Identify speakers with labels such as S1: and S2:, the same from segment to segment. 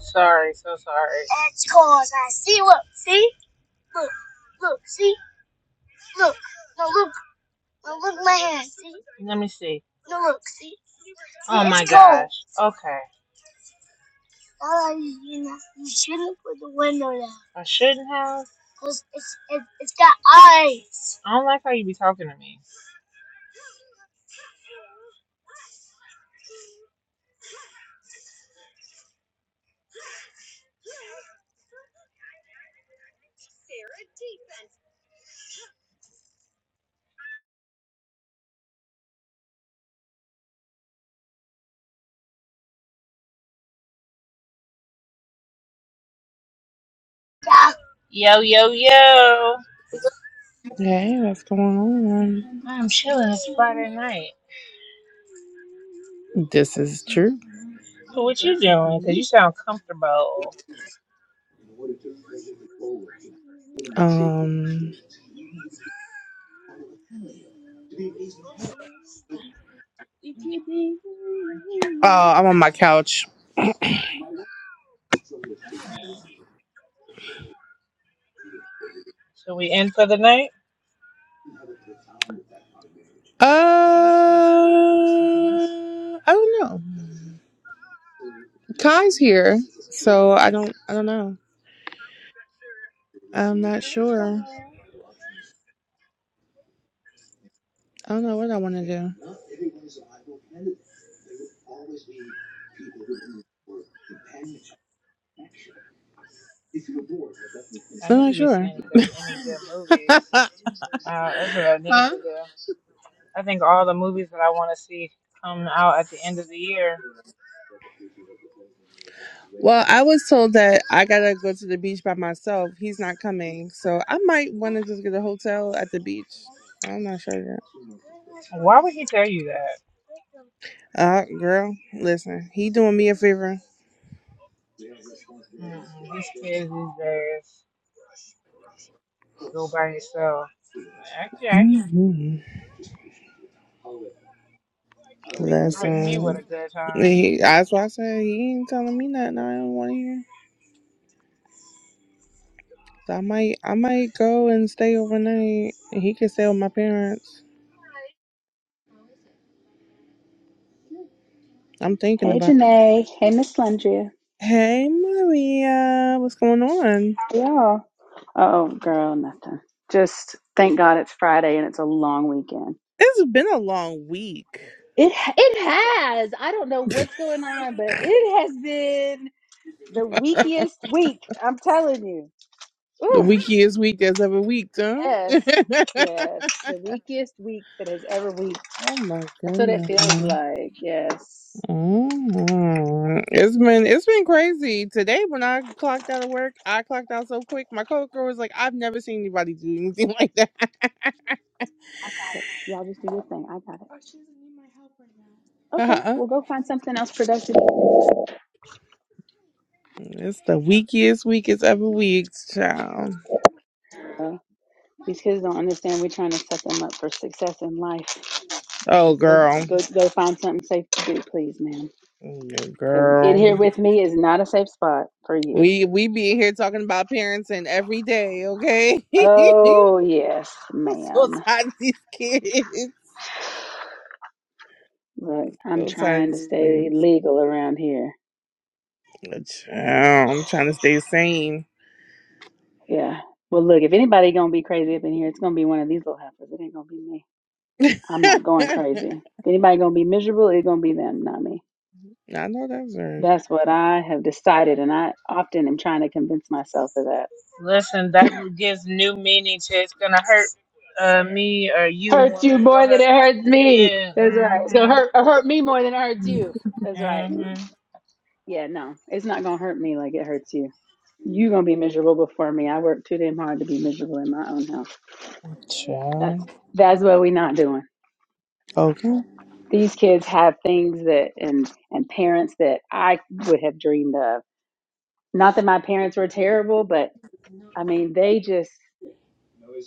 S1: Sorry, so sorry. Let me see. Oh my gosh. Okay. I shouldn't have. I don't like how you be talking to me. Yo, yo, yo.
S2: Hey, what's going on?
S1: I'm chilling. It's Friday night.
S2: This is true.
S1: So what you doing? Because you sound comfortable.
S2: Um, oh, I'm on my couch.
S1: Hmm. So we in for the night?
S2: Uh, I don't know. Kai's here, so I don't. I don't know. I'm not sure. I don't know what I want to do.
S1: I
S2: I'm
S1: need
S2: not
S1: to be
S2: sure.
S1: seeing if there's any good movies.
S2: huh?
S1: Uh, that's what I need to do. I think all the movies that I want to see come out at the end of the year.
S2: Well, I was told that I gotta go to the beach by myself. He's not coming, so I might want to just get a hotel at the beach. I'm not sure yet.
S1: Why would he tell you that?
S2: Uh, girl, listen, he doing me a favor.
S1: Mm-mm, these kids these days go by itself. Okay,
S2: Mhm.
S1: don't be threatening me with
S2: Listen,
S1: a good time.
S2: he, that's why I said he ain't telling me nothing I don't want to hear. So I might, I might go and stay overnight. and He can stay with my parents. I'm thinking
S3: Hey
S2: about.
S3: Janae. Hey Miss Landria.
S2: Hey Maria, what's going on?
S3: How y'all? Oh girl, nothing. Just thank God it's Friday and it's a long weekend.
S2: It's been a long week.
S3: It it has. I don't know what's going on, but it has been the weakest week. I'm telling you.
S2: The
S3: Ooh,
S2: weekiest week as ever week, huh?
S3: yes. Yes. The weakest week that has ever week.
S2: oh my
S3: That's what it feels
S2: goodness.
S3: like. Yes.
S2: Mm, It's been it's been crazy. Today when I clocked out of work, I clocked out so quick. My coworker was like, "I've never seen anybody do anything like that."
S3: I got it. Y'all just do your thing. I got it. Okay,
S2: Uh-uh.
S3: we'll go find something else productive.
S2: It's the weakest, weakest ever weeks, child.
S3: These kids don't understand. We're trying to set them up for success in life.
S2: Oh,
S3: Just go,
S2: girl,
S3: go, go find something safe to do, please, ma'am.
S2: Yeah,
S3: Because in here
S2: girl.
S3: with me is not a safe spot for you.
S2: We we be here talking about parents and every day, okay?
S3: Oh yes,
S2: I'm so
S3: ma'am.
S2: tired of these kids.
S3: Look, I'm
S2: So tired
S3: trying
S2: of
S3: to
S2: these
S3: stay legal around here.
S2: kids. Child, I'm trying to stay sane.
S3: Yeah. Well, look, if anybody gonna be crazy up in here, it's gonna be one of these little heifers. It ain't gonna be me. I'm not going
S2: I
S3: crazy. If anybody gonna be miserable, it's gonna be them, not me.
S2: know that's right.
S3: That's what I have decided, and I often am trying to convince myself of that.
S1: Listen, that gives new meaning to it's gonna hurt uh, me or you
S3: Hurts
S1: more than
S3: you
S1: it's gonna
S3: more than
S1: hurt.
S3: it hurts me.
S1: Yeah.
S3: That's right. It's gonna
S1: Mhm.
S3: hurt hurt me more than it hurts you. That's right.
S1: Mhm. Can
S3: Yeah, no, it's not gonna hurt me like it hurts you. you gonna be miserable before me. I work too damn hard to be miserable in my own house. That's
S2: Child.
S3: that's what we not doing.
S2: Okay.
S3: These kids have things that and and parents that I would have dreamed of. Not that my parents were terrible, but I mean they just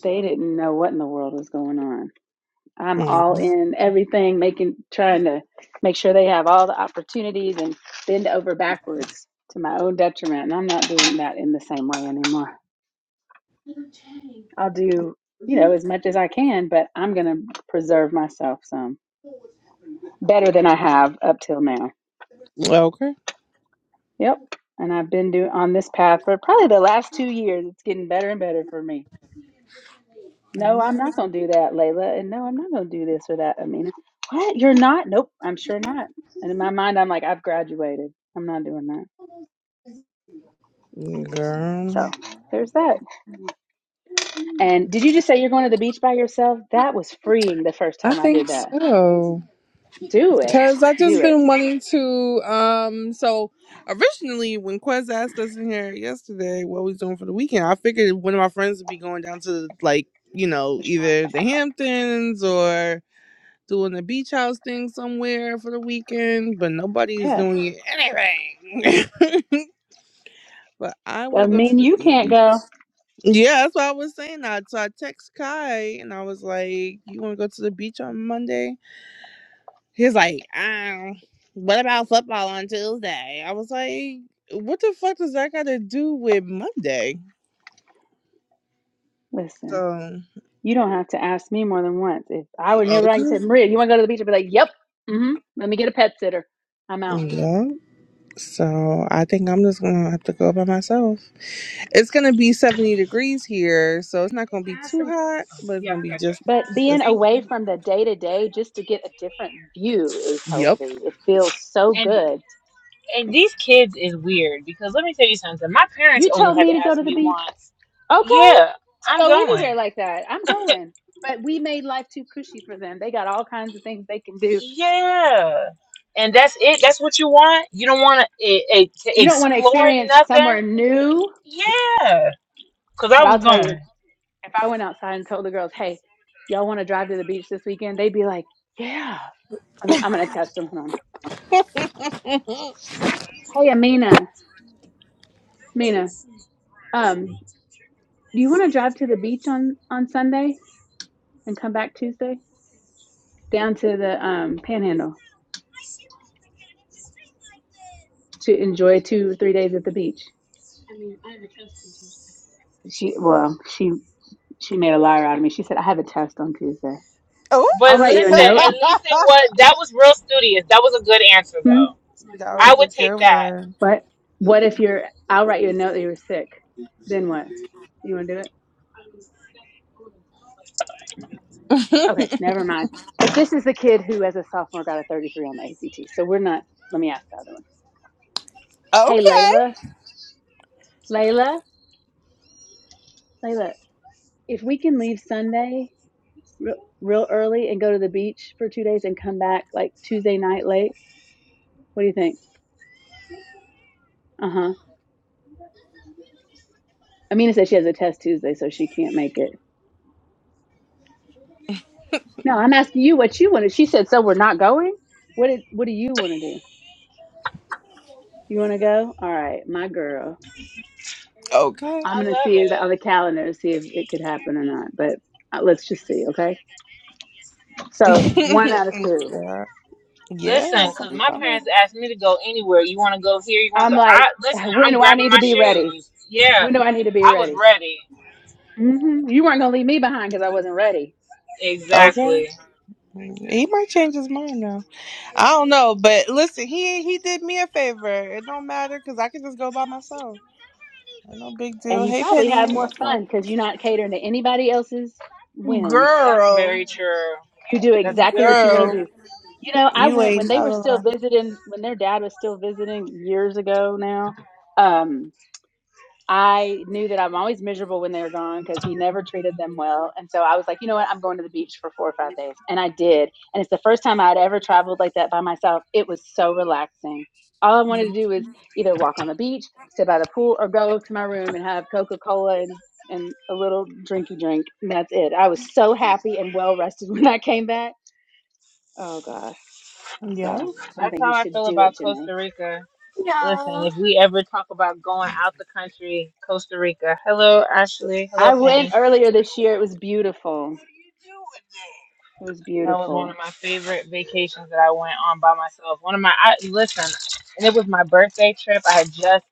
S3: they didn't know what in the world was going on I'm all
S2: Mm.
S3: in everything, making trying to make sure they have all the opportunities and bend over backwards to my own detriment. And I'm not doing that in the same way anymore. I'll do, you know, as much as I can, but I'm gonna preserve myself some better than I have up till now.
S2: Okay.
S3: Yep. And I've been doing on this path for probably the last two years. It's getting better and better for me.
S2: I
S3: No, I'm
S2: know.
S3: not going to do that, Layla. And no, I'm not going to do this or that, Amina. What? You're not? Nope, I'm sure not. And in my mind, I'm like, I've graduated. I'm not doing that.
S2: Girl.
S3: So there's that. And did you just say you're going to the beach by yourself? That was freeing the first
S2: I
S3: time I did
S2: think
S3: that.
S2: so.
S3: Do it.
S2: Cause I
S3: Do
S2: just
S3: it.
S2: been wanting to um so originally when Quez asked us in here yesterday what we was doing for the weekend, I figured one of my friends would be going down to like, you know,
S3: For sure.
S2: either the Hamptons or doing the beach house thing somewhere for the weekend, but nobody's
S3: Yeah.
S2: doing anything. but I
S3: I
S2: wanna go to
S3: mean,
S2: the
S3: you can't
S2: beach.
S3: go.
S2: Yeah, that's what I was saying that. So I text Kai and I was like, "You want to go to the beach on Monday?" He's like, "Um, what about football on Tuesday?" I was like, "What the fuck does that got to do with Monday?"
S3: Listen,
S2: So
S3: you don't have to ask me more than once. If I were near right, you
S2: okay,
S3: said, Maria, you want to go to the beach? I'd be like, yep. Mm-hmm. Let me get a pet sitter. I'm out.
S2: yeah. So I think I'm just gonna have to go by myself. It's gonna be 70 degrees here, so it's not gonna
S1: I
S2: be
S1: Have
S2: too
S1: some
S2: hot, but it's
S1: yuck
S2: gonna be
S1: ketchup.
S2: just
S3: But being
S2: just.
S1: Thank
S3: away
S1: you.
S3: from the day to day just to get a different view is
S2: Yep.
S3: healthy. It feels so
S1: And
S3: good.
S1: and these kids is weird because let me tell you something. My parents
S3: You
S1: only
S3: told
S1: had
S3: me
S1: to
S3: to go
S1: ask
S3: to the
S1: me
S3: beach.
S1: once.
S3: Okay.
S1: Yeah,
S3: To
S1: I'm
S3: go
S1: going.
S3: anywhere like that. I'm going. But we made life too cushy for them. They got all kinds of things they can do.
S1: Yeah. And that's it. That's what you want. You don't want to, to
S3: You don't want to
S1: explore
S3: experience
S1: nothing.
S3: somewhere new,
S1: Yeah. Because I
S3: but
S1: was
S3: I'll tell
S1: going.
S3: you, if I went outside and told the girls, hey, y'all want to drive to the beach this weekend? They'd be like, yeah. I mean, I'm going to test them. Hold on. Hey, Amina, Amina, um, do you want to drive to the beach on, on Sunday? and come back Tuesday down to the um, Panhandle to enjoy two or three days at the beach. She well, she she made a liar out of me. She said I have a test on Tuesday.
S2: Oh,
S1: But
S3: I'll write you a
S1: listen,
S3: note.
S1: at least it
S2: that
S1: was, that was real studious. That was a good answer,
S3: Hmm.
S1: though. I
S2: was
S1: would
S2: a
S1: take
S2: good
S1: that.
S2: one.
S3: What? What if you're? I'll write you a note that you were sick. Then what? You want to do it? Okay, never mind. But this is the kid who, as a sophomore, got a 33 on the ACT. So we're not. Let me ask the other one. Hey,
S2: Okay.
S3: Layla. Layla. Layla. If we can leave Sunday real, real early and go to the beach for two days and come back like Tuesday night late? What do you think? Uh huh. Amina said she has a test Tuesday, so she can't make it. No, I'm asking you what you want to. She said, so we're not going. What did, What do you want to do? You want to go? All right, my girl.
S2: Okay.
S3: I'm gonna
S1: I love
S3: see it on the
S1: it.
S3: calendar to see if it could happen or not. But uh, let's just see, okay? So one
S1: Lis-
S3: out of two.
S2: yeah. yeah,
S1: Listen,
S2: that's what
S1: because
S2: I'm
S1: my
S2: talking
S1: parents asked me to go anywhere. You want to go here? You want to
S3: I'm
S1: go? I,
S3: like,
S1: listen,
S3: when
S1: I'm
S3: do I
S1: grabbing
S3: need to
S1: my
S3: be ready?
S1: shoes. Yeah.
S3: When do I need to be
S1: I was
S3: ready?
S1: ready.
S3: hmm You weren't gonna leave me behind because I wasn't ready.
S2: about. Okay.
S1: Exactly.
S2: He might change his mind now. I don't know, but listen, he he did me a favor. It don't matter because I can just go by myself. Ain't no big
S3: and
S2: deal.
S3: you
S2: Hey,
S3: probably have
S2: Penny,
S3: more
S2: what's
S3: fun
S2: up?
S3: because you're not catering to anybody else's whims.
S1: That's
S2: girl,
S1: very true.
S3: You do
S1: That's
S3: exactly what
S1: very
S3: you want to
S2: girl,
S1: true.
S3: do. You know, I
S2: you
S3: went
S2: ain't
S3: when they were
S2: never
S3: still
S2: lie.
S3: visiting, when their dad was still visiting years ago now. Um, I knew that I'm always miserable when they were gone because he never treated them well. And so I was like, you know what? I'm going to the beach for four or five days. And I did. And it's the first time I had ever traveled like that by myself. It was so relaxing. All I wanted to do was either walk on the beach, sit by the pool, or go to my room and have Coca Cola and, and a little drinky drink. And that's it. I was so happy and well rested when I came back. Oh, gosh.
S2: Yeah.
S3: So I
S1: That's
S3: think you
S1: how I
S3: should
S1: feel
S3: do
S1: about
S3: it, Janae.
S1: Costa Rica. Listen,
S4: Yo,
S1: if we ever talk about going out the country, Costa Rica. Hello, Ashley. Hello,
S3: I
S1: Penny.
S3: went earlier this year. It was beautiful. It was
S1: That was one
S3: beautiful.
S1: of my favorite vacations that I went on by myself. One of my, I, listen, and it was my birthday trip. I had just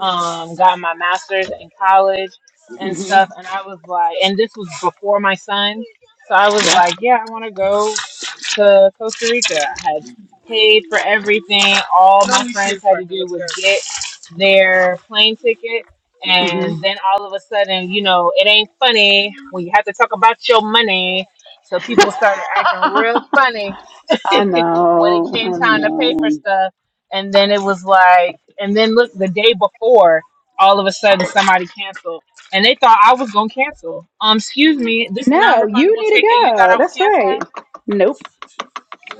S1: um got my master's in college and
S3: hmm
S1: stuff, and I was like, and this was before my son, so I was
S3: Yeah.
S1: like, yeah, I want to go to Costa Rica. I had paid for everything. All my friends had to do was get their plane ticket.
S3: hmm
S1: And then all of a sudden, you know, it ain't funny when you have to talk about your money. So people started acting real funny
S3: I
S1: when it
S3: know.
S1: came
S3: I
S1: time to pay for
S3: know.
S1: stuff. And then it was like, and then look, the day before, all of a sudden somebody canceled. And they thought I was going to cancel. Um, excuse me, this non
S3: No, you
S1: refundable
S3: need to
S1: ticket, you thought
S3: go.
S1: I was
S3: That's right.
S1: canceling?
S3: Nope.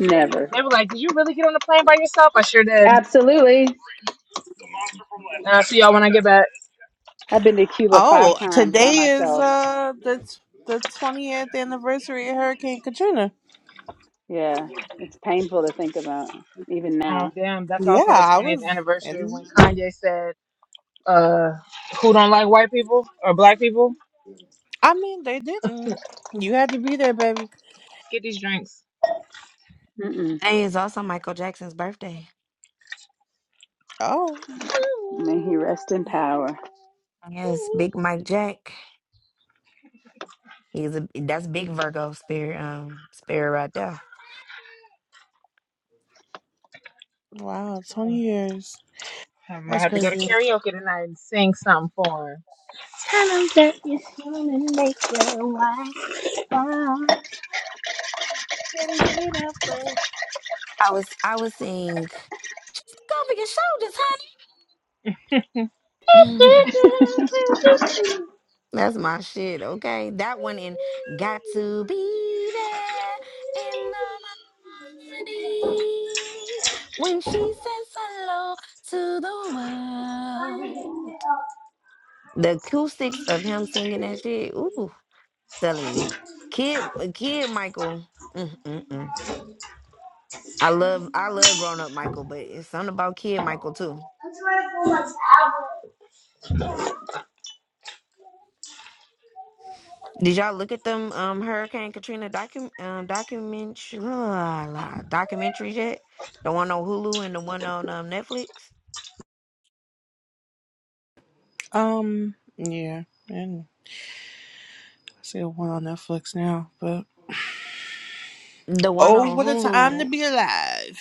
S3: Never.
S1: They were like, "Did you really get on the plane by yourself?" I sure did.
S3: Absolutely.
S1: And I'll see y'all when I get back.
S3: I've been to Cuba five
S2: Oh,
S3: times by
S2: today is
S3: myself.
S2: uh the t- the twentieth anniversary of Hurricane Katrina.
S3: Yeah. It's painful to think about, even
S1: Oh
S3: now.
S1: damn, that's
S2: Yeah,
S1: also the
S2: I
S1: 20th
S2: was,
S1: anniversary
S2: and
S1: when Kanye said, "Uh, who don't like white people or black people?
S2: I mean they didn't. You had to be there, baby.
S1: Get these drinks."
S3: Mm-mm.
S4: Hey, it's also Michael Jackson's birthday.
S2: Oh,
S3: May he rest in power.
S4: Yes, Big Mike Jack. He's a that's big Virgo spirit, um, spirit right there.
S2: wow, 20
S1: Uh,
S2: years.
S1: I might
S2: That's
S1: have to go to
S2: crazy.
S1: karaoke tonight and sing something for him.
S4: I was I was seeing just look over your shoulders, honey. Mhm. That's my shit, okay? That one and got to be there in the morning when she says hello to the world. The acoustics of him singing that shit, ooh. telling you, kid, uh, kid Michael. Mm, mm, mm. I love, I love grown up Michael, but it's something about kid Michael too. Did y'all look at them um Hurricane Katrina docu- um, documentary la, la, documentaries yet? The one on Hulu and the one on um, Netflix.
S2: Um, yeah, and I see one on Netflix now, but
S4: The one
S2: oh,
S4: on
S2: what a time to
S4: Hulu,
S2: be alive.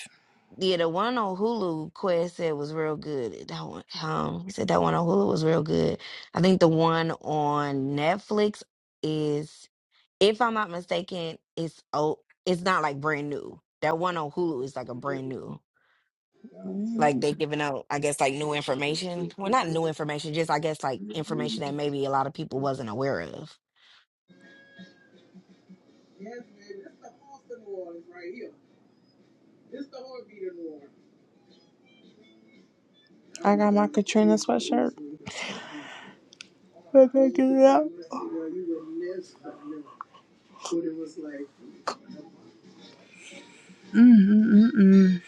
S4: yeah, the one on Hulu. Quest said was real good. That one, um, he said that one on Hulu was real good. I think the one on Netflix is. if I'm not mistaken, it's oh, it's not like brand new. That one on Hulu is like a brand new. Like
S2: Mm,
S4: they giving out, I guess, like new information. Well, not new information, just I guess like information that maybe a lot of people wasn't aware of.
S2: I got my Katrina sweatshirt. I gotta get it out. Mm-mm-mm.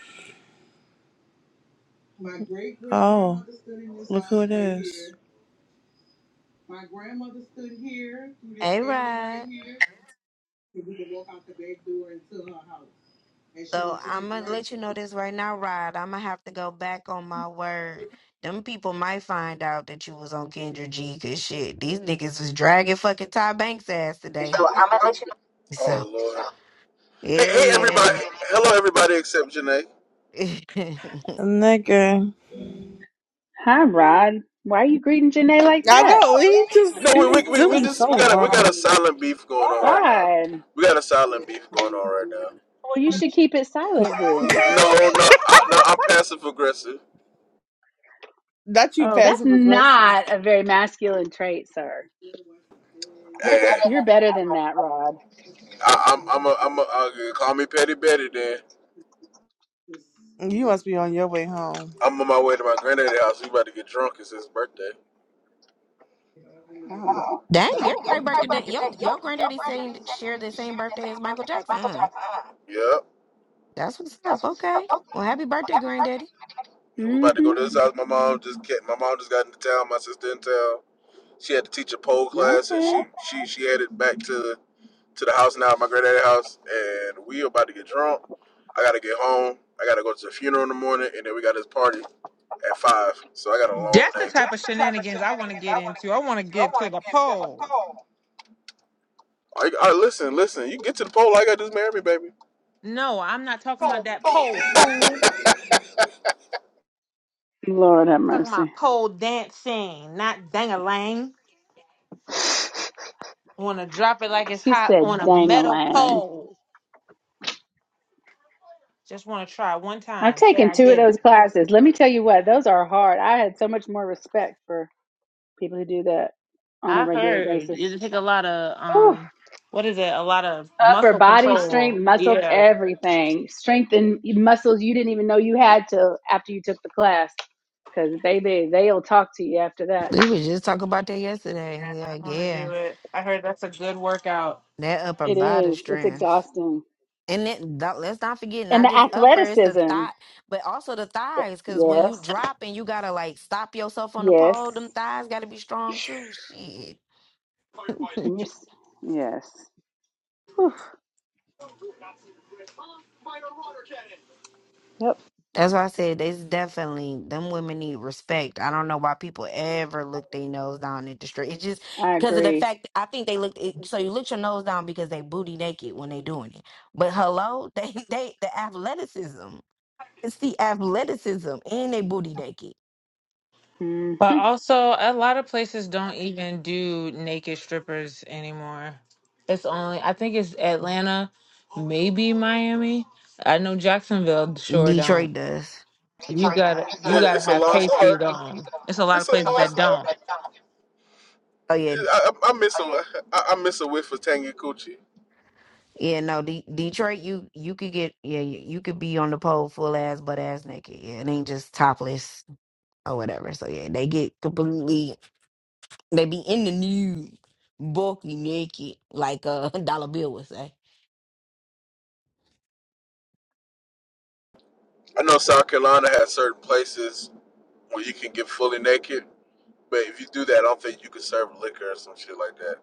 S2: Oh, look who it is.
S4: Hey, Rod. So I'm gonna let you know this right now, Rod. I'm gonna have to go back on my word. Them people might find out that you was on Kendra G. Cause shit, these niggas was dragging fucking Ty Banks ass today. So
S5: Oh Lord. Hey,
S4: hell
S5: hey,
S4: yeah,
S5: everybody.
S4: then.
S5: Hello, everybody except Janae.
S2: A nigga.
S3: Hi, Rod. Why are you greeting Janae like
S2: I
S3: that?
S2: know he just
S5: No,
S2: he
S5: we, we,
S2: just
S5: we,
S2: do
S5: we
S2: me
S5: just we
S2: so
S5: got a we
S2: wrong.
S5: got a silent beef going on right now.
S3: Rod.
S5: We got a silent beef going on right now.
S3: Well, you should keep it silent then.
S5: No, no, I, no I'm passive aggressive,
S2: Not you
S3: Oh, that's
S2: passive aggressive.
S3: not a very masculine trait, sir.
S5: and
S3: You're better than that, Rod.
S5: I, I'm I'm a, I'm a, uh, call me petty Betty. Then
S2: You must be on your way home.
S5: I'm on my way to my granddaddy's house. We about to get drunk. It's his birthday.
S3: Oh.
S4: Dang, everybody birthday. day- Your your granddaddy same share the same birthday as Michael Jackson. Huh?
S5: Yep.
S4: That's what's up. Okay. Well, happy birthday, granddaddy.
S5: We about to go
S3: Mm-hmm.
S5: to his house. My mom just came, my mom just got into town. My sister in town. She had to teach a pole class, and
S3: Okay.
S5: she she she headed back to to the house now, my granddaddy's house, and we about to get drunk. I gotta get home. I gotta go to the funeral in the morning, and then we got this party at five. So I got a long
S1: That's the
S5: day. That's
S1: type of
S5: the type of
S1: shenanigans I want to
S5: shenanigans
S1: get
S5: I want to
S1: into. I
S5: get
S1: want to
S5: into. I
S1: get
S5: want
S1: to
S5: to
S1: the
S5: get to the
S1: pole.
S5: pole. I, I listen, listen. You get to the pole, like I gotta just marry me, baby.
S1: No, I'm not talking about that pole, fool.
S3: Lord have
S1: talking about
S3: mercy.
S1: pole dancing, not dang-a-lang. Want to drop it like it's
S3: She
S1: hot
S3: said
S1: on a metal
S3: dangling.
S1: pole. Just want to try one
S3: I've
S1: time. Say
S3: taken
S1: I
S3: two of
S1: did it.
S3: those classes. Let me tell you what, those are hard. I had so much more respect for people who do that on a
S1: I
S3: regular
S1: heard
S3: basis.
S1: it take a lot of
S3: Ooh,
S1: um, what is it? A lot of
S3: upper
S1: muscle
S3: body
S1: control.
S3: strength, muscle,
S1: Yeah.
S3: everything. Strength and muscles you didn't even know you had till after you took the class. Because, baby, they'll talk to you after that.
S4: We was just talking about that yesterday.
S1: Yeah,
S4: Yeah,
S1: I want to do
S4: yeah.
S1: it. I heard that's a good workout.
S4: That upper
S3: It
S4: body
S3: is. It's
S4: strength.
S3: exhausting.
S4: And then that, let's not forget
S3: And
S4: not
S3: the
S4: just uppers, the
S3: athleticism.
S4: thigh, but also the thighs. Because when you
S3: Yes.
S4: drop and you gotta like stop yourself on the pole,
S3: Yes.
S4: them thighs gotta be strong too. Shit.
S3: And you're, s- yes. Whew. Yep.
S4: That's why I said there's definitely them women need respect. I don't know why people ever look their nose down at the street. It's just
S3: I
S4: because of the
S3: agree.
S4: fact I think they look. It, so you look your nose down because they booty naked when they doing it. But hello, they they the athleticism. It's the athleticism and they booty naked.
S3: Mm
S1: But also, a lot of places don't even do naked strippers anymore. It's on a me. I don't.
S4: Detroit does.
S1: You.
S5: Detroit, guys. Yeah, it's a lost art.
S1: It's a.
S5: It's a lost art.
S4: Oh yeah,
S5: I, I, I miss a I, I miss a whiff of tangy coochie.
S4: Yeah, no, D- Detroit, you you could get yeah, you you could be on the pole full ass, butt ass naked. Yeah, it ain't just topless or whatever. So yeah, they get completely they be in the nude, bulky naked, like a dollar bill would say.
S5: I know South Carolina has certain places where you can get fully naked, but if you do that, I don't think you can serve liquor or some shit like that.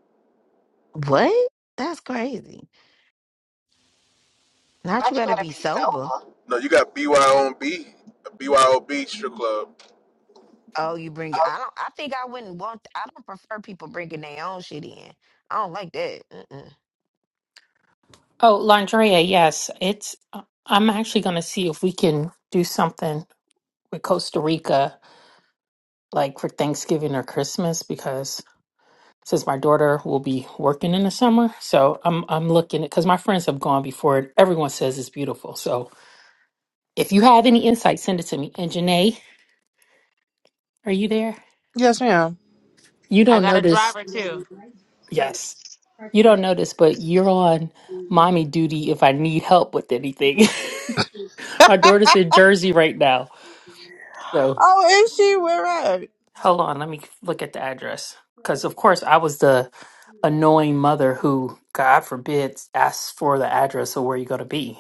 S4: What? That's crazy. Not you got to be sober.
S5: No, you got BYOB, BYOB strip club.
S4: Oh, you bring. I don't. I think I wouldn't want. I don't prefer people bringing their own shit in. I don't like that.
S6: Oh, Landrea, yes. It's uh, I'm actually going to see if we can do something with Costa Rica like for Thanksgiving or Christmas because since my daughter will be working in the summer, so I'm I'm looking at cuz my friends have gone before it. Everyone says it's beautiful. So, if you have any insight, send it to me. And Janae, are you there?
S2: Yes, ma'am.
S6: You
S1: I
S6: don't
S1: got a
S6: notice.
S1: driver too.
S6: Yes. You don't notice, but you're on mommy duty if I need help with anything. my daughter's in Jersey right now. So.
S2: oh, is she? We're right.
S6: Hold on, let me look at the address. Because, of course, I was the annoying mother who, God forbid, asks for the address of where you're going to be.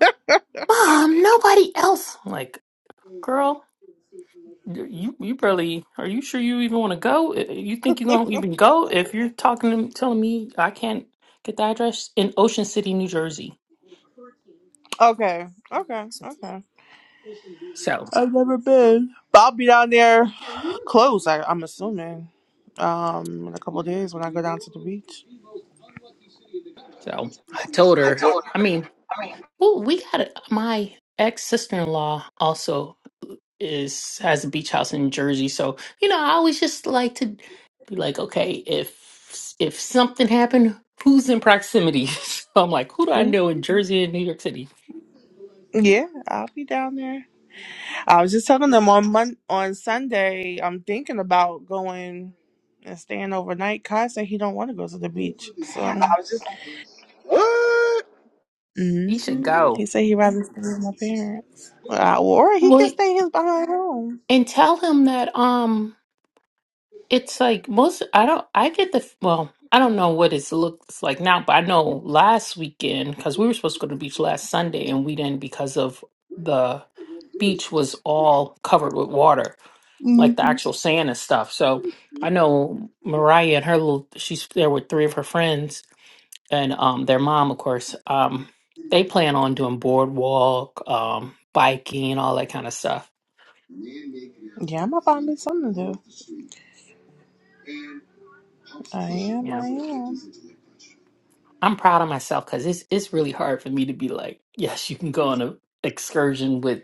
S6: Mom, nobody else. I'm like, girl, you you barely, are you sure you even want to go? I- You think you're going to even go if you're talking to telling me I can't get the address in Ocean City, New Jersey?
S2: Okay, okay, okay.
S6: So,
S2: I've never been, but I'll be down there close. I, I'm assuming, um, in a couple of days when I go down to the beach.
S6: so I told her, I mean, Well, we got it. My ex sister-in-law also is has a beach house in Jersey, so you know, I always just like to be like, okay, if if something happened, who's in proximity? So I'm like, who do I
S2: Mhm.
S6: know in Jersey and New York City?
S2: Yeah, I'll be down there. I was just telling them on Mon- on Sunday, I'm thinking about going and staying overnight. Kai said he don't want to go to the beach, so
S5: What?
S2: hmm
S6: He should go.
S2: he said he'd rather stay with my parents, uh, or he can
S6: Well,
S2: stay his behind home.
S6: and tell him that. Um, It's like most, I don't, I get the, well, I don't know what it looks like now, but I know last weekend, because we were supposed to go to the beach last Sunday and we didn't because of the beach was all covered with water, like the actual sand and stuff. So I know Mariah and her little, she's there with three of her friends and um their mom, of course. Um, they plan on doing boardwalk, um, biking, all that kind of stuff.
S2: Yeah, I'm gonna find me something to do. I am.
S6: Yeah.
S2: I am.
S6: I'm proud of myself because it's it's really hard for me to be like, yes, you can go on a excursion with,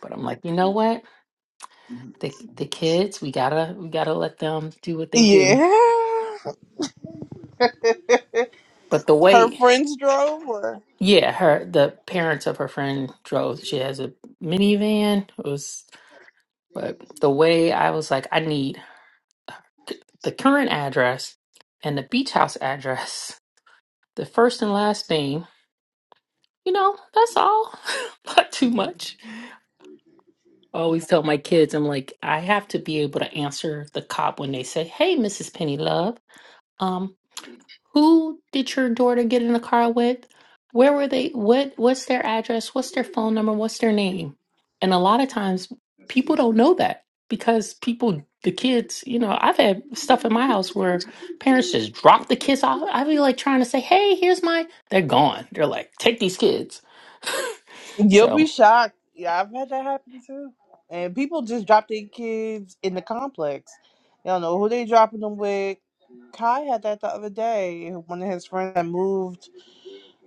S6: but I'm like, you know what? The the kids, we gotta we gotta let them do what they do.
S2: Yeah.
S6: But the
S2: Her
S6: way,
S2: friends drove, or
S6: yeah, her the parents of her friend drove. She has a minivan. It was, but the way I was like, I need the current address and the beach house address, the first and last name. You know, that's all. Not too much. I always tell
S2: no?
S6: my kids, I'm like, I have to be able to answer the cop when they say, "Hey, Mrs. Penny Love, um, who did your daughter get in the car with? Where were they? What what's their address? What's their phone number? What's their name?" And a lot of times people don't know that because people the kids, you know, I've had stuff in my house where parents just drop the kids off. I'd be like trying to say, "Hey, here's my." They're gone. They're like, "Take these kids."
S2: You'll
S6: So,
S2: be shocked. Yeah, I've had that happen too. And people just drop their kids in the complex. They don't know who they dropping them with. Kai had that the other day. One of his friends had moved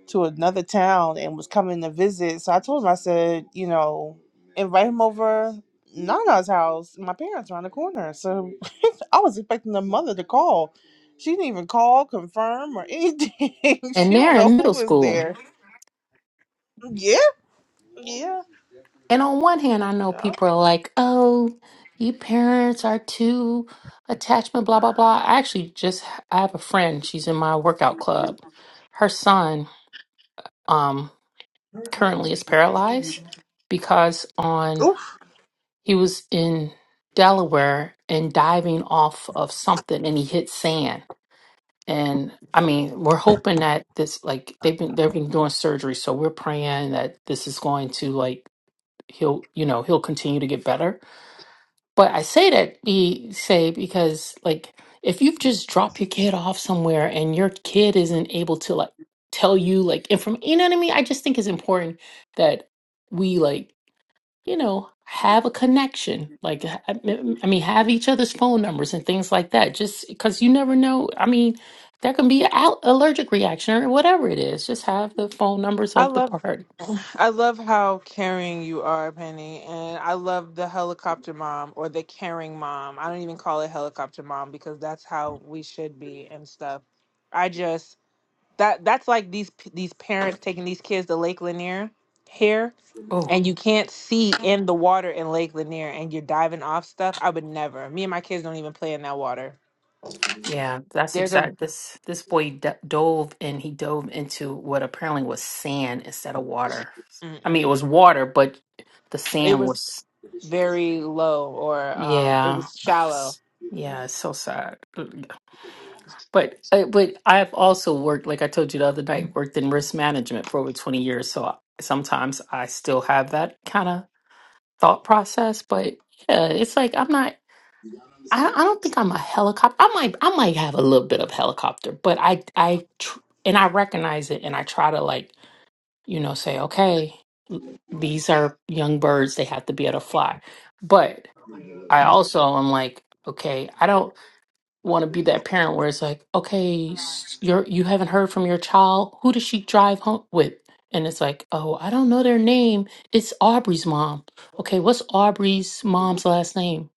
S2: to another town and was coming to visit. So I told him, I said, you know, invite him over Nana's house. My parents around the corner. So I was expecting the mother to call. She didn't even call, confirm, or anything.
S6: and
S2: she don't
S6: they're
S2: know
S6: in
S2: who
S6: middle
S2: was
S6: school.
S2: there. Yeah, yeah,
S6: And on one hand, I know
S2: yeah.
S6: people are like, oh, you parents are too attachment, blah, blah, blah. I actually just, I have a friend, she's in my workout club. Her son um, currently is paralyzed because on, he was in Delaware and diving off of something and he hit sand. And I mean, we're hoping that this, like, they've been, they've been doing surgery. So we're praying that this is going to, like, he'll, you know, he'll continue to get better But I say that be say because like if you've just dropped your kid off somewhere and your kid isn't able to like tell you like inform you know what I mean? I just think it's important that we like, you know, have a connection. Like ha- I m- I mean, have each other's phone numbers and things like that. Just because you never know. I mean, there can be an allergic reaction or whatever it is. Just have the phone numbers
S1: I
S6: of the
S1: love.
S6: part.
S1: I love how caring you are, Penny, and I love the helicopter mom or the caring mom. I don't even call it helicopter mom because that's how we should be and stuff. I just that that's like these p- these parents taking these kids to Lake Lanier here, and you can't see in the water in Lake Lanier, and you're diving off stuff. I would never. Me and my kids don't even play in that water.
S6: Yeah, that's
S1: There's a
S6: exact. This this boy d dove and he dove into what apparently was sand instead of water. I mean, it
S1: mm-mm.
S6: was water, but the
S1: it
S6: sand
S1: was
S6: was.
S1: very low or um it
S6: Yeah,
S1: was
S6: Ugh,
S1: shallow.
S6: s- yeah, it's so sad. Ugh. But uh, but I've also worked, like I told you the other night, worked in risk management for over twenty years. So I, sometimes I still have that kind of thought process. But yeah, it's like I'm not. I, I don't think I'm a helicopter. I might I might have a little bit of helicopter, but I I tr- and I recognize it and I try to like, you know, say, okay, l- these are young birds, they have to be able to fly. But I also am like, okay, I don't want to be that parent where it's like, okay, s- you're you haven't heard from your child. Who does she drive home with? And it's like, oh, I don't know their name. It's Aubrey's mom. Okay, what's Aubrey's mom's last name?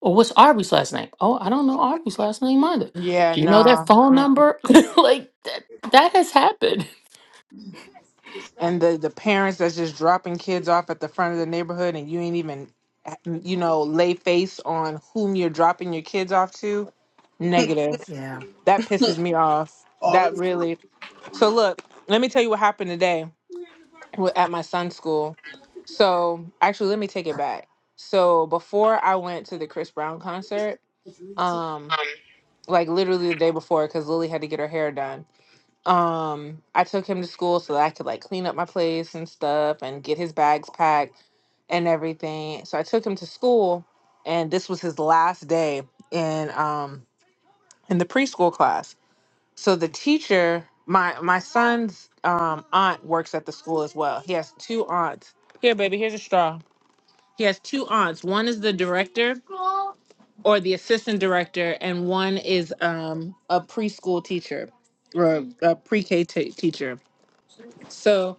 S6: Or what's Aubrey's last name? Oh, I don't know Aubrey's last name either.
S1: Yeah,
S6: Do you know their
S1: no.
S6: phone number? like that that has happened.
S1: and the the parents that's just dropping kids off at the front of the neighborhood and you ain't even you know lay face on whom you're dropping your kids off to negative
S6: Yeah.
S1: that pisses me off that really so look let me tell you what happened today wi- at my son's school so actually let me take it back so before i went to the chris brown concert um like literally the day before because lily had to get her hair done um, I took him to school so that I could like clean up my place and stuff and get his bags packed and everything. So I took him to school and this was his last day in um in the preschool class. So the teacher, my my son's um aunt works at the school as well. He has two aunts. Here, baby, here's a straw. He has two aunts. One is the director or the assistant director, and one is um a preschool teacher or a pre-K t- teacher. So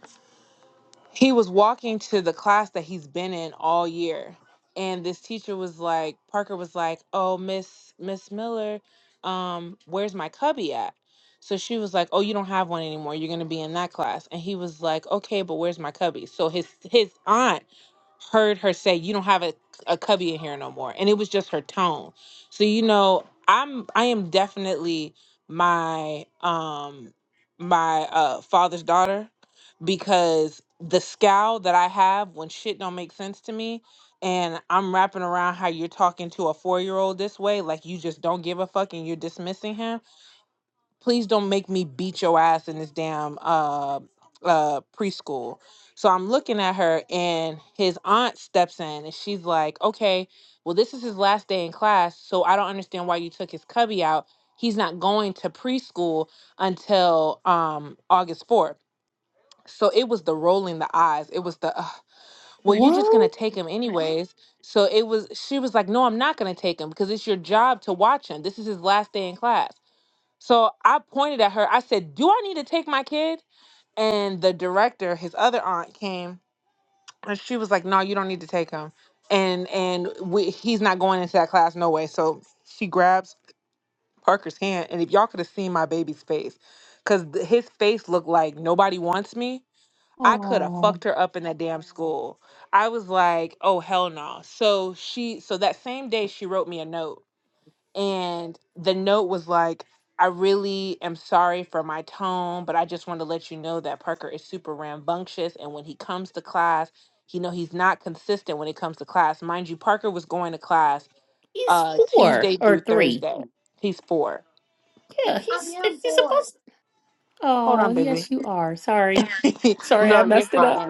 S1: he was walking to the class that he's been in all year and this teacher was like parker was like oh miss miss miller um where's my cubby at so she was like oh you don't have one anymore you're going to be in that class and he was like okay but where's my cubby so his his aunt heard her say you don't have a, a cubby in here no more and it was just her tone so you know i'm i am definitely my um my uh father's daughter because the scowl that I have when shit don't make sense to me and I'm wrapping around how you're talking to a four year old this way, like you just don't give a fuck and you're dismissing him. Please don't make me beat your ass in this damn uh uh preschool. So I'm looking at her and his aunt steps in and she's like, Okay, well this is his last day in class, so I don't understand why you took his cubby out. He's not going to preschool until um August 4th so it was the rolling the eyes it was the "Ugh, well you're just gonna
S6: What?
S1: take him anyways so it was she was like no i'm not gonna take him because it's your job to watch him this is his last day in class so i pointed at her i said do i need to take my kid and the director his other aunt came and she was like no you don't need to take him and and we, he's not going into that class no way so she grabs parker's hand and if y'all could have seen my baby's face because his face looked like nobody wants me I could have
S6: Oh,
S1: fucked her up in that damn school. I was like, oh hell no. So she so that same day she wrote me a note and the note was like, I really am sorry for my tone, but I just want to let you know that Parker is super rambunctious and when he comes to class, you know he's not consistent when it comes to class. Mind you, Parker was going to class
S6: he's
S1: uh
S6: four
S1: Tuesday through
S6: or three.
S1: Thursday. He's four.
S6: Yeah, he's he's supposed.
S1: Hold
S6: Oh,
S1: on, baby.
S6: yes, you are. Sorry, sorry, I messed it up.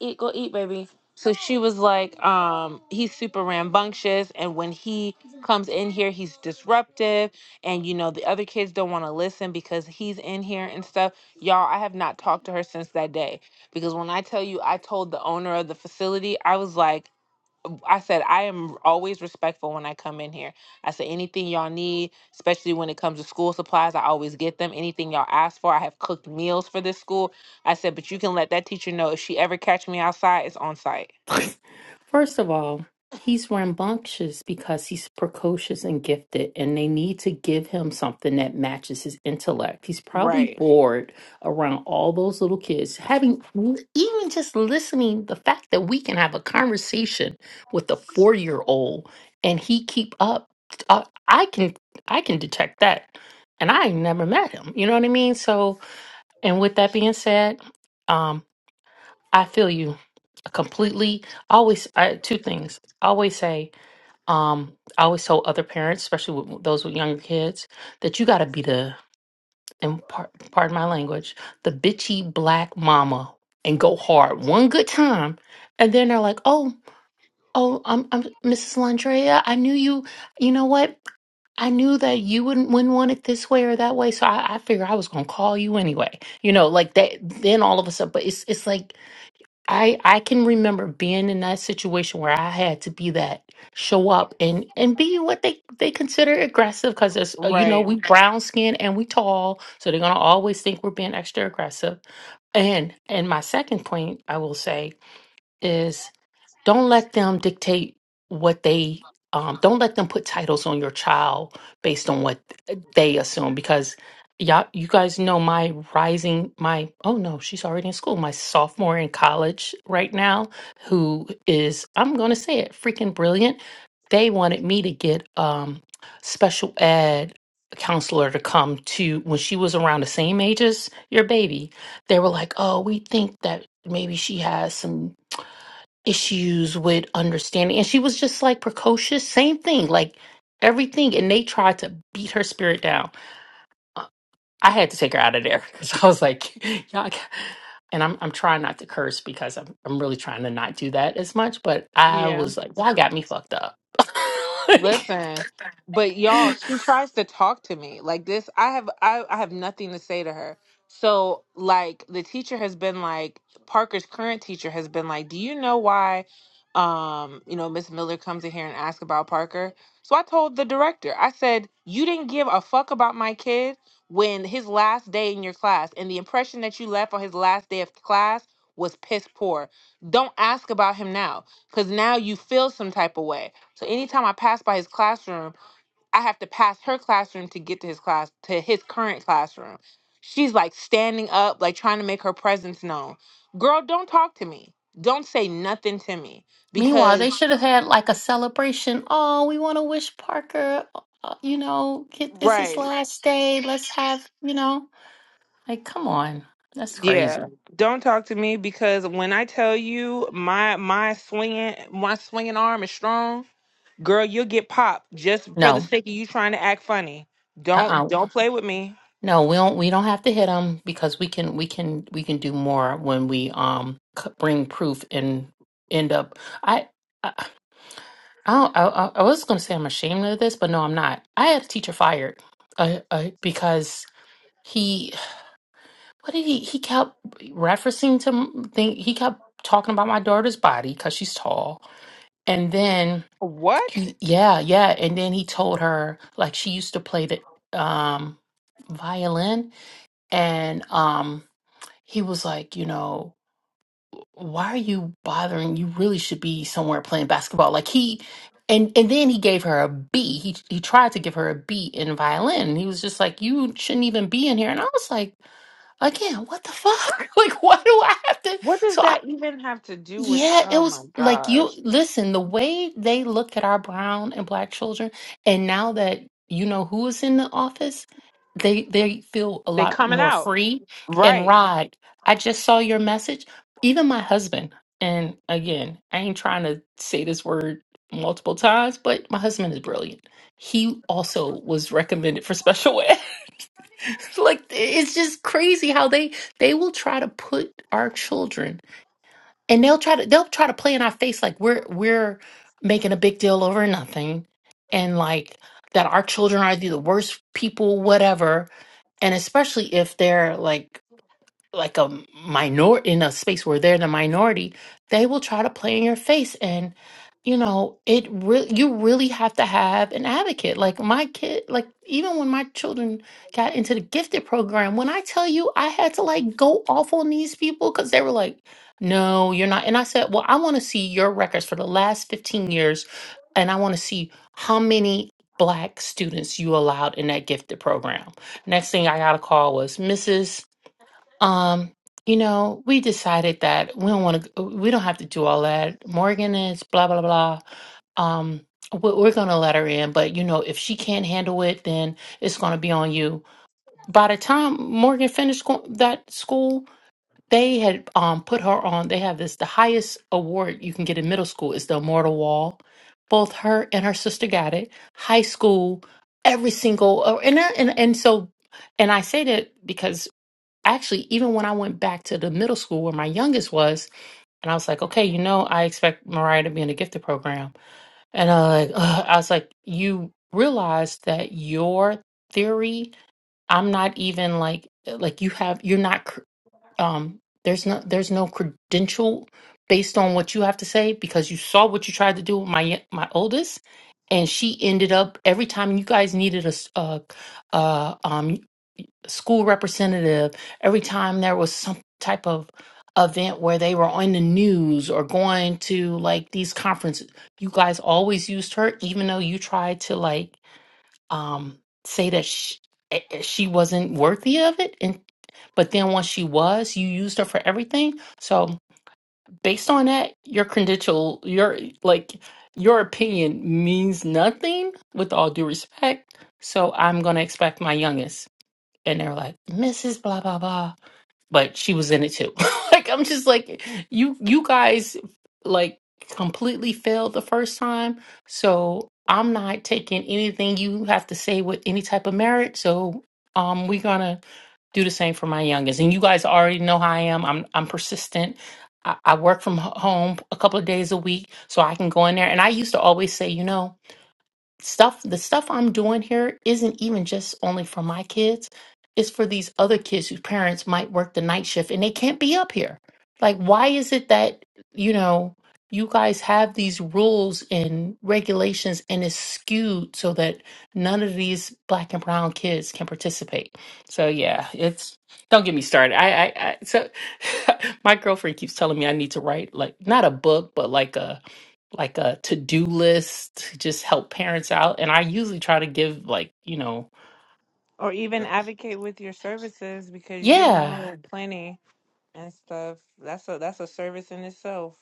S1: eat, go eat, baby. So she was like, um, he's super rambunctious, and when he comes in here, he's disruptive, and you know the other kids don't want to listen because he's in here and stuff. Y'all, I have not talked to her since that day because when I tell you, I told the owner of the facility, I was like. I said, I am always respectful when I come in here. I said, anything y'all need, especially when it comes to school supplies, I always get them. Anything y'all ask for, I have cooked meals for this school. I said, but you can let that teacher know if she ever catch me outside, it's on site.
S6: First of all, he's rambunctious because he's precocious and gifted, and they need to give him something that matches his intellect. He's probably
S1: Right.
S6: bored around all those little kids. Having even just listening, the fact that we can have a conversation with a four year old and he keep up, uh, I can I can detect that, and I never met him. You know what I mean? So, and with that being said. um, I feel you completely. Always, I, two things. I always say, um, I always tell other parents, especially with those with younger kids, that you got to be the, and par- pardon my language, the bitchy black mama and go hard one good time, and then they're like, oh, oh, I'm, I'm Mrs. Landrea. I knew you. You know what? I knew that you wouldn't wouldn't want it this way or that way, so I, I figured I was gonna call you anyway. You know, like that. Then all of a sudden, but it's it's like I I can remember being in that situation where I had to be that show up and and be what they they consider aggressive because there's uh, you know
S1: Right.
S6: we brown skin and we tall so they're gonna always think we're being extra aggressive and and my second point I will say is don't let them dictate what they um, don't let them put titles on your child based on what they assume because y'all you guys know my rising my oh no she's already in school my sophomore in college right now who is i'm gonna say it freaking brilliant they wanted me to get um special ed counselor to come to when she was around the same age as your baby they were like oh we think that maybe she has some issues with understanding. And she was just like precocious, same thing, like everything. And they tried to beat her spirit down. Uh, I had to take her out of there because I was like, y'all. ca-" And I'm I'm trying not to curse because I'm I'm really trying to not do that as much. But I
S1: Yeah.
S6: was like, y'all got me fucked up. Like,
S1: Listen, but y'all, she tries to talk to me like this. I have I, I have nothing to say to her. So like the teacher has been like Parker's current teacher has been like, "Do you know why um, you know, Miss Miller comes in here and asks about Parker?" So I told the director. I said, "You didn't give a fuck about my kid when his last day in your class and the impression that you left on his last day of class was piss poor. Don't ask about him now cuz now you feel some type of way." So anytime I pass by his classroom, I have to pass her classroom to get to his class, to his current classroom. She's like standing up, like trying to make her presence known. Girl, don't talk to me. Don't say nothing to me
S6: Meanwhile,
S1: because
S6: they should have had like a celebration. Oh, we want to wish Parker, uh, you know, get, it's his
S1: right.
S6: last day. Let's have, you know, like, come on. That's crazy.
S1: Yeah. Don't talk to me because when I tell you my my swinging my swinging arm is strong, girl, you'll get popped just for the
S6: No,
S1: sake of you trying to act funny. Don't
S6: uh-uh.
S1: don't play with me.
S6: No, we don't we don't have to hit them because we can we can we can do more when we um c- bring proof and end up I I I, don't, I, I I was going to say I'm ashamed of this, but no, I'm not. I had a teacher fired uh, uh, because he what did he he kept referencing to m- thing he kept talking about my daughter's body cuz she's tall. And then
S1: What?
S6: he yeah, yeah, and then he told her like she used to play the um violin and um he was like you know why are you bothering you really should be somewhere playing basketball like he and and then he gave her a b he he tried to give her a b in violin and he was just like you shouldn't even be in here and i was like again what the fuck like why do i have to
S1: What does
S6: so
S1: that even have to do with?
S6: yeah, it
S1: Oh
S6: was
S1: my
S6: like you
S1: gosh,
S6: listen, the way they look at our brown and black children, and now that you know who is in the office, they they feel a
S1: they
S6: lot
S1: coming
S6: more
S1: out
S6: free. And
S1: right,
S6: Rod, I just saw your message. Even my husband, and again, I ain't trying to say this word multiple times, but my husband is brilliant. He also was recommended for special ed. Like it's just crazy how they they will try to put our children and they'll try to they'll try to play in our face like we're we're making a big deal over nothing and like that our children are the worst people whatever and especially if they're like like a minor in a space where they're the minority, they will try to play in your face and you know, it really you really have to have an advocate. Like my kid, like even when my children got into the gifted program, when I tell you I had to like go off on these people cuz they were like, "No, you're not." And I said, "Well, I want to see your records for the last 15 years and I want to see how many black students you allowed in that gifted program." Next thing I got a call was, "Mrs. Um, you know, we decided that we don't want to, we don't have to do all that. Morgan is blah, blah, blah. Um, we- we're going to let her in, but you know, if she can't handle it, then it's going to be on you. By the time Morgan finished school, that school, they had um put her on. They have this the highest award you can get in middle school is the Immortal Wall. Both her and her sister got it. High school, every single, uh, and and and so, and I say that because actually, even when I went back to the middle school where my youngest was, and I was like, okay, you know, I expect Mariah to be in the gifted program. And uh, like, ugh, I was like, you realize that your theory, I'm not even like, like you have, you're not, cr- um, there's no, there's no credential based on what you have to say because you saw what you tried to do with my, y- my oldest. And she ended up every time you guys needed a, s- a school representative every time there was some type of event where they were on the news or going to like these conferences you guys always used her even though you tried to like um say that she, she wasn't worthy of it and but then once she was you used her for everything so based on that your credential your like your opinion means nothing with all due respect so i'm going to expect my youngest and they were like mrs blah blah blah but she was in it too like i'm just like you you guys like completely failed the first time so i'm not taking anything you have to say with any type of merit so um we're gonna do the same for my youngest and you guys already know how i am i'm i'm persistent I I work from h- home a couple of days a week, so I can go in there. And I used to always say, you know, stuff the stuff I'm doing here isn't even just only for my kids. It's for these other kids whose parents might work the night shift and they can't be up here. Like why is it that, you know, you guys have these rules and regulations and it's skewed so that none of these black and brown kids can participate. So yeah, it's don't get me started. I I, I so my girlfriend keeps telling me I need to write like not a book but like a like a to-do list to just help parents out and i usually try to give like you know
S1: or even
S6: uh,
S1: advocate with your services because you
S6: yeah
S1: know plenty and stuff. That's a that's a service in itself.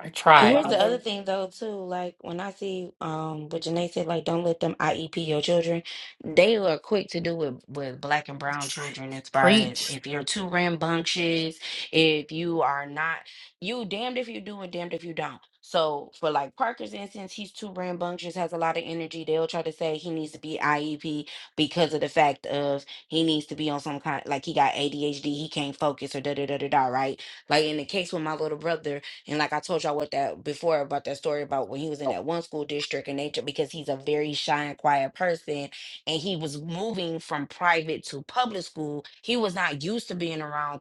S6: i
S1: Cause a
S4: But
S6: tried
S4: here's
S1: lot
S4: the other
S1: of
S4: thing though too, like when I see um what Janae said, like don't let them IEP your children, they are quick to do with with black and brown children as far as
S6: preach
S4: if you're too rambunctious, if you are not you damned if you do and damned if you don't. So for like Parker's instance, he's too rambunctious, has a lot of energy. They'll try to say he needs to be IEP because of the fact of he needs to be on some kind like he got ADHD, he can't focus or da da da da da, right? Like in the case with my little brother and like I told y'all what that before about that story about when he was in that one school district and nature because he's a very shy and quiet person and he was moving from private to public school. He was not used to being around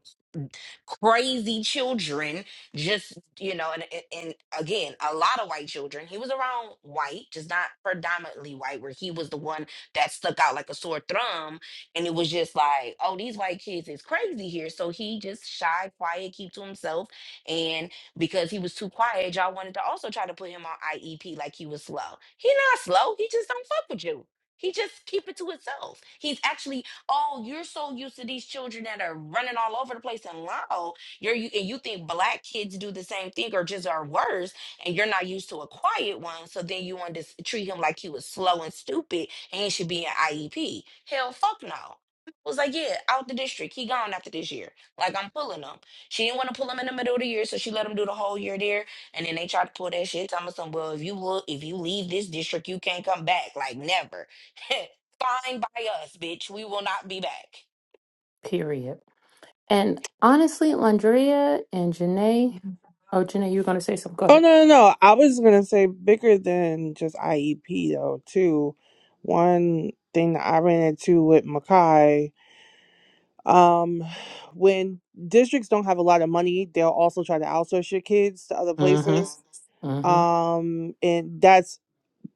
S4: crazy children just you know and, and and again a lot of white children he was around white just not predominantly white where he was the one that stuck out like a sore thumb and it was just like oh these white kids is crazy here so he just shy quiet keep to himself and because he was too quiet y'all wanted to also try to put him on iep like he was slow he not slow he just don't fuck with you he just keep it to himself. He's actually Oh, you're so used to these children that are running all over the place and loud. You're you and you think black kids do the same thing or just are worse, and you're not used to a quiet one. So then you want to s- treat him like he was slow and stupid, and he should be an IEP. Hell, fuck no. Was like, yeah, out the district. He gone after this year. Like I'm pulling him. She didn't want to pull him in the middle of the year, so she let him do the whole year there. And then they tried to pull that shit. Thomas, well, if you look, if you leave this district, you can't come back. Like never. Fine by us, bitch. We will not be back.
S6: period and honestly landrea and janae oh janae you were going to say something go
S2: Oh
S6: ahead
S2: no, no, no. I was gonna say bigger than just IEP though too. One thing that I ran into with Makai, um, when districts don't have a lot of money, they'll also try to outsource your kids to other places.
S6: mm-hmm mm-hmm
S2: Um, and that's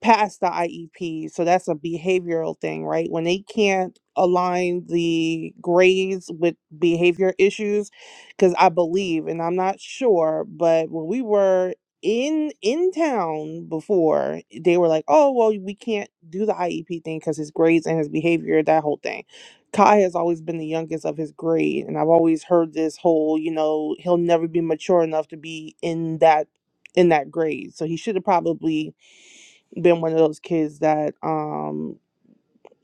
S2: past the IEP. So that's a behavioral thing, right? When they can't align the grades with behavior issues, because I believe, and I'm not sure, but when we were in in town before they were like oh well we can't do the iep thing because his grades and his behavior that whole thing kai has always been the youngest of his grade and i've always heard this whole you know he'll never be mature enough to be in that in that grade so he should have probably been one of those kids that um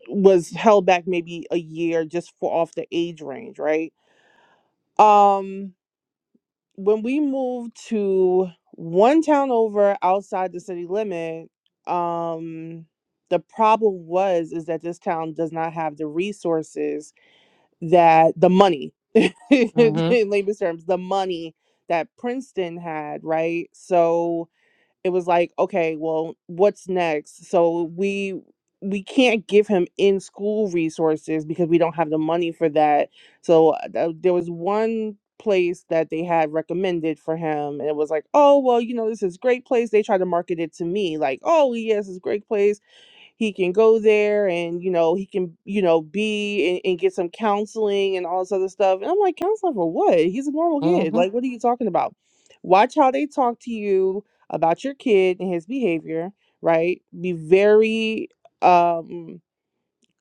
S2: was held back maybe a year just for off the age range, right? Um when we moved to one town over outside the city limit, um the problem was is that this town does not have the resources that the money in
S6: mm-hmm
S2: layman's terms, the money that Princeton had, right? So it was like okay well what's next so we we can't give him in school resources because we don't have the money for that so uh, th- there was one place that they had recommended for him and it was like oh well you know this is great place they tried to market it to me like oh yes it's a great place he can go there and you know he can you know be and, and get some counseling and all this other stuff and i'm like counseling for what he's a normal kid
S6: mm-hmm
S2: like what are you talking about watch how they talk to you about your kid and his behavior right be very um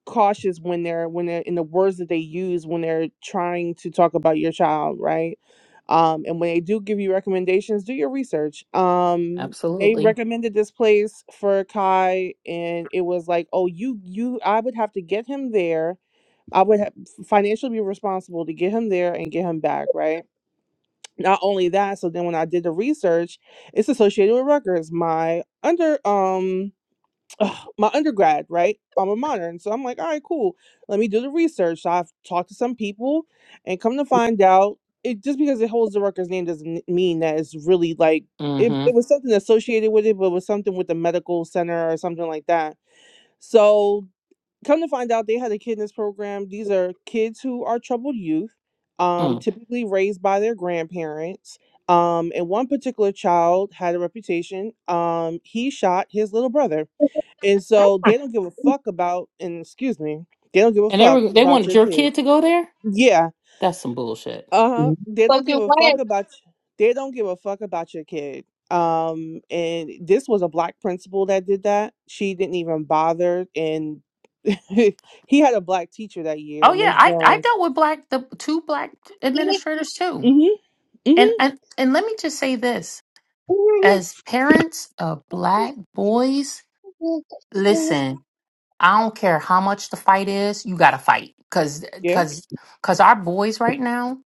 S2: cautious when they're when they're in the words that they use when they're trying to talk about your child right um and when they do give you recommendations do your research um they
S6: absolutely
S2: recommended this place for kai and it was like oh you you i would have to get him there i would have financially be responsible to get him there and get him back right not only that so then when i did the research it's associated with Rutgers. my under um ugh, my undergrad, right? I'm a modern. So I'm like, all right, cool. Let me do the research. So I've talked to some people and come to find out it just because it holds the Rutgers name doesn't mean that it's really like it, it
S6: mm-hmm
S2: was something associated with it, but it was something with the medical center or something like that. So come to find out they had a kid in this program. These are kids who are troubled youth, um,
S6: mm.
S2: typically raised by their grandparents. Um, and one particular child had a reputation. Um, he shot his little brother and so they don't give a fuck about, and excuse me, they don't give a
S6: and they
S2: fuck
S6: were they
S2: about
S6: wanted
S2: your
S6: your
S2: kids.
S6: kid to go there
S2: Yeah.
S6: that's some bullshit
S2: Uh huh. They don't give
S7: Fucking
S2: a
S7: what?
S2: fuck about. y- They don't give a fuck about your kid. Um, and this was a black principal that did that. She didn't even bother, and he had a black teacher that
S6: oh
S2: year,
S6: yeah
S2: Miss
S6: i i
S2: Jones.
S6: dealt with black the two black administrators too
S2: Mhm.
S6: and
S2: Mhm.
S6: and and let me just say this As parents of black boys, listen, I don't care how much the fight is, you gotta fight. Cause,
S2: Yeah.
S6: cause, cause our boys right now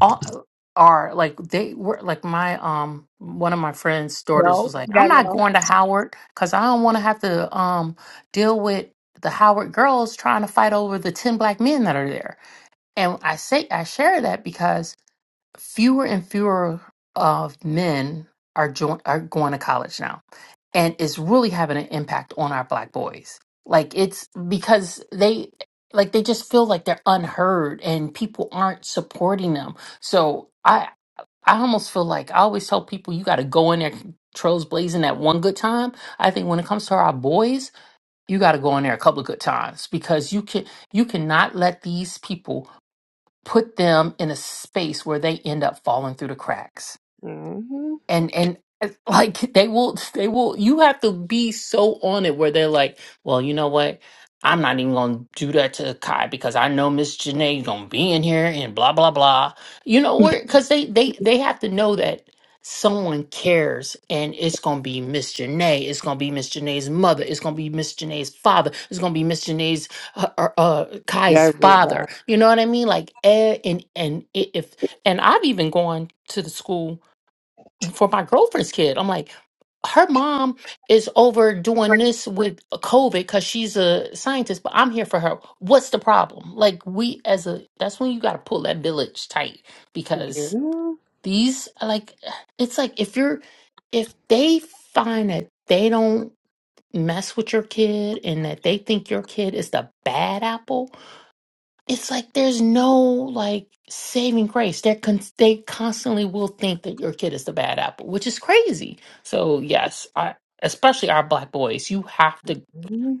S6: all, are like, they were like my, um, one of my friend's daughters
S7: No,
S6: was like, I'm
S7: yeah,
S6: not
S7: no.
S6: going to Howard cause I don't want to have to, um, deal with the Howard girls trying to fight over the 10 black men that are there. And I say, I share that because fewer and fewer of men are join are going to college now, and it's really having an impact on our black boys. Like it's because they like they just feel like they're unheard and people aren't supporting them. So I I almost feel like I always tell people you got to go in there trails blazing at one good time. I think when it comes to our boys, you got to go in there a couple of good times because you can you cannot let these people put them in a space where they end up falling through the cracks
S2: Mhm.
S6: and and uh, like they will they will you have to be so on it where they're like well you know what i'm not even gonna do that to kai because i know miss Janae's gonna be in here and blah blah blah you know where because they they they have to know that someone cares and it's gonna be miss Janae. it's gonna be miss Janae's mother it's gonna be miss Janae's father it's gonna be miss Janae's uh, uh, uh,
S2: Yeah, I
S6: kai's
S2: read
S6: father
S2: that.
S6: you know what i mean like eh, and and i- if and i've even gone to the school for my girlfriend's kid. I'm like, her mom is over doing
S7: But
S6: this with COVID because she's a scientist, but I'm here for her. What's the problem? Like, we as a, that's when you got to pull that village tight
S2: Yeah.
S6: because these, like, it's like if you're, if they find that they don't mess with your kid and that they think your kid is the bad apple, it's like there's no like saving grace. They're con- they constantly will think that your kid is the bad apple, which is crazy. So yes, I, especially our black boys, you have to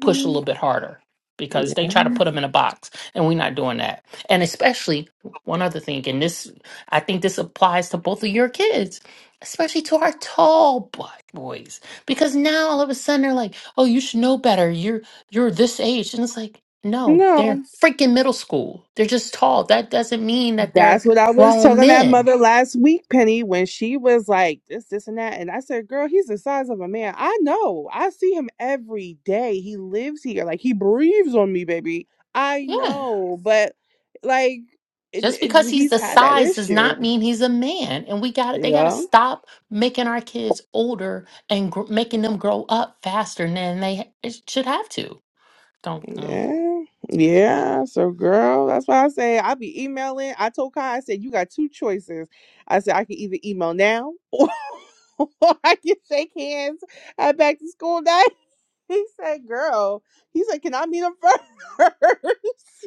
S6: push a little bit harder because they try to
S2: Yeah.
S6: put them in a box and we're not doing that. And especially one other thing, and this I think this applies to both of your kids, especially to our tall black boys. Because now all of a sudden they're like, oh you should know better. You're you're this age. And it's like, no,
S2: No.
S6: they're freaking middle school. They're just tall. That doesn't mean that
S2: That's
S6: they're
S2: what I was
S6: grown
S2: telling that
S6: men.
S2: mother last week, Penny, when she was like this, this, and that. And I said, Girl, he's the size of a man. I know. I see him every day. He lives here. Like he breathes on me, baby. I
S6: Yeah.
S2: know. But like, and,
S6: Just because
S2: and
S6: he's
S2: he's
S6: the
S2: had that
S6: size does
S2: issue.
S6: not mean he's a man. And we got to They got to
S2: Yeah.
S6: stop making our kids older and gr- making them grow up faster than they ha- it should have to. Don't. mm,
S2: Yeah, yeah. So, girl, that's why I say I be emailing. I told Kai, I said you got two choices. I said I can either email now, or I can shake hands at back to school day. He said, "Girl," he said, "Can I meet him first?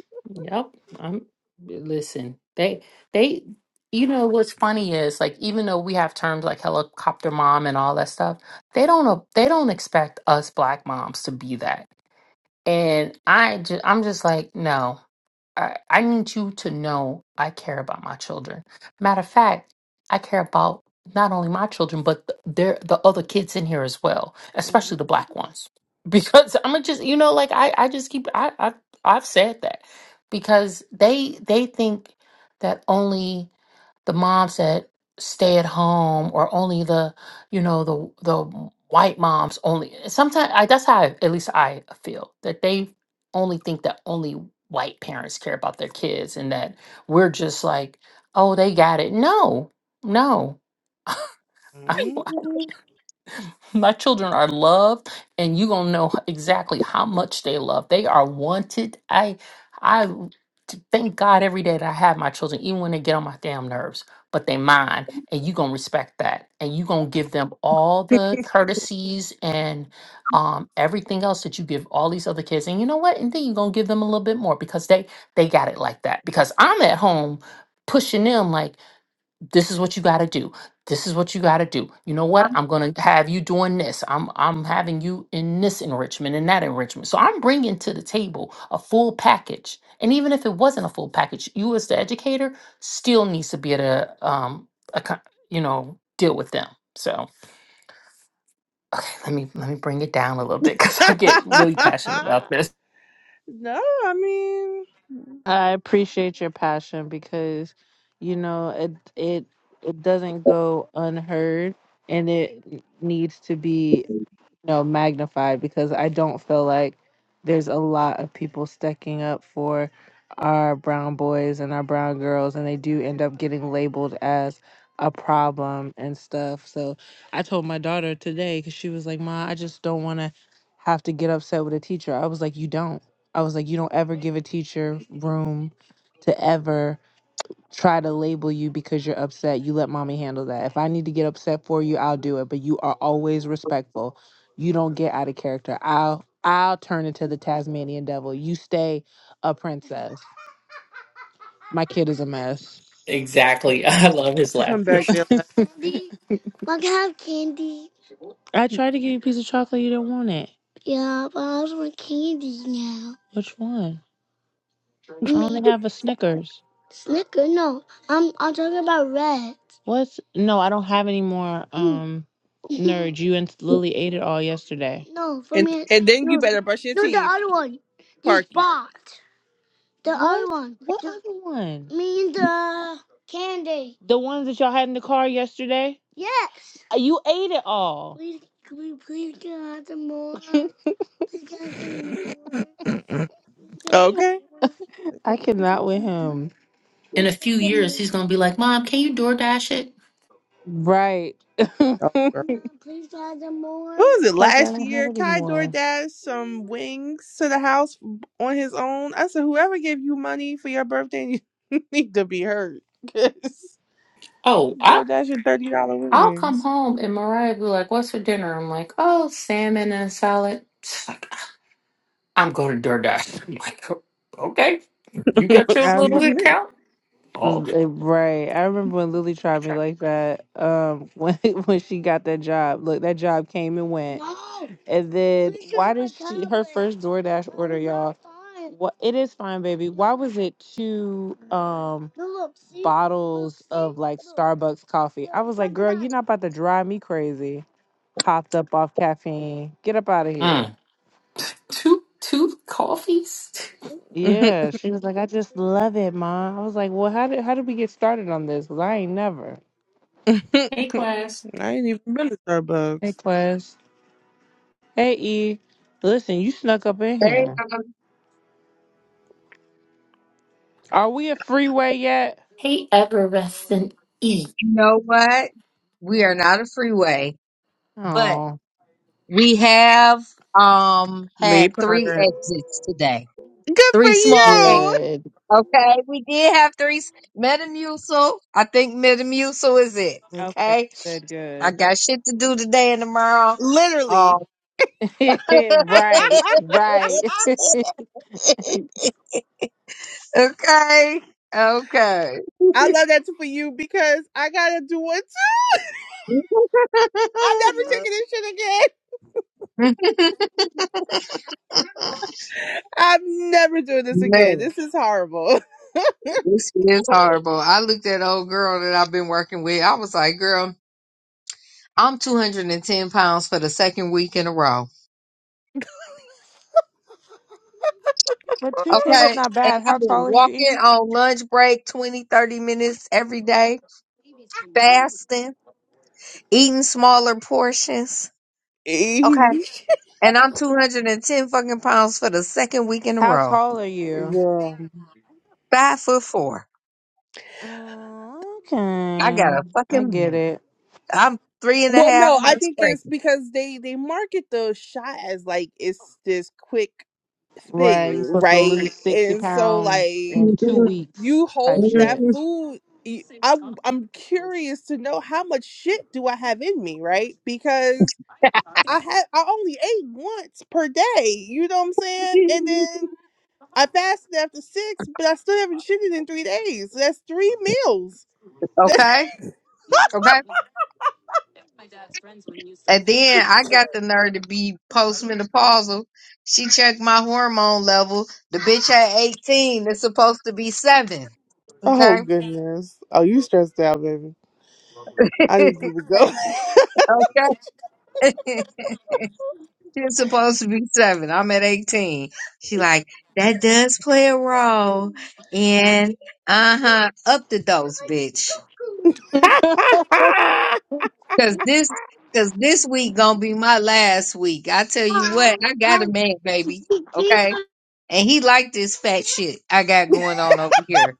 S6: yep. I'm. Listen. They. They. You know what's funny is like even though we have terms like helicopter mom and all that stuff, they don't. a- They don't expect us black moms to be that. And I. Just, I'm just like no. I, I need you to know I care about my children. Matter of fact, I care about not only my children, but th- their the other kids in here as well, especially
S2: hmm
S6: the black ones. Because I'm gonna just, you know, like I, I just keep, I, I, I've said that because they, they think that only the moms that stay at home or only the you know the the white moms only sometimes I, that's how I, at least i feel that they only think that only white parents care about their kids and that we're just like oh they got it no no
S2: Mm.
S6: My children are loved, and you gonna know exactly how much they love. They are wanted. I I t- thank God every day that I have my children, even when they get on my damn nerves. But they mine, and you gonna respect that, and you gonna give them all the courtesies and um, everything else that you give all these other kids. And you know what? And then you gonna give them a little bit more because they they got it like that. Because I'm at home pushing them like this is what you got to do this is what you got to do you know what
S7: I'm
S6: i'm going to have you doing this i'm i'm having you in this enrichment and that enrichment so i'm bringing to the table a full package and even if it wasn't a full package you as the educator still needs to be able to um acco- you know deal with them so let me let me bring it down a little bit because i get really passionate about this
S2: no, I mean,
S1: I appreciate your passion because you know it it it doesn't go unheard and it needs to be you know, magnified because I don't feel like there's a lot of people stacking up for our brown boys and our brown girls, and they do end up getting labeled as a problem and stuff. So I told my daughter today because she was like, "Ma, I just don't want to have to get upset with a teacher." I was like, "You don't." I was like, "You don't ever give a teacher room to ever." try to label you because you're upset. You let mommy handle that. If I need to get upset for you, I'll do it. But you are always respectful. You don't get out of character. I'll I'll turn into the Tasmanian devil. You stay a princess. My kid is a mess.
S6: Exactly. I love his
S2: come
S6: laughter.
S2: back there. like,
S1: I tried to give you a piece of chocolate. You didn't want it. Which one? I have a Snickers. What's no? I don't have any more. Um, you and Lily ate it all yesterday.
S2: And and then you better brush your teeth, Parky.
S1: What one? The ones that y'all had in the car yesterday. Uh, You ate it all.
S2: Okay.
S1: I cannot with him.
S6: In a few years, he's going to be like, Mom, can you DoorDash it?
S1: Right. Fuck,
S2: what was it
S1: I
S2: last
S1: don't have
S2: year?
S1: it
S2: Kai
S1: anymore. I
S2: DoorDash some wings to the house on his own. I said, whoever gave you money for your birthday, you need to be hurt. 'Cause
S6: Oh,
S2: DoorDash and thirty dollar
S6: I'll come
S2: wings.
S6: home and Mariah be like, "What's for dinner?" I'm like, "Oh, salmon and salad." She's like, "I'm going to DoorDash." I'm like, "Okay, you got your little
S1: remember,
S2: Excuse me.
S6: account." Oh,
S1: right. I remember when Lily tried me like that. Um, when when she got that job. Look, that job came and went, and then DoorDash. What? It is fine, baby. Why was it two um bottle Starbucks coffee? You're not about to drive me crazy. Hopped up off caffeine. Get up out of here.
S6: mm. two two coffees.
S2: I
S1: Yeah, she was like, I just love it, mom. I was like, well, how did how did we get started on this? Cause I ain't never.
S6: Hey, class.
S2: ain't even been to
S1: Hey,
S2: Starbucks.
S1: Quest. Hey, E. Listen, you snuck up in
S7: saying,
S1: here.
S7: um,
S1: Are we a freeway yet?
S6: Hey, effervescent E.
S7: you know what? We are not a freeway, but
S1: Oh,
S7: we have um
S2: Made
S7: had three
S2: progress.
S7: exits today.
S2: Good for
S7: Three small exits.
S2: you.
S1: good.
S7: Okay, we did have three s- Metamucil. I think Metamucil is it.
S1: Okay,
S7: Okay,
S1: good,
S7: I
S1: good.
S7: got shit to do today and tomorrow.
S2: Literally.
S7: Um,
S1: right, right. but
S7: Okay. Okay.
S2: I love that for you because I gotta do one too. I'm never taking this shit again. I'm never doing this again.
S7: Man,
S2: This is horrible.
S7: this is horrible. I looked at old girl that I've been working with. I was like, girl, I'm 210 pounds for the second week in a row.
S1: 210 is
S7: Okay.
S1: not
S7: And
S1: bad. How
S7: I've been
S1: tall are you,
S7: walking
S1: E?
S7: on lunch break 20, 30 minutes every day, fasting, eating smaller portions. Okay. And I'm 210 fucking pounds for the second week in a
S1: How
S7: row.
S1: tall are you?
S2: Yeah.
S7: Five foot four.
S1: Mm,
S7: I got
S1: Okay,
S7: a
S1: I get
S7: fucking
S1: it.
S7: I'm three and a
S2: Well,
S7: half
S2: no, I
S7: months
S2: think it's
S7: pregnant.
S2: because they they market the shot as like it's this quick
S1: Right,
S2: thing,
S1: you're supposed to lose
S2: right?
S1: 60
S2: And so
S1: pounds
S2: like
S1: in two weeks,
S2: you
S1: type
S2: hold that
S1: shit.
S2: food. y- I'm I'm curious to know how much shit do I have in me, right? Because I had I only ate once per day. You know what I'm saying? And then I fasted after six, but I still haven't shitted in three days. So that's three meals. That's
S7: okay, okay. And then I got the nerve to be postmenopausal. She checked my hormone level. The bitch at 18. It's supposed to be seven.
S2: oh
S7: Okay.
S2: goodness. Oh, you stressed out, baby. I need
S7: okay.
S2: you to go.
S7: It's supposed to be seven. I'm at 18. She like, that does play a role. And uh huh, up the dose, bitch. Cause this, cause this week gonna be my last week. I tell you what, I got a man, baby. Okay, and he like this fat shit I got going on over here.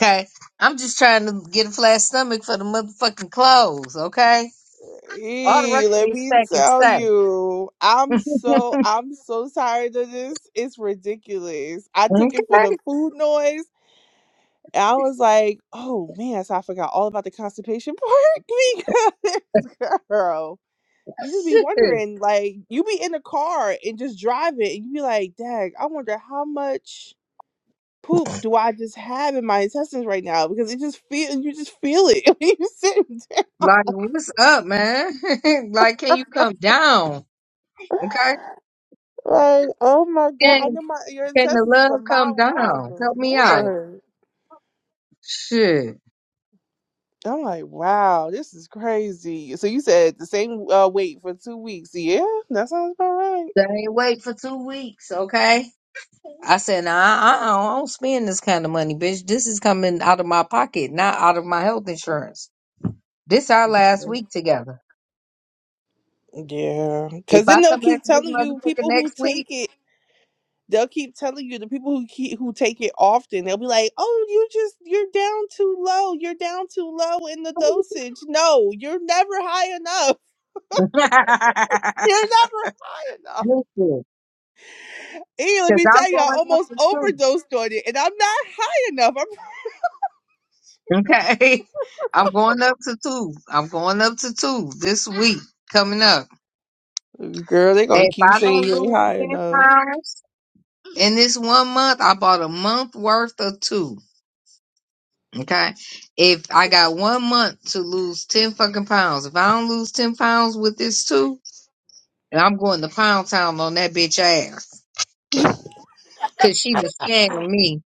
S7: Okay, I'm just trying to get a flat stomach for the motherfucking clothes. Okay, all the rest
S2: Hey,
S7: of
S2: let
S7: this
S2: me
S7: stack and
S2: tell
S7: stack.
S2: you, I'm so I'm so tired of this. It's ridiculous. I took it for the
S7: Okay,
S2: food noise, and I was like, "Oh man!" So I forgot all about the constipation part because, girl, you just be
S7: shit.
S2: wondering, like, you be in the car and just drive it, and you be like, "Dag, I wonder how much." poop do I just have in my intestines right now? Because it just feel you just feel it when you sit there.
S7: Like, what's up, man? like, can you come down? Okay,
S2: Like, oh my god, I
S7: and
S2: know my your
S7: can the
S2: intestines is a
S7: love come
S2: mile
S7: down?
S2: long, but
S7: Help me out.
S2: Lord.
S7: Shit,
S2: I'm like, wow, this is crazy. So you said the same uh, weight for two weeks. Yeah, that sounds about right.
S7: I ain't wait for two weeks. Okay. I said, nah, I, I don't spend this kind of money, bitch. This is coming out of my pocket, not out of my health insurance. This our last week together.
S2: Yeah.
S7: If
S2: Cause
S7: I
S2: then they'll
S7: come back
S2: keep
S7: to this
S2: telling you
S7: motherfucker
S2: people who
S7: next
S2: take
S7: week,
S2: it They'll keep telling you the people who keep, who take it often. They'll be like, "Oh, you just you're down too low. You're down too low in the dosage. No, you're never high enough.
S7: listen,
S2: You're never high enough." And let
S7: because
S2: me
S7: I'm
S2: tell you, I
S7: going up
S2: almost
S7: to two.
S2: overdosed on it, and I'm not high enough.
S7: Okay. I'm going up to two. I'm going up to two this week coming up.
S2: I'm girl. They
S7: And
S2: gonna
S7: if
S2: keep
S7: I
S2: saying
S7: don't
S2: you ain't
S7: lose
S2: high
S7: 10
S2: enough.
S7: pounds in this one month, I bought a month worth of two. Okay. If I got one month to lose 10 fucking pounds, if I don't lose 10 pounds with this too, then I'm going to pound town on that bitch ass. Cause she was scamming me.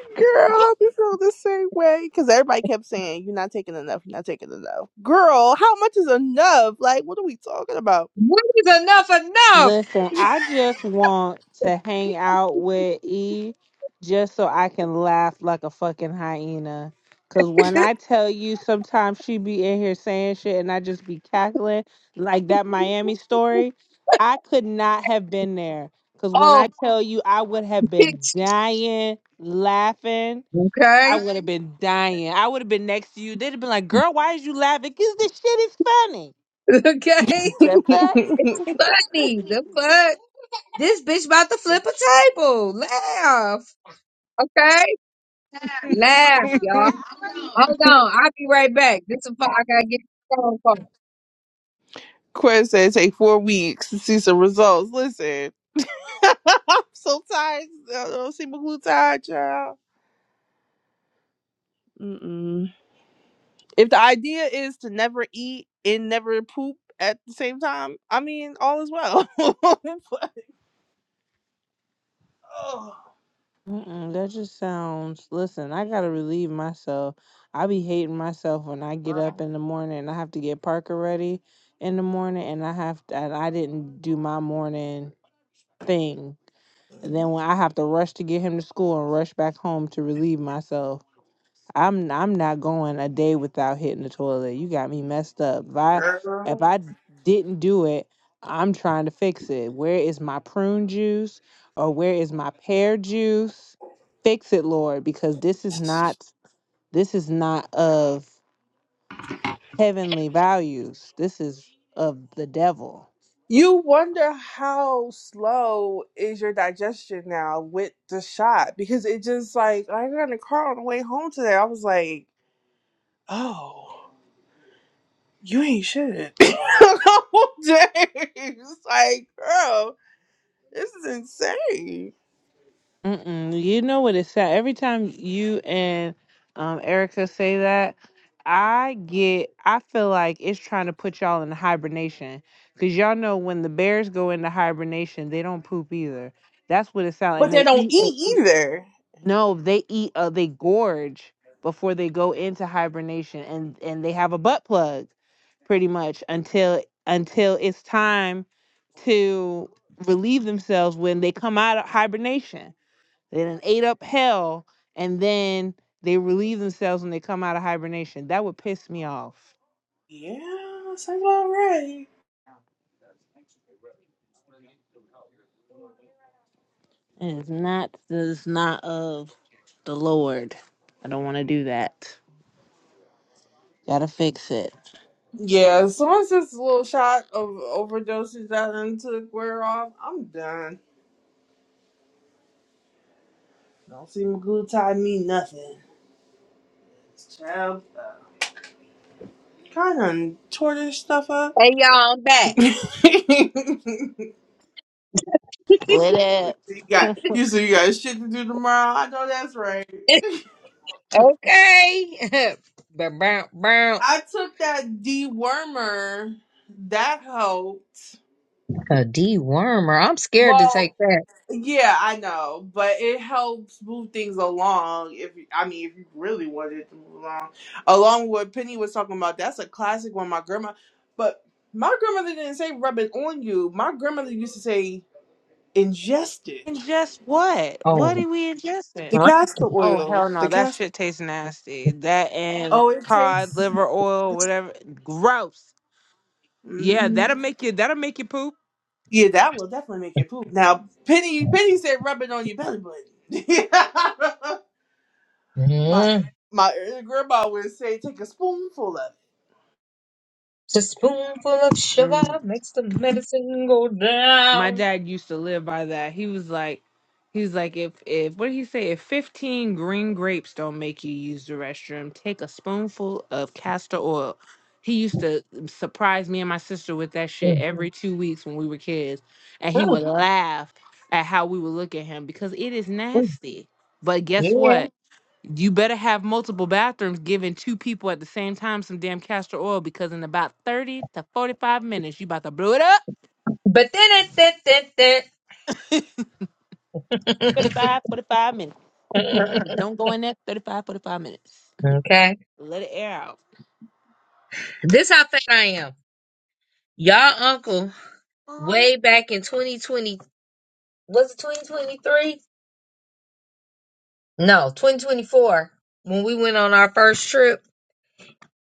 S2: Girl, I hope you feel the same way because everybody kept saying you're not taking enough. You're not taking enough. Girl, how much is enough? Like, what are we talking about?
S7: What is enough enough?
S1: Listen, I just want to hang out with E just so I can laugh like a fucking hyena. Cause when I tell you sometimes she be in here saying shit and I just be cackling, like that Miami story, I could not have been there. Cause when
S7: Oh,
S1: I tell you I would have been
S7: bitch.
S1: dying laughing, I
S7: Okay.
S1: would have been dying. I would have been next to you. They'd have been like, girl, why is you laughing? Cause this shit is funny.
S7: Okay.
S1: The fuck?
S7: Funny. The fuck? This bitch about to flip a table. Laugh. Okay. Laugh, y'all. Hold on. I'll be right back. This is what I gotta get the phone call.
S2: Quinn said take four weeks to see some results. Listen, I'm so tired. I don't see my glue tired, child. Mm-mm. If the idea is to never eat and never poop at the same time, I mean, all is well.
S1: Mm-mm, that just sounds listen, I gotta relieve myself. I be hating myself when I get up in the morning and I have to get Parker ready in the morning and I have to, and I didn't do my morning thing. And then when I have to rush to get him to school and rush back home to relieve myself. I'm I'm not going a day without hitting the toilet. You got me messed up. If I if I didn't do it, I'm trying to fix it. Where is my prune juice or where is my pear juice? Fix it, Lord, because this is not this is not of heavenly values. This is of the devil.
S2: you wonder how slow is your digestion now with the shot because it just like I got in the car on the way home today. I was like, oh, you ain't shit. James, like, girl. This is insane.
S1: Mm-mm, you know what it's at. Every time you and um, Erica say that, I get, I feel like it's trying to put y'all in hibernation. Because y'all know when the bears go into hibernation, they don't poop either. That's what it sounds like.
S2: But
S1: And
S2: they
S1: they
S2: don't
S1: eat, it-
S2: eat either.
S1: no, they eat, uh, they gorge before they go into hibernation. And, and they have a butt plug pretty much until until it's time to relieve themselves when they come out of hibernation. They done ate up hell and then they relieve themselves when they come out of hibernation. That would piss me off.
S2: Yeah, sounds about right.
S1: It is not It's not of the Lord. I don't wanna do that. Gotta fix it.
S2: Yeah, as soon as this little shot of overdoses that I done took wear off, I'm done. Don't see glutide mean nothing. Child, kind of tore this stuff up.
S7: Hey, y'all, I'm back.
S2: you
S1: Split it.
S2: got you said you got shit to do tomorrow. I know that's right.
S7: Okay. Bow, bow, bow.
S2: I took that dewormer. That helped.
S7: A dewormer. I'm scared to
S2: Well,
S7: take that.
S2: Yeah, I know, but it helps move things along. If you- I mean, if you really wanted to move along, along with what Penny was talking about, that's a classic one. My grandma, but my grandmother didn't say rub it on you. My grandmother used to say ingest it.
S1: Ingest what? What
S7: Oh,
S1: are we ingesting?
S2: The
S7: right.
S2: castor
S1: Oh
S2: oil,
S1: hell
S2: the
S1: no, that
S2: castor.
S1: shit tastes nasty. That and
S2: Oh, it
S1: cod,
S2: tastes.
S1: liver oil, whatever. Gross. Yeah,
S2: hmm
S1: that'll make you that'll make you poop.
S2: Yeah, that will definitely make you poop. Now, Penny, Penny said rub it on your belly button. my
S7: Mm.
S2: my grandma would say take a spoonful of it.
S7: a spoonful of sugar makes the medicine go
S1: my
S7: down.
S1: dad used to live by that. He was like, he was like, if if what did he say? If fifteen green grapes don't make you use the restroom, take a spoonful of castor oil. He used to surprise me and my sister with that shit
S7: Mm,
S1: every two weeks when we were kids, and he
S7: mm,
S1: would laugh at how we would look at him because it is
S7: mm.
S1: nasty. But guess
S7: Yeah.
S1: what? You better have multiple bathrooms giving two people at the same time some damn castor oil because in about 30 to 45 minutes, you about to blow it up.
S7: But then it, that,
S1: 45,
S7: that,
S1: forty-five minutes.
S7: that.
S1: Don't go in there 35, 45 minutes.
S7: Okay.
S1: Let it air out.
S7: This how fat I am. Y'all uncle, way back in 2020, was it 2023? No, 2024, when we went on our first trip.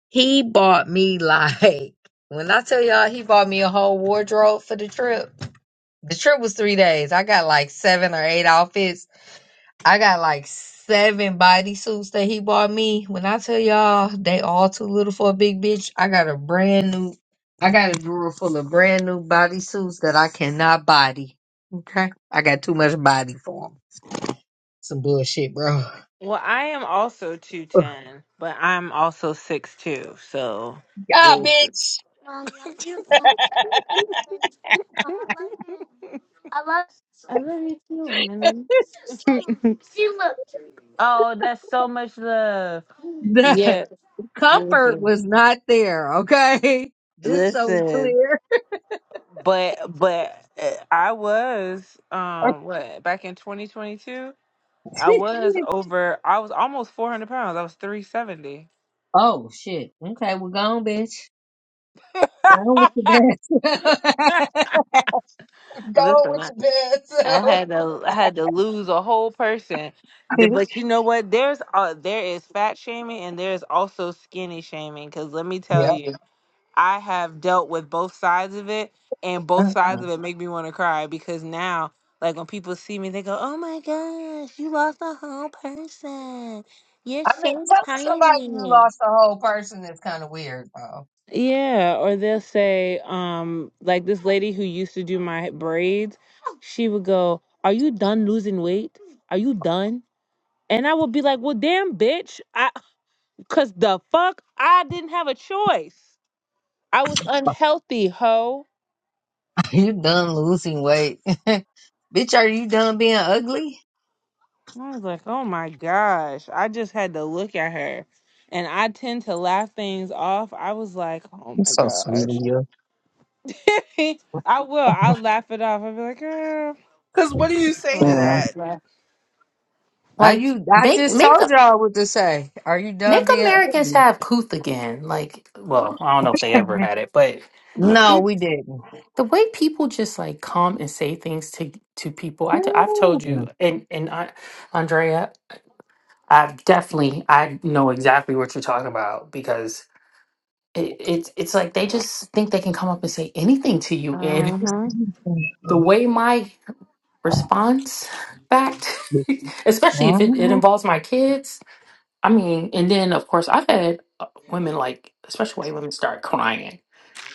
S7: He bought me like when I tell y'all he bought me a whole wardrobe for the trip. The trip was three days. I got like seven or eight outfits. I got like seven bodysuits that he bought me. When I tell y'all they all too little for a big bitch, I got a brand new I got a drawer full of brand new bodysuits that I cannot body. Okay? I got too much body for 'em. Some bullshit, bro.
S1: Well, I am also 210, but I'm also six two. So,
S7: Yeah,
S1: Listen.
S7: bitch.
S1: oh, that's so much love. Yeah,
S7: comfort
S1: listen.
S7: was not there, okay? Just so we
S1: Listen,
S7: clear.
S1: but but uh, I was um what back in 2022, I was over I was almost 400 pounds. I was 370.
S7: oh shit. Okay, we're gone, bitch. Gone with your best. Go with
S1: Listen,
S7: your bed
S1: I
S7: self.
S1: had to I had to lose a whole person. The- But you know what? There's uh there is fat shaming and there's also skinny shaming cuz let me tell
S7: Yep.
S1: you, I have dealt with both sides of it and
S7: I
S1: both sides of it make me want to cry because now like when people see me they go, "Oh my gosh, you lost a whole person. You're
S7: mean,
S1: so
S7: tell somebody you
S1: tiny."
S7: lost a whole person is kind of weird, though.
S1: Yeah, or they'll say um like this lady who used to do my braids she would go, Are you done losing weight? Are you done? And I would be like, Well, damn, bitch. I, cause the fuck, I didn't have a choice. I was unhealthy, ho.
S7: you done losing weight. bitch, are you done being ugly?
S1: And I was like, Oh my gosh. I just had to look at her. And I tend to laugh things off. I was like, Oh
S7: You're
S1: my
S7: so sweet of
S1: gosh.
S7: you.
S1: I will. I'll laugh it off. I'll be like, Girl.
S2: Cause what do you say to
S7: Mm.
S2: that?
S1: Uh
S7: Are
S6: Like,
S7: you I
S6: make
S7: just
S6: make
S7: told y'all what to say. Are you done
S6: make
S7: being
S6: Americans have couth again. Like, well, I don't know if they
S7: ugly?
S6: ever had it, but
S7: No,
S6: it.
S7: we didn't.
S6: the way people just like come and say things to to people i t- i've told
S7: Mm-hmm.
S6: you and and I, andrea i've definitely i know exactly what you're talking about because it, it's it's like they just think they can come up and say anything to you and
S1: huh.
S6: the way my response back especially if it, it involves my kids i mean and then of course i've had uh, women like especially white women start crying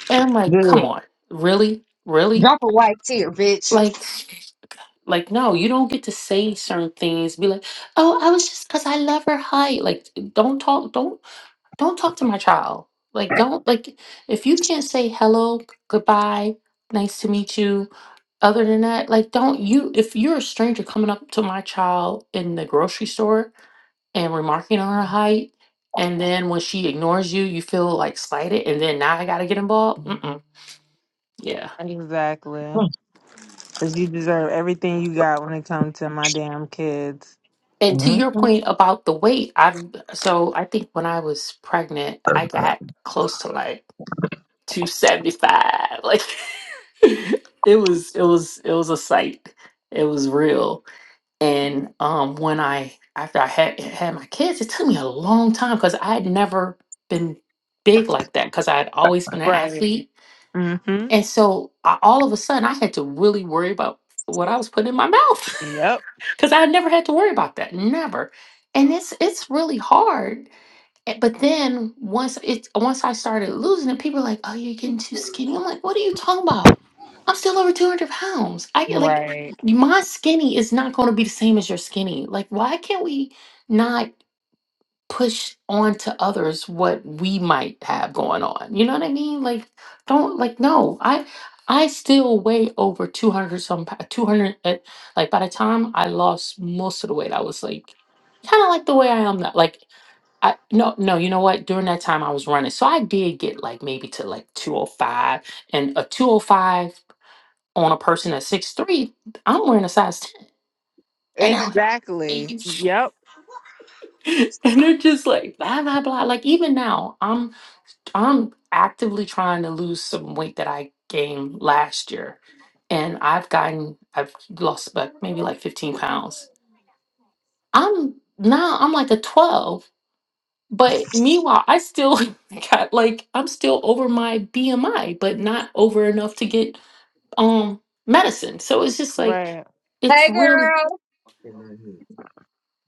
S6: and i'm like come
S7: Good.
S6: on really really
S7: Drop a white tear, bitch.
S6: like Like, no, you don't get to say certain things. Be like, oh, I was just because I love her height. Like, don't talk, don't, don't talk to my child. Like, don't like if you can't say hello, g- goodbye, nice to meet you. Other than that, like, don't you if you're a stranger coming up to my child in the grocery store and remarking on her height, and then when she ignores you, you feel like slighted, and then now I gotta get involved. Mm-mm. Yeah.
S1: Exactly. Cause you deserve everything you got when it comes to my damn kids.
S6: And to
S7: Hey,
S6: your point about the weight, I'm so I think when I was pregnant, I got close to like 275. Like it was it was it was a sight. It was real. And um when I after I had had my kids, it took me a long time because I had never been big like that because I had always been an
S1: Right.
S6: athlete and so I, all of a sudden, I had to really worry about what I was putting in my mouth
S1: Yep.
S6: because I never had to worry about that, never. And it's it's really hard. Eh, But then once it once I started losing it, people were like, "Oh, you're getting too skinny." I'm like, "What are you talking about? I'm still over 200 pounds. I get like
S1: Right.
S6: my skinny is not going to be the same as your skinny. Like, why can't we not?" push onto others what we might have going on. You know what I mean? Like, don't like no. I I still weigh over two hundred some pa- two hundred. uh, Like by the time I lost most of the weight, I was like kind of like the way I am now. Like I no no. You know what? During that time, I was running, so I did get like maybe to like two hundred five, and a two hundred five on a person at six three. I'm wearing a size ten, and I'm like,
S1: Exactly. Yep.
S6: and they're just like blah blah blah. Like even now, I'm. I'm actively trying to lose some weight that I gained last year. And I've gotten, I've lost about maybe like 15 pounds. I'm now, I'm like a 12. But meanwhile, I still got like, I'm still over my BMI, but not over enough to get um medicine. So it's just like,
S1: Right.
S6: it's really.
S7: girl.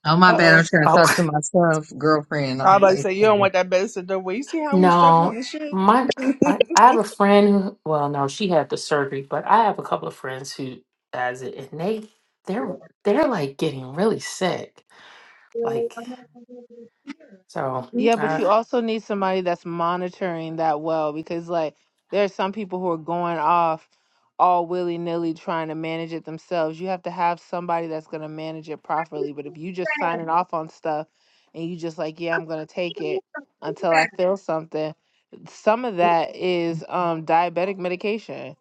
S7: Oh, my
S1: Uh
S7: bad. I'm
S1: oh.
S7: trying to
S6: Oh.
S7: talk to myself, girlfriend
S2: I
S7: on
S2: about to say you don't
S7: Facebook.
S2: want that medicine done. Well, you see how we struggle with
S6: No,
S2: this shit.
S6: my I, I have a friend who well no she had the surgery but I have a couple of friends who has it and they they're
S7: You
S6: they're like getting really sick like so
S1: Yeah, but
S6: uh
S1: you also need somebody that's monitoring that well because, like, there are some people who are going off all willy nilly trying to manage it themselves. You have to have somebody that's going to manage it properly. But if you just signing off on stuff and you just like, yeah, I'm going to take it until I feel something, some of that is um, diabetic medication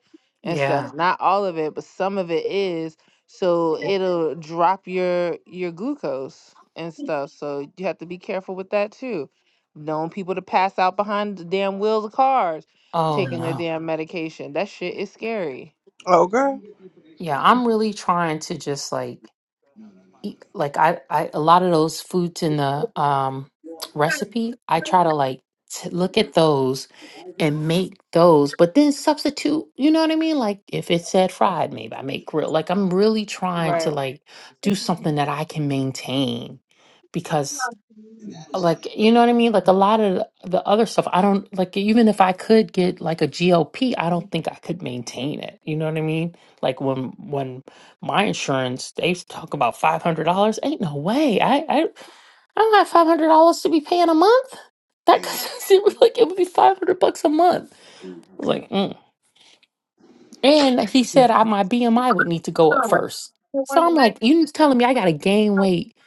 S1: and stuff.
S6: yeah
S1: Not all of it, but some of it is so it'll drop your your glucose and stuff so you have to be careful with that too known people to pass out behind the damn wheels of cars
S6: oh
S1: taking their
S6: no
S1: damn medication that shit is scary
S2: okay.
S6: yeah I'm really trying to just like eat like I, I a lot of those foods in the um recipe i try to like t- look at those and make those but then substitute you know what i mean like if it said fried maybe i make grilled like i'm really trying to
S1: right
S6: like do something that i can maintain like you know what I mean? Like a lot of the other stuff, I don't like even if I could get like a GLP, I don't think I could maintain it. You know what I mean? Like when when my insurance they talk about five hundred dollars, ain't no way. I I I don't have five hundred dollars to be paying a month. That it was like it would be five hundred bucks a month. I was like, mm. and he said I, my BMI would need to go up first. So I'm like, you telling me I got to gain weight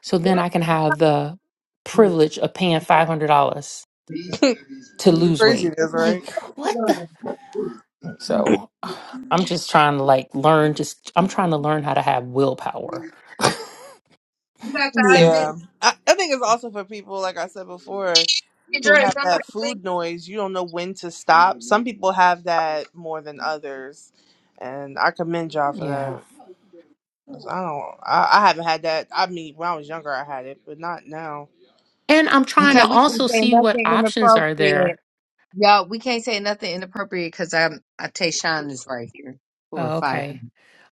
S6: so then I can have the privilege of paying five hundred dollars? to
S2: the
S6: lose weight.
S2: craziness, right?
S6: Like, what the? So I'm just trying to like learn, just I'm trying to learn how to have willpower.
S7: got to
S6: And
S7: admit,
S2: Yeah, I, I think it's also for people like I said before who
S7: Dre,
S2: have that
S7: somebody
S2: food noise. You don't know when to stop. Some people have that more than others, and I commend y'all for
S6: yeah.
S2: that. 'Cause I don't. I, I haven't had that. I mean, when I was younger, I had it, but not now.
S6: And I'm trying to
S7: Okay,
S2: It's,
S7: we can't
S6: also
S7: say
S6: see what
S7: nothing
S6: options are there.
S7: inappropriate. Y'all, we can't say nothing inappropriate because I'm I Tayshawn is right here for
S6: Oh,
S7: five.
S6: okay.
S7: minutes.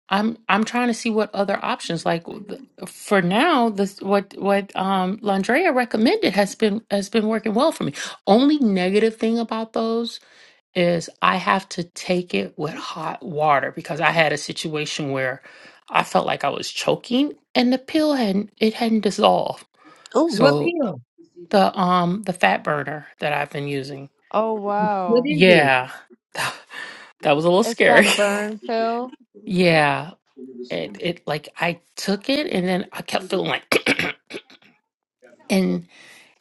S6: I'm I'm trying to see what other options like th- for now this what what um Landrea recommended has been has been working well for me. Only negative thing about those is I have to take it with hot water because I had a situation where I felt like I was choking and the pill hadn't it hadn't dissolved.
S2: ooh,
S7: What
S6: So
S7: pill?
S6: the um the fat burner that I've been using,
S1: oh
S7: What
S1: wow
S7: is it?
S6: yeah, that was a little
S1: it's that
S6: scary.
S1: burn pill
S6: yeah, it it like I took it and then I kept feeling like and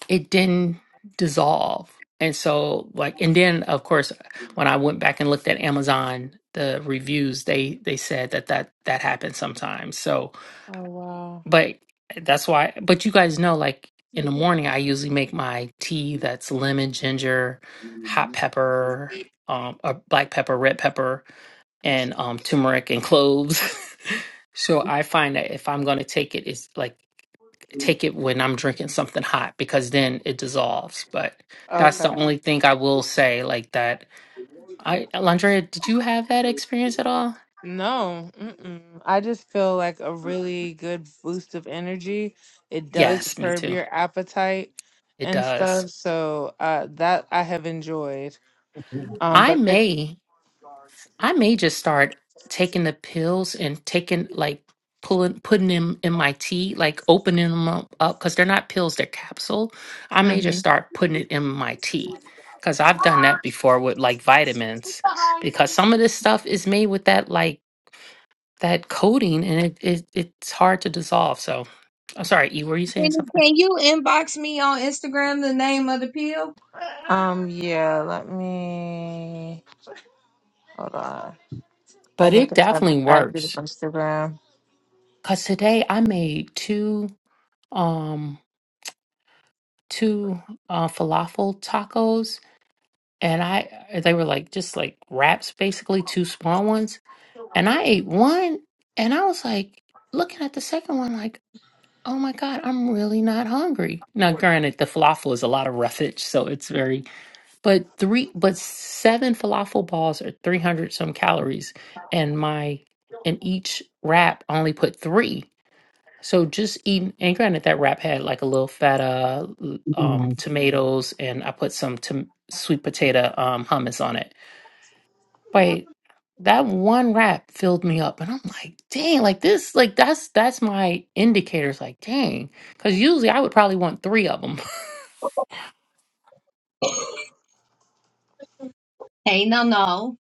S6: it didn't dissolve. And so like and then of course when I went back and looked at Amazon the reviews they they said that that that happens sometimes. So
S1: oh wow
S6: but that's why but you guys know like in the morning I usually make my tea that's lemon, ginger, hot pepper, um, or black pepper, red pepper, and um, turmeric and cloves. so I find that if I'm going to take it, it's like take it when I'm drinking something hot because then it dissolves. But that's the
S1: okay
S6: only thing I will say like that. I Landrea, did you have that experience at all?
S1: no mm-mm. i just feel like a really good boost of energy it does
S6: Yes, me
S1: curb
S6: too.
S1: your appetite
S6: It
S1: and
S6: does.
S1: stuff so uh that i have enjoyed
S7: Yeah.
S1: um,
S6: I
S1: but
S6: may I may just start taking the pills and taking like pulling putting them in my tea, like opening them up because they're not pills, they're capsule. I may just
S1: hmm
S6: start putting it in my tea because I've done that before with like vitamins because some of this stuff is made with that like that coating and it, it it's hard to dissolve. So I'm sorry, E, were you saying
S7: Can, you-
S6: something?
S7: can you inbox me on Instagram the name of the pill?
S1: Um, yeah, let me hold on. I
S6: But
S1: guess
S6: it definitely
S1: I
S6: works
S1: can.
S6: because today I made two um two uh, falafel tacos and I uh, they were like just like wraps, basically two small ones, and I ate one, and I was like looking at the second one like, oh my god, I'm really not hungry. Now, granted, the falafel is a lot of roughage, so it's very but three but seven falafel balls are three hundred some calories, and my and each wrap only put three. So just eating, and granted, that wrap had like a little feta, l- um,
S7: Yeah.
S6: tomatoes, and I put some tom- sweet potato um, hummus on it but that one rap filled me up, and I'm like, dang, like this, like that's that's my indicators, like dang, because usually I would probably want three of them.
S7: Hey, no, no.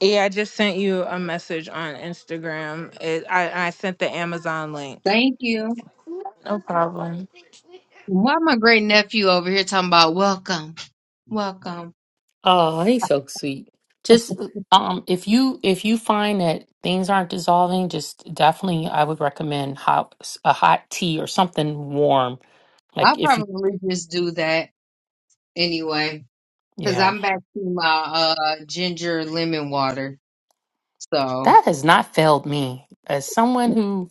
S1: Yeah, I just sent you a message on Instagram. It, I, I sent the Amazon link.
S7: Thank you.
S1: No
S7: Okay.
S1: problem.
S7: Why my great nephew over here talking about welcome, welcome?
S6: Oh, he's so sweet. Just um, if you if you find that things aren't dissolving, just definitely I would recommend hot a hot tea or something warm. Like
S7: I'll
S6: if you,
S7: probably just do that anyway because
S6: yeah,
S7: I'm back to my uh ginger lemon water. So.
S6: that has not failed me as someone who.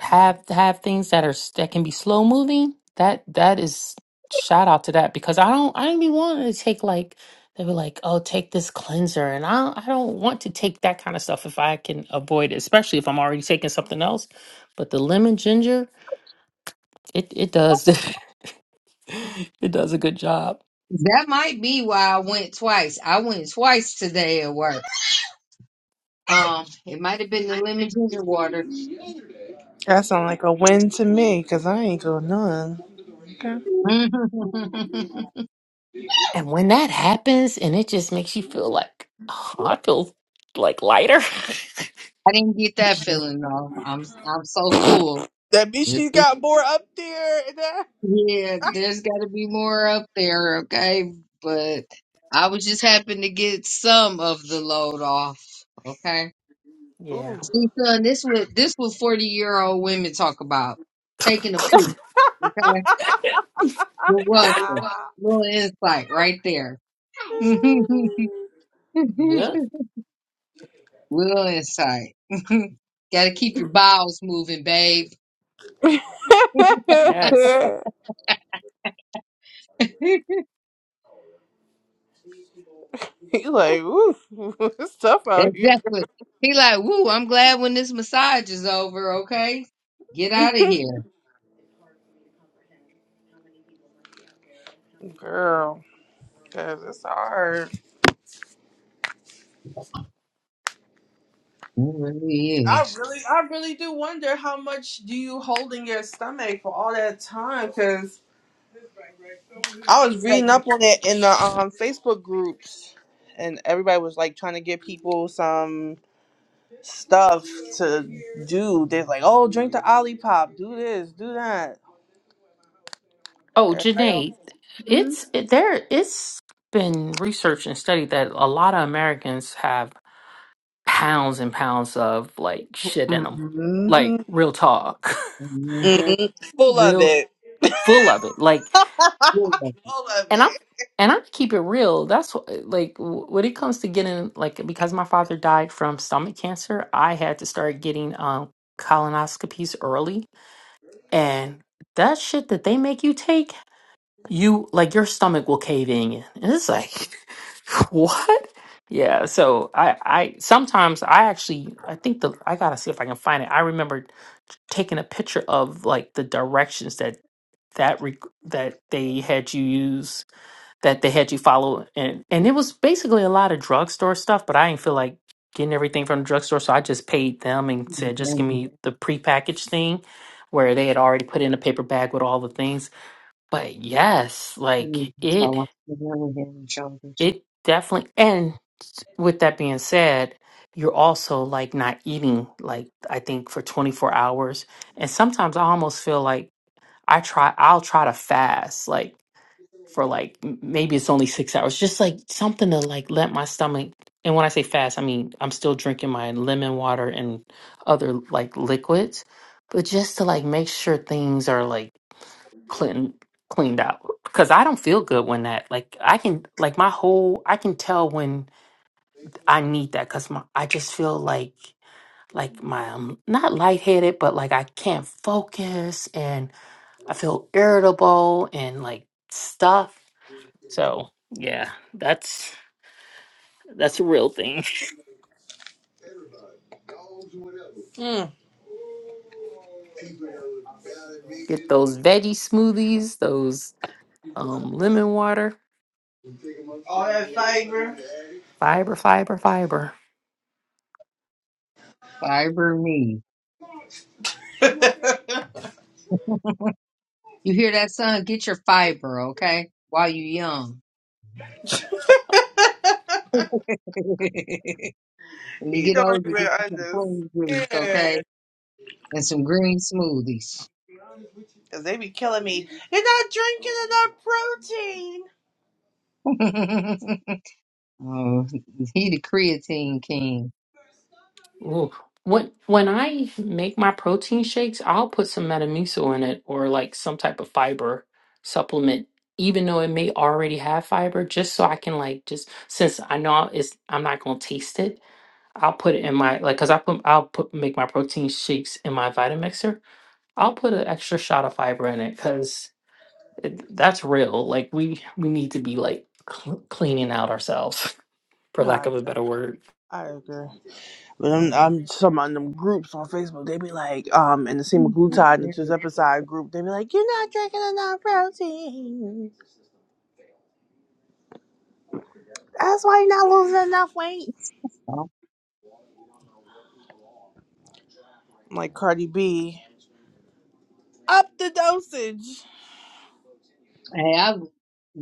S6: have have things that are s- that can be slow moving that that is shout out to that because i don't i don't be wanting to take like they were like oh take this cleanser and i don't, i don't want to take that kind of stuff if i can avoid it especially if i'm already taking something else but the lemon ginger it it does it does a good job
S7: That might be why I went twice. I went twice today at work. Um, it might have been the lemon ginger water.
S2: That sound like a win to me, cause I ain't doing none. Okay.
S6: and when that happens and it just makes you feel like oh, i feel like lighter
S7: I didn't get that feeling though. I'm I'm so full.
S2: That bitch,
S7: This
S2: she
S7: is-
S2: got more up there. and that-
S7: Yeah, there's got to be more up there, okay? But I was just happy to get some of the load off, okay?
S6: yeah
S2: Ooh.
S7: See, son, this what this what forty year old women talk about taking a poop, okay? You're welcome.
S2: Ah.
S7: Little insight right there.
S6: yep
S7: Real insight. Gotta keep your bowels moving, babe.
S6: yes
S2: he like, ooh, it's tough out here,
S7: Exactly. He like, woo, I'm glad when this massage is over, okay? Get out of here.
S2: girl. Cause it's hard.
S7: It really
S2: I
S7: is.
S2: really, I really do wonder how much do you hold in your stomach for all that time? Cause I was reading up on it in the um, Facebook groups, and everybody was like trying to give people some. stuff to do. There's like, oh, drink the Olipop, do this, do that.
S6: Oh,
S2: Everybody else.
S6: Janae, it's it, there. It's been researched and studied that a lot of Americans have pounds and pounds of like shit in them,
S2: Mm-hmm.
S6: like real talk,
S7: Mhm.
S2: hmm Full of
S6: real
S2: it. Full
S6: full of it. Like,
S2: of
S6: and I'm
S2: it.
S6: and I keep it real. That's what, like w- when it comes to getting like because my father died from stomach cancer, I had to start getting um colonoscopies early, and that shit that they make you take you like your stomach will cave in and it's like what yeah so i i sometimes i actually i think the i gotta see if i can find it i remember taking a picture of like the directions that that re- that they had you use that they had you follow and and it was basically a lot of drugstore stuff but i didn't feel like getting everything from the drugstore so i just paid them and said just give me the prepackaged thing where they had already put in a paper bag with all the things but yes, like it
S7: So, really
S6: it definitely and with that being said, you're also like not eating like I think for 24 hours. And sometimes I almost feel like I try I'll try to fast like for like m- maybe it's only 6 hours just like something to like let my stomach and when I say fast, I mean I'm still drinking my lemon water and other like liquids, but just to like make sure things are like clean cleaned out because I don't feel good when that like I can like my whole I can tell when I need that because my I just feel like like my I'm not lightheaded but like I can't focus and I feel irritable and like stuff. So yeah, that's that's a real thing.
S2: Mm.
S6: Get those veggie smoothies, those um lemon water,
S2: All that fiber.
S6: fiber, fiber, fiber.
S7: Fiber me. You hear that, son? Get your fiber, okay? While you young. when you
S2: he
S7: get
S2: don't
S7: old, you
S2: even
S7: get you some
S2: understand.
S7: prune juice, okay? And some green smoothies.
S2: Cause they be killing me. You're not drinking enough protein.
S7: oh, he the creatine king.
S6: Ooh. When when I make my protein shakes, I'll put some Metamucil in it or like some type of fiber supplement, even though it may already have fiber, just so I can like just since I know it's I'm not gonna taste it, I'll put it in my like because I put I'll put make my protein shakes in my Vitamixer. I'll put an extra shot of fiber in it because that's real. Like we we need to be like cl- cleaning out ourselves, for
S2: No, I
S6: lack of a
S2: agree.
S6: better word.
S2: I agree. But I'm, I'm some on them groups on Facebook. They be like, um, in the semaglutide and the tirzepatide group, they be like, you're not drinking enough protein. That's why you're not losing enough weight. I'm Like Cardi B, up the dosage.
S7: Hey, I've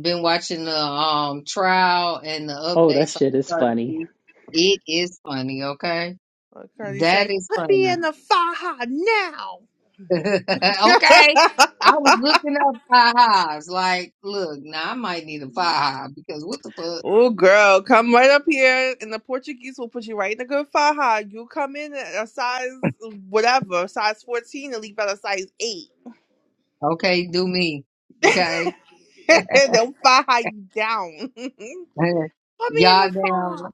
S7: been watching the um trial and the
S6: Oh, that
S7: updates on
S6: shit is funny.
S7: Turkey. It is funny, okay?
S2: Like Cardi
S7: That
S2: say,
S7: is
S2: put me in
S7: funny.
S2: the faja now.
S7: okay. I was looking up five highs. Like, look, now I might need a five high because what the fuck?
S2: oh girl, come right up here, and the Portuguese will put you right in a good faja. You come in at a size whatever, size fourteen, and leave out a size eight.
S7: Okay, do me. Okay.
S2: They'll fire you down. Put me in the
S7: Y'all damn
S2: fire.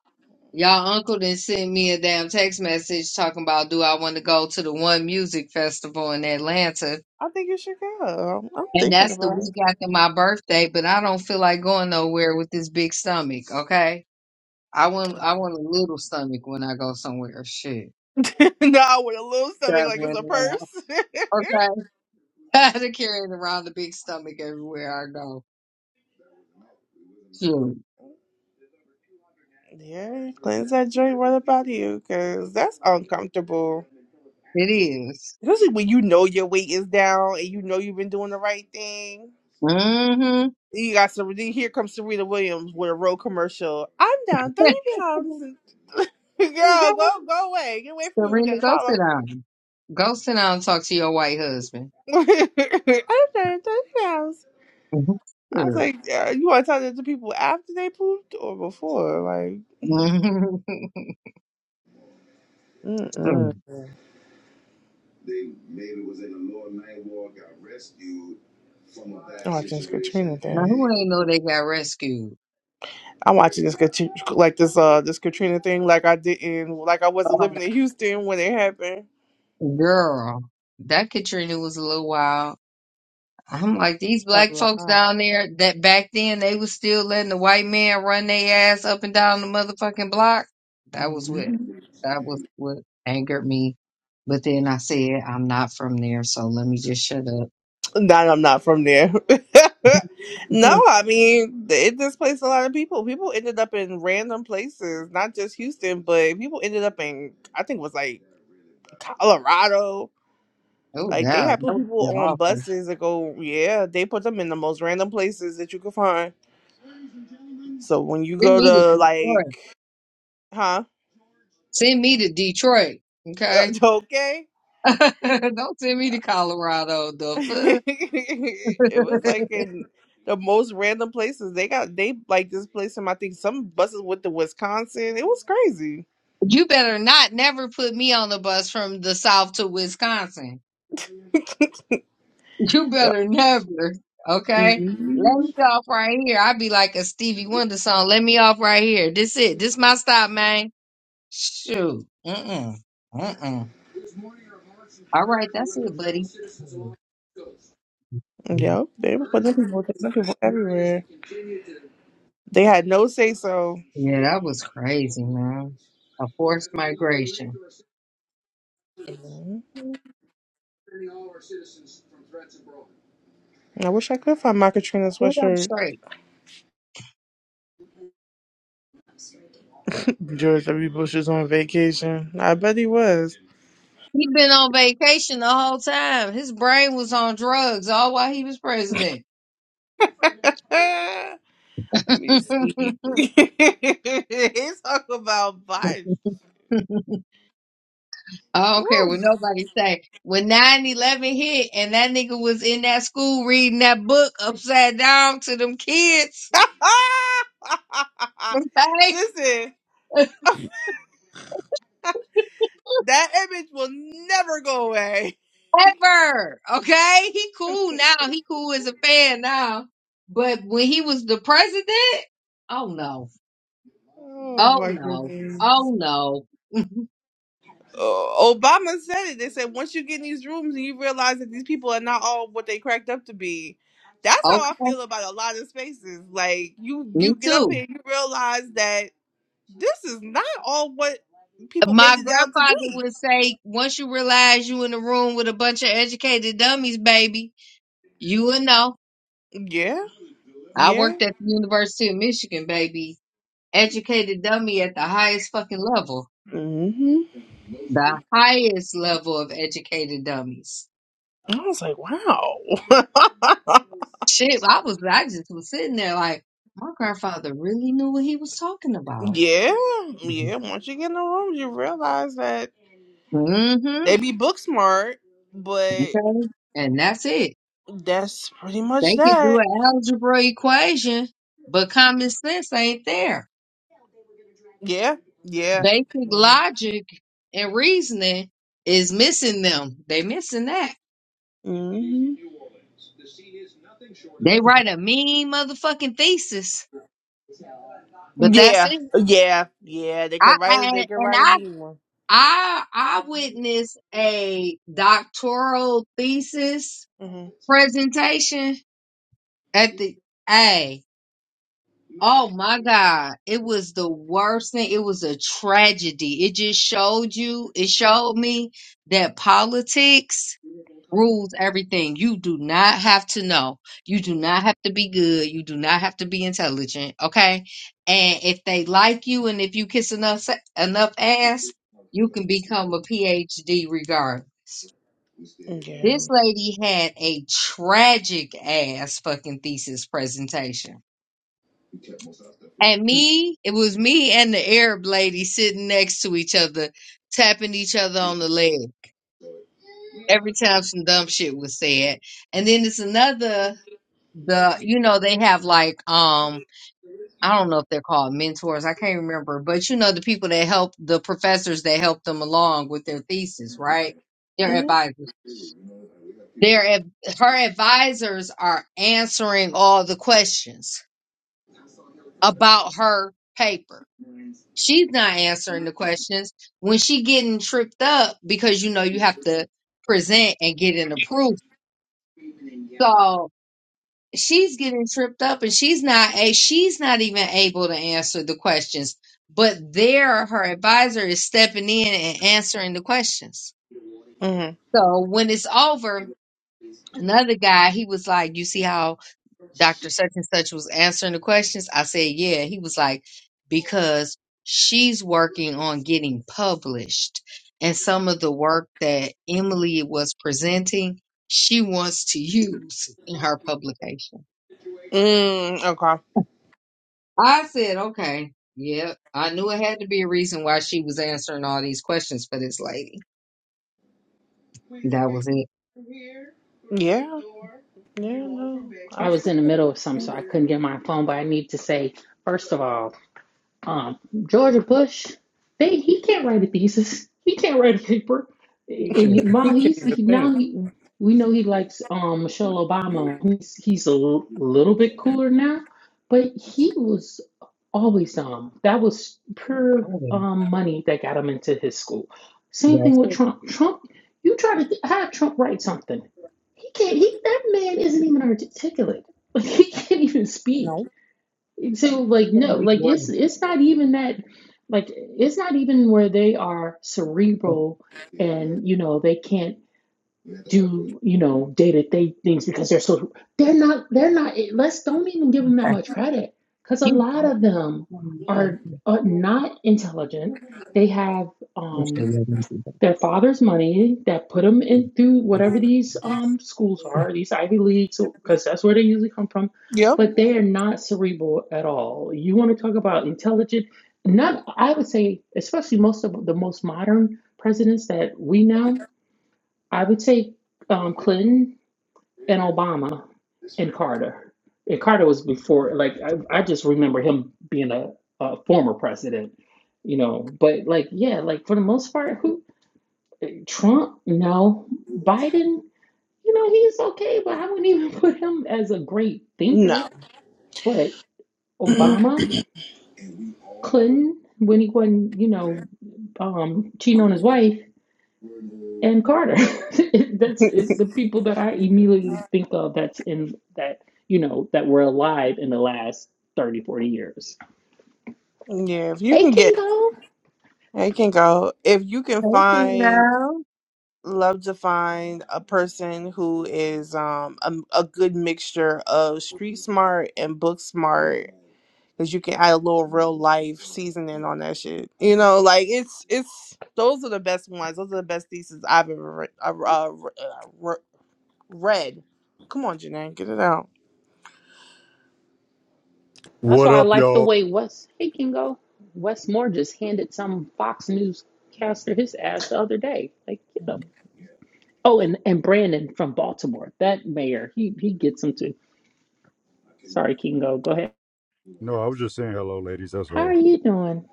S7: Y'all uncle then sent me a damn text message talking about do I want to go to the one music festival in Atlanta.
S2: I think you should go. I'm
S7: And
S2: thinking
S7: that's the
S2: about it.
S7: week after my birthday, but I don't feel like going nowhere with this big stomach, okay? I want I want a little stomach when I go somewhere. Shit.
S2: no, with a little stomach like it's
S7: Traveling
S2: a
S7: around.
S2: purse.
S7: Okay. I had to carry it around the big stomach everywhere I go. Shoot.
S2: yeah, cleanse that joint right about you, cause that's uncomfortable.
S7: It is.
S2: Especially when you know your weight is down and you know you've been doing the right thing.
S7: Mm-hmm.
S2: You got some. then Here comes Serena Williams with a road commercial. I'm down thirty
S7: okay.
S2: pounds. Girl, go go away. Get away from me with
S7: Serena, go
S2: that.
S7: sit down. Go sit down and talk to your white husband.
S2: I said thirty
S7: Mhm.
S2: I was
S7: Sure.
S2: like, uh, you want to tell that to people after they pooped or before? Like,
S7: Mhm. Sure.
S2: mm-mm. I'm watching this Katrina
S7: now
S2: thing.
S7: who ain't know they got rescued?
S2: I'm watching this Katrina, like this uh this Katrina thing, like I didn't, like I wasn't
S7: Oh,
S2: living in Houston when it happened.
S7: Girl, that Katrina was a little wild. I'm like these
S2: A
S7: black folks
S2: lot.
S7: down there that back then they was still letting the white man run their ass up and down the motherfucking block. That was what
S2: Mhm.
S7: that was what angered me. But then I said I'm not from there, so let me just shut up.
S2: No, I'm not from there.
S7: Mhm.
S2: no, I mean it displaced a lot of people. People ended up in random places, not just Houston, but people ended up in I think it was like Colorado
S7: oh
S2: Like they
S7: God,
S2: have
S7: that
S2: put people
S7: was
S2: on
S7: awful.
S2: buses that go, yeah, they put them in the most random places that you could find. So when you
S7: Send
S2: go
S7: me to
S2: to
S7: Detroit.
S2: like, huh?
S7: Send me to Detroit.
S2: Uh,
S7: Okay.
S2: okay.
S7: Don't send me to Colorado. The
S2: it was
S7: fuck?
S2: like in the most random places. They got they like this place in I think some buses with the Wisconsin. It was crazy.
S7: you better not never put me on the bus from the South to Wisconsin. You
S2: Yep.
S7: better never. Okay? Let
S2: hmm
S7: me off right here. I'd be like a Stevie Wonder song. Let me off right here. This it. This my stop, man. Shoot. Mm-mm. Mm-mm. All right, that's it, buddy. Yeah,
S2: Yep. They were putting people, putting people everywhere. They had no say so.
S7: that was crazy, man. A forced migration.
S2: Mhm. I wish I could find my Katrina
S7: Get up
S2: sweatshirt.
S7: straight.
S2: George W. Bush is on vacation. I bet he was.
S7: He been on vacation the whole time. His brain was on drugs all while he was president.
S2: Let me see. He's talking about Biden.
S7: I
S2: Woo.
S7: don't care what nobody say. When nine eleven hit and that nigga was in that school reading that book upside down to them kids, okay?
S2: Listen, that image will never go away.
S7: Ever, okay? He cool now. He cool as a fan now. But when he was the president, oh no,
S2: Oh
S7: oh
S2: my
S7: no,
S2: goodness.
S7: oh no.
S2: Uh, Obama said it. They said once you get in these rooms and you realize that these people are not all what they cracked up to be. That's how
S7: okay,
S2: I feel about a lot of spaces. Like you,
S7: me
S2: you get up
S7: too.
S2: here, and you realize that this is not all what people made
S7: My
S2: it out to
S7: grandfather
S2: be.
S7: would say, once you realize you in the room with a bunch of educated dummies, baby, you will know.
S2: Yeah,
S7: I
S2: yeah.
S7: worked at the University of Michigan, baby. Educated dummy at the highest fucking level.
S2: hmm
S7: The highest level of educated dummies.
S2: I was like, wow.
S7: Shit, I was, I just was sitting there like, my grandfather really knew what he was talking about.
S2: yeah, yeah.
S7: Mm-hmm.
S2: Once you get in the room, you realize that
S7: Mm-hmm.
S2: they be book smart, but
S7: Okay. And that's it.
S2: that's pretty
S7: They
S2: much
S7: could do
S2: that.
S7: an algebra equation, but common sense ain't there.
S2: Yeah, yeah,
S7: Basic
S2: yeah.
S7: logic and reasoning is missing them. They missing that.
S2: hmm
S7: They write a mean motherfucking thesis, but that's
S2: Yeah,
S7: it.
S2: yeah, yeah. They
S7: I,
S2: can write.
S7: I
S2: They can
S7: and
S2: write a
S7: I
S2: mean one.
S7: I I witnessed a doctoral thesis
S2: hmm
S7: presentation at the A. Oh my God. It was the worst thing. It was a tragedy. It just showed you, it showed me that politics rules everything. You do not have to know. You do not have to be good. You do not have to be intelligent. Okay. And if they like you and if you kiss enough sa- enough ass, you can become a PhD regard.
S2: Yeah.
S7: This lady had a tragic ass fucking thesis presentation. And me, it was me and the Arab lady sitting next to each other, tapping each other on the leg every time some dumb shit was said. And then it's another the you know they have like um I don't know if they're called mentors I can't remember but you know the people that help the professors that help them along with their thesis right their
S2: hmm
S7: advisors their ad- her advisors are answering all the questions about her paper she's not answering the questions when she getting tripped up because you know you have to present and get an approval so. she's getting tripped up and she's not a she's not even able to answer the questions but there her advisor is stepping in and answering the questions
S2: hmm
S7: so when it's over another guy he was like you see how dr such and such was answering the questions i said yeah he was like because she's working on getting published and some of the work that emily was presenting she wants to use in her publication
S2: Mm, okay.
S7: I said, okay. Yep. I knew it had to be a reason why she was answering all these questions for this lady. That was it.
S2: Yeah. Yeah. No.
S6: I was in
S2: Absolutely.
S6: the middle of something, so I couldn't get my phone. But I need to say, first of all, um, Georgia Bush, they he can't write a thesis. He can't write a paper.
S7: She
S6: And
S7: could.
S6: now he's he, now he we know he likes um Michelle Obama. He's he's a l- little bit cooler now, but he was always dumb. That was pure
S7: Okay.
S6: um money that got him into his school. Same thing
S7: That's
S6: with
S7: it.
S6: Trump. Trump, you try to th- have Trump write something. He can't. He that man isn't even articulate. Like, he can't even speak. So like
S7: It's gonna
S6: no,
S7: be
S6: like it's
S7: great.
S6: it's not even that like it's not even where they are cerebral and you know they can't do you know day-to-day things because they're so they're not they're not let's don't even give them that
S7: Okay.
S6: much credit because a
S7: You
S6: lot
S7: popped
S6: of
S7: it
S6: them
S7: in my
S6: are,
S7: face.
S6: are not intelligent. They have
S7: You
S6: um
S7: should let me do that.
S6: their father's money that put them in through whatever these um schools are, these Ivy Leagues, because that's where they usually come from. But they are not cerebral at all. You want to talk about intelligent? Not, I would say, especially most of the most modern presidents that we know. I would say um, Clinton and Obama and Carter. And Carter was before. Like I, I just remember him being a, a former president, you know. But like, yeah, like for the most part, who Trump, no. Biden, you know, he's okay, but I wouldn't even put him as a great
S2: No.
S6: thinker. But Obama, Clinton, when he wasn't, you know, um, cheating on his wife, and Carter. that's it, the people that I immediately think of that's in that, you know, that were alive in the last 30, 40 years.
S2: Yeah, if you
S6: Hey,
S2: can get,
S6: Kingo.
S2: I can go. If you can
S7: Hey,
S2: find,
S7: Kingo.
S2: love to find a person who is um a, a good mixture of street smart and book smart, because you can add a little real life seasoning on that shit. You know, like it's it's those are the best ones. Those are the best theses I've ever re- uh, uh, re- uh, re- read. Come on, Janae, get it out.
S6: That's
S8: What
S6: why I
S8: up,
S6: like the
S8: y'all?
S6: way Wes, hey, Kingo, Wes Moore just handed some Fox News caster his ass the other day. Like, get him. Oh, and, and Brandon from Baltimore, that mayor, he he gets them too. Sorry, Kingo, go ahead.
S8: No, I was just saying hello, ladies. That's
S6: How are
S8: all.
S6: you doing?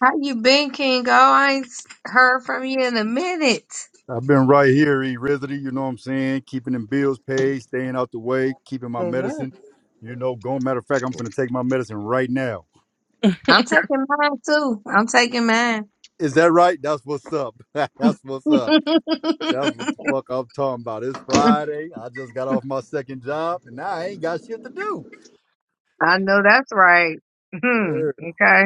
S7: How you been, Kingo? I ain't s- heard from you in a minute.
S8: I've been right here, E. Risley, you know what I'm saying? Keeping them bills paid, staying out the way, keeping my
S2: Amen.
S8: medicine. You know, going, matter of fact, I'm finna take my medicine right now.
S7: I'm taking mine too. I'm taking mine.
S8: Is that right? That's what's up. That's what's up. That's what the fuck I'm talking about. It's Friday. I just got off my second job and now I ain't got shit to do.
S7: I know that's right. Hmm.
S8: Yeah.
S7: okay.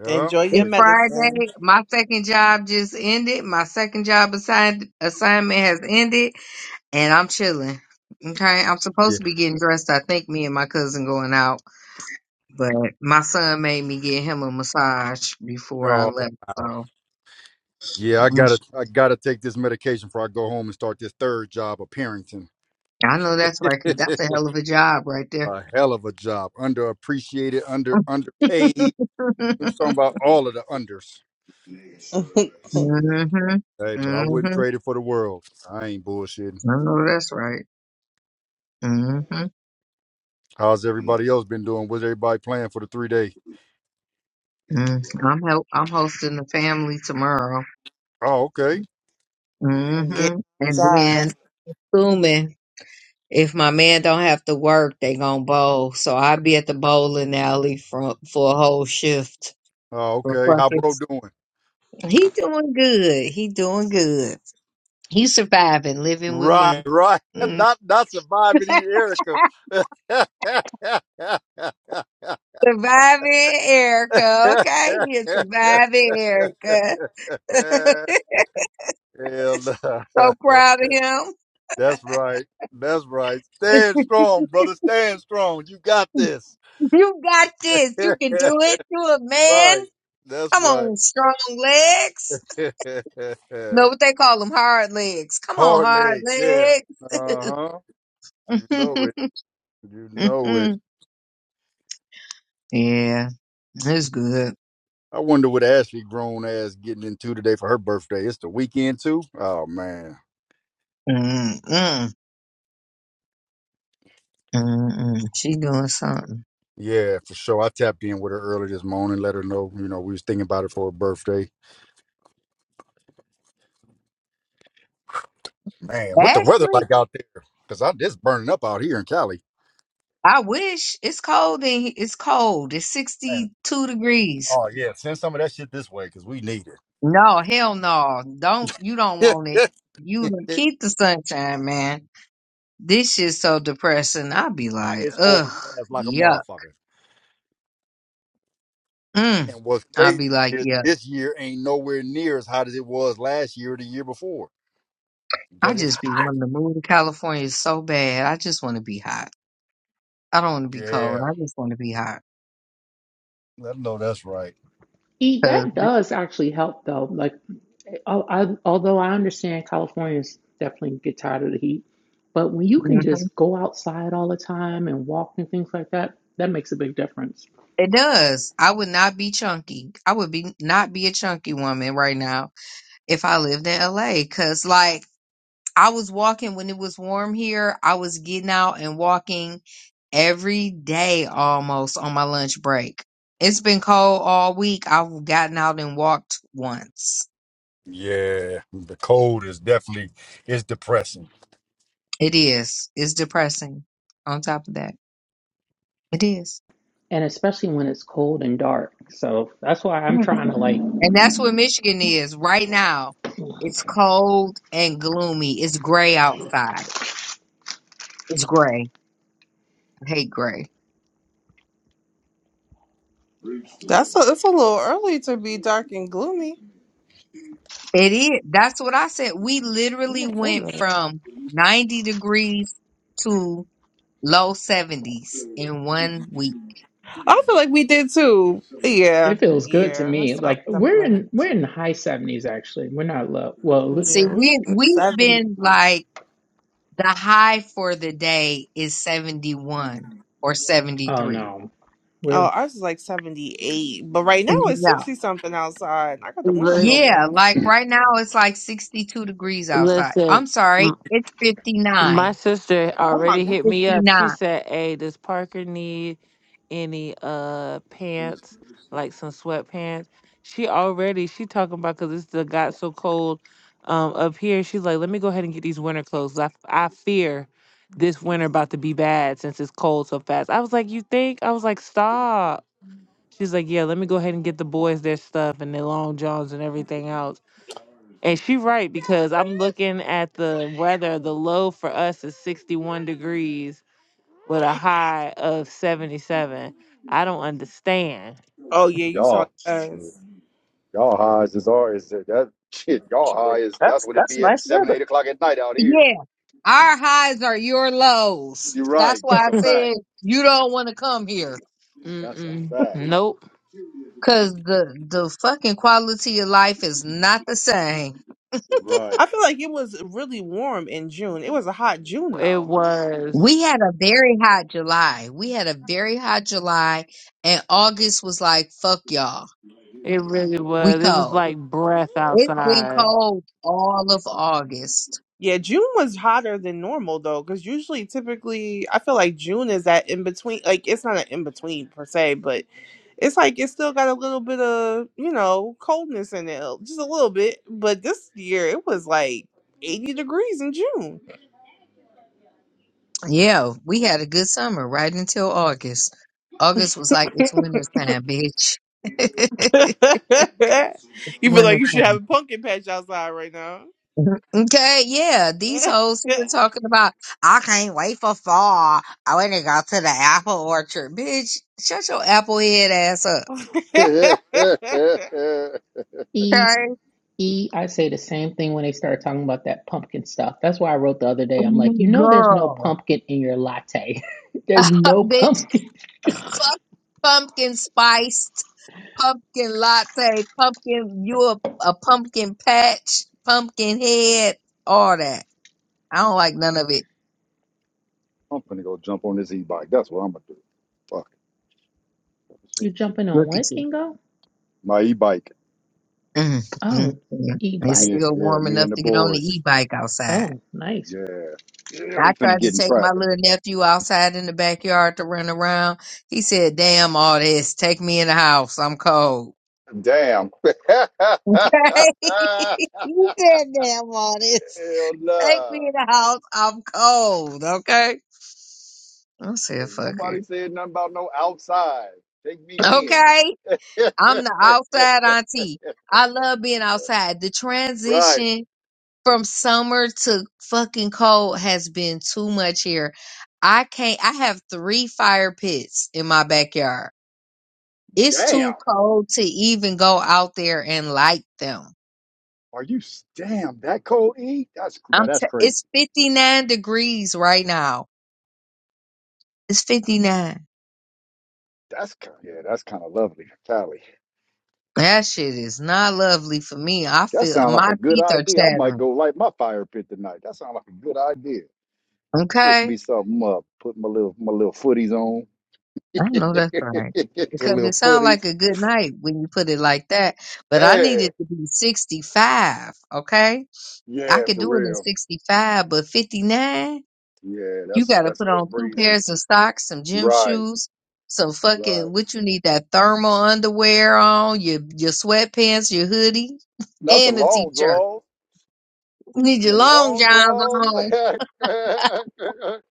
S8: Yeah.
S2: Enjoy your
S7: It's
S8: But Yeah.
S2: medicine
S7: Friday. My second job just ended. My second job assigned assignment has ended, and I'm chilling. Okay, I'm supposed
S8: yeah.
S7: to be getting dressed. I think me and my cousin going out, but my son made me get him a massage before I
S8: Oh,
S7: left.
S8: wow.
S7: So
S8: Yeah, I
S7: mm,
S8: gotta I gotta take this medication before I go home and start this third job of parenting.
S7: I know that's right, 'cause that's a hell of a job right there.
S8: a hell of a job. Underappreciated, under underpaid. I'm talking about all of the unders.
S7: mhm,
S8: Hey, but I wouldn't
S7: mhm.
S8: trade it for the world. I ain't bullshitting.
S7: I know that's right. Mhm.
S8: How's everybody else been doing? What's everybody playing for the three day?
S7: Mm. I'm hel- I'm hosting the family tomorrow.
S8: Oh, okay.
S2: and get
S7: Mm-hmm. And
S2: inside.
S7: then assuming if my man don't have to work, they gonna bowl. So i be at the bowling alley for for a whole shift
S8: Oh,
S7: for
S8: okay. How
S7: fucking.
S8: bro doing?
S7: He doing good. He doing good. He surviving, living with
S8: Right,
S7: me.
S8: right.
S7: Mm.
S8: Not not surviving here, Erica.
S7: Surviving Erica, okay? He's surviving Erica.
S8: Hell no.
S7: So proud of him.
S8: That's right. That's right. Stand strong, brother. Stand strong. You got this.
S7: You got this. You
S8: right.
S7: can do it. You a man.
S8: That's
S7: Come
S8: right.
S7: on, strong legs. No, what they call them hard legs. Come on,
S8: Hard
S7: hard
S8: leg. Yeah.
S7: legs.
S8: Uh huh. You know it. You know it.
S7: yeah, it's good.
S8: I wonder what Ashley grown ass getting into today for her birthday. It's the weekend too. Oh man.
S7: Mm-mm. Mm-mm. She doing something.
S8: Yeah, for sure. I tapped in with her early this morning, let her know, you know, we was thinking about it for her birthday. Man, what the weather
S7: Ashley,
S8: like out there? Cause I it's burning up out here in Cali.
S7: I wish it's cold in he- it's cold. It's sixty two degrees.
S8: Oh yeah, send some of that shit this way because we need
S7: No, hell no. Don't you don't
S8: it.
S7: want it. You keep the sunshine, man. This shit's so depressing. i will be
S8: Uh,
S7: like,
S8: it's
S7: ugh,
S8: overcast like a
S7: yuck.
S8: motherfucker.
S7: Mm.
S8: And what's
S7: i will
S8: crazy
S7: be like,
S8: is
S7: yuck.
S8: this year ain't nowhere near as hot as it was last year or the year before.
S7: I
S8: But it's
S7: just
S8: hot.
S7: be wanting to move to California so bad. I just want to be hot. I don't want to be cold.
S8: Yeah,
S7: I just want to be hot.
S8: I know that's right.
S6: E,
S7: 'Cause-
S6: that does actually help though. Like, al- I, although I understand Californians definitely get tired of the heat, but when you can
S7: Mhm.
S6: just go outside all the time and walk and things like that, that makes a big difference.
S7: It does. I would not be chunky. I would be not be a chunky woman right now if I lived in LA. Cause like I was walking when it was warm here. I was getting out and walking every day almost on my lunch break. It's been cold all week. I've gotten out and walked once.
S8: Yeah, the cold is definitely it's depressing.
S7: It is. It's depressing. On top of that, it is.
S6: And especially when it's cold and dark. So that's why I'm
S7: Mhm.
S6: trying to like.
S7: And that's what Michigan is right now. It's cold and gloomy. It's gray outside. It's gray. I hate gray.
S2: That's a, it's a little early to be dark and gloomy.
S7: It is. That's what I said. We
S2: Oh
S7: literally went
S2: goodness.
S7: from 90 degrees to low 70s in one week.
S2: I feel like we did too. Yeah,
S6: It feels good to
S2: yeah, that
S6: me.
S2: sounds
S6: Like we're
S2: similar.
S6: in we're in the high seventies actually. We're not low. Well,
S7: See,
S2: Yeah, we
S7: we
S2: in
S7: we've
S2: seventy.
S7: been
S2: something.
S7: like the high for the day is 71 or
S6: oh
S7: 73.
S6: no, we're
S2: Oh, ours is like seventy eight, but right now it's
S7: No.
S2: sixty something outside. I got the windows
S1: Li-
S8: Shit,
S7: Yeah,
S2: open.
S7: like right now it's like 62 degrees outside.
S1: Listen.
S7: I'm sorry, it's
S1: My
S7: 59.
S1: sister
S2: Oh my
S1: already
S2: god.
S1: hit me up. She
S7: 59.
S1: said, "Hey, does Parker need any uh pants, like some sweatpants?" She already she talking about because it's the got so cold um up here. She's like, "Let me go ahead and get these winter clothes. I I fear this winter about to be bad since it's cold so fast." I was like, "You think?" I was like, "Stop." She's like, "Yeah, let me go ahead and get the boys their stuff and their long johns and everything else." And she right because I'm looking at the weather. The low for us is 61 degrees with a high of 77. I don't understand.
S2: Oh yeah, you sound
S8: y'all,
S2: like
S8: shit,
S2: us.
S8: y'all high as is are is that that- shit? Y'all
S9: Shit,
S8: high is that's
S9: That's
S8: what it
S9: that's
S8: be at
S9: nice
S8: seven,
S9: weather.
S8: eight o'clock at night out here.
S7: Yeah, our highs are your lows.
S8: You're
S7: That's
S8: right.
S7: why
S8: That's
S7: I
S8: a fact.
S7: said you don't want to come here
S8: That's a
S1: Mm-mm.
S8: fact.
S1: Nope.
S7: because the, the fucking quality of life is not the same.
S8: Right.
S2: I feel like it was really warm in June. It was a hot June
S1: It
S2: though.
S1: was.
S7: We had a very hot July. We had a very hot July, and August was like, fuck y'all.
S1: It really
S7: We
S1: was. It was
S7: cold.
S1: like breath
S7: It's been
S1: outside.
S7: cold all of August.
S2: Yeah, June was hotter than normal though, because usually, typically, I feel like June is that in between. Like, it's not an in between per se, but it's like it's still got a little bit of you know coldness in it, just a little bit. But this year, it was like eighty degrees in June.
S7: Yeah, we had a good summer right until August. August was like, it's winter time, bitch. it's
S2: you feel like
S7: winter
S2: you should have a
S7: time.
S2: pumpkin patch outside right now.
S7: Mm-hmm. Okay, yeah, these hoes who are talking about, I can't wait for fall. I want to go to the apple orchard. Bitch, shut your apple head ass up.
S8: I'm
S6: E
S7: Okay?
S6: E, I say the same thing when they start talking about that pumpkin stuff. That's why I wrote the other day. I'm like, you
S7: Mm,
S6: know, there's no
S7: Girl.
S6: pumpkin in your latte. there's no
S7: bitch,
S6: pumpkin.
S7: fuck pumpkin spiced, pumpkin latte, pumpkin, you a, a pumpkin patch, pumpkin head, all that. I don't like none of it.
S8: gonna go jump on this e-bike. That's what I'm gonna do. Fuck it.
S6: You jumping on
S7: Look at
S6: what,
S7: you.
S6: Kingo?
S8: My e-bike.
S7: Mm, mm,
S6: Oh,
S7: mm.
S6: e
S7: It's
S6: bike.
S8: Me,
S7: still
S8: yeah,
S7: warm
S8: me and
S7: enough
S8: the
S7: to get on the
S8: boys.
S7: e bike outside.
S6: Oh, nice.
S8: Yeah, yeah,
S7: I
S8: we finna
S7: tried to
S8: get in
S7: take my
S8: traffic.
S7: little nephew outside in the backyard to run around. He said, Damn, all this. Take me in the house. I'm cold.
S8: Damn. Hell
S7: he said, Damn, all this. Take
S8: nah.
S7: me in the house. I'm cold. Okay. I said, Fuck it.
S8: Nobody said nothing about no outside. Take me in.
S7: Okay. I'm the outside auntie. I love being outside. The
S8: right.
S7: transition from summer to fucking cold has been too much here. I can't, I have three fire pits in my backyard. It's
S8: Damn.
S7: too cold to even go out there and light them.
S8: Are you s- damn that cold? E? That's now
S7: I'm,
S8: that's
S7: t-
S8: crazy.
S7: it's 59 degrees right now. It's 59.
S8: That's kind. Yeah, that's kind of lovely. Tally.
S7: That shit is not lovely for me. I
S8: That
S7: feel
S8: sounds like
S7: my
S8: a good
S7: teeth are
S8: idea. I might
S7: chattering.
S8: go light my fire pit tonight. That sounds like a good idea. Twist me
S7: Okay.
S8: something up. Put my little my little footies on.
S7: I know that's right.
S8: for
S7: Because
S8: little
S7: it sounds
S8: footies.
S7: like a good night when you put it like that, but I need
S8: Yeah,
S7: it to be 65. Okay. I
S8: yeah,
S7: could
S8: for
S7: do it at
S8: real.
S7: 65, but 59,
S8: Yeah,
S7: you
S8: that's
S7: got to
S8: that's a
S7: put
S8: little
S7: on two
S8: breezy.
S7: pairs of socks, some gym
S8: Right,
S7: shoes, some
S8: right.
S7: fucking what you need that thermal underwear on, your your sweatpants, your hoodie,
S8: Not the
S7: and a
S8: long
S7: t-shirt.
S8: draws.
S7: You need your
S8: The
S7: long
S8: long
S7: johns
S8: draws.
S7: on.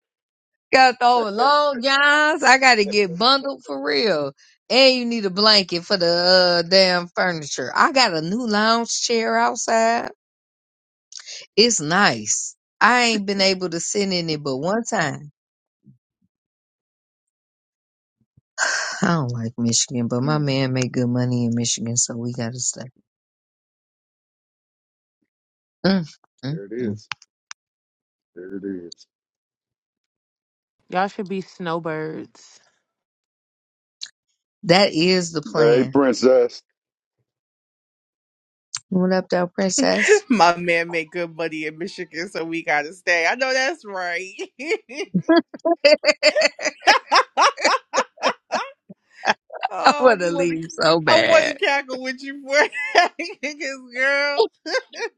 S7: Got to throw in long johns. I got to get bundled for real. And you need a blanket for the uh, damn furniture. I got a new lounge chair outside. It's nice. I ain't been able to sit in it but one time I don't like Michigan, but my
S8: Mm,
S7: man make good money in Michigan, so we gotta stay. Mm, mm,
S8: there it
S7: mm.
S8: is. There it is.
S1: Y'all should be snowbirds.
S7: That is the
S8: Hey,
S7: plan.
S8: princess.
S7: What up, though, princess?
S2: My man made good money in Michigan, so we gotta stay. I know that's right. Oh,
S7: I
S2: I
S7: wanna
S2: just wanted to,
S7: leave so
S2: I wanted
S7: bad.
S2: to cackle with you for because girl,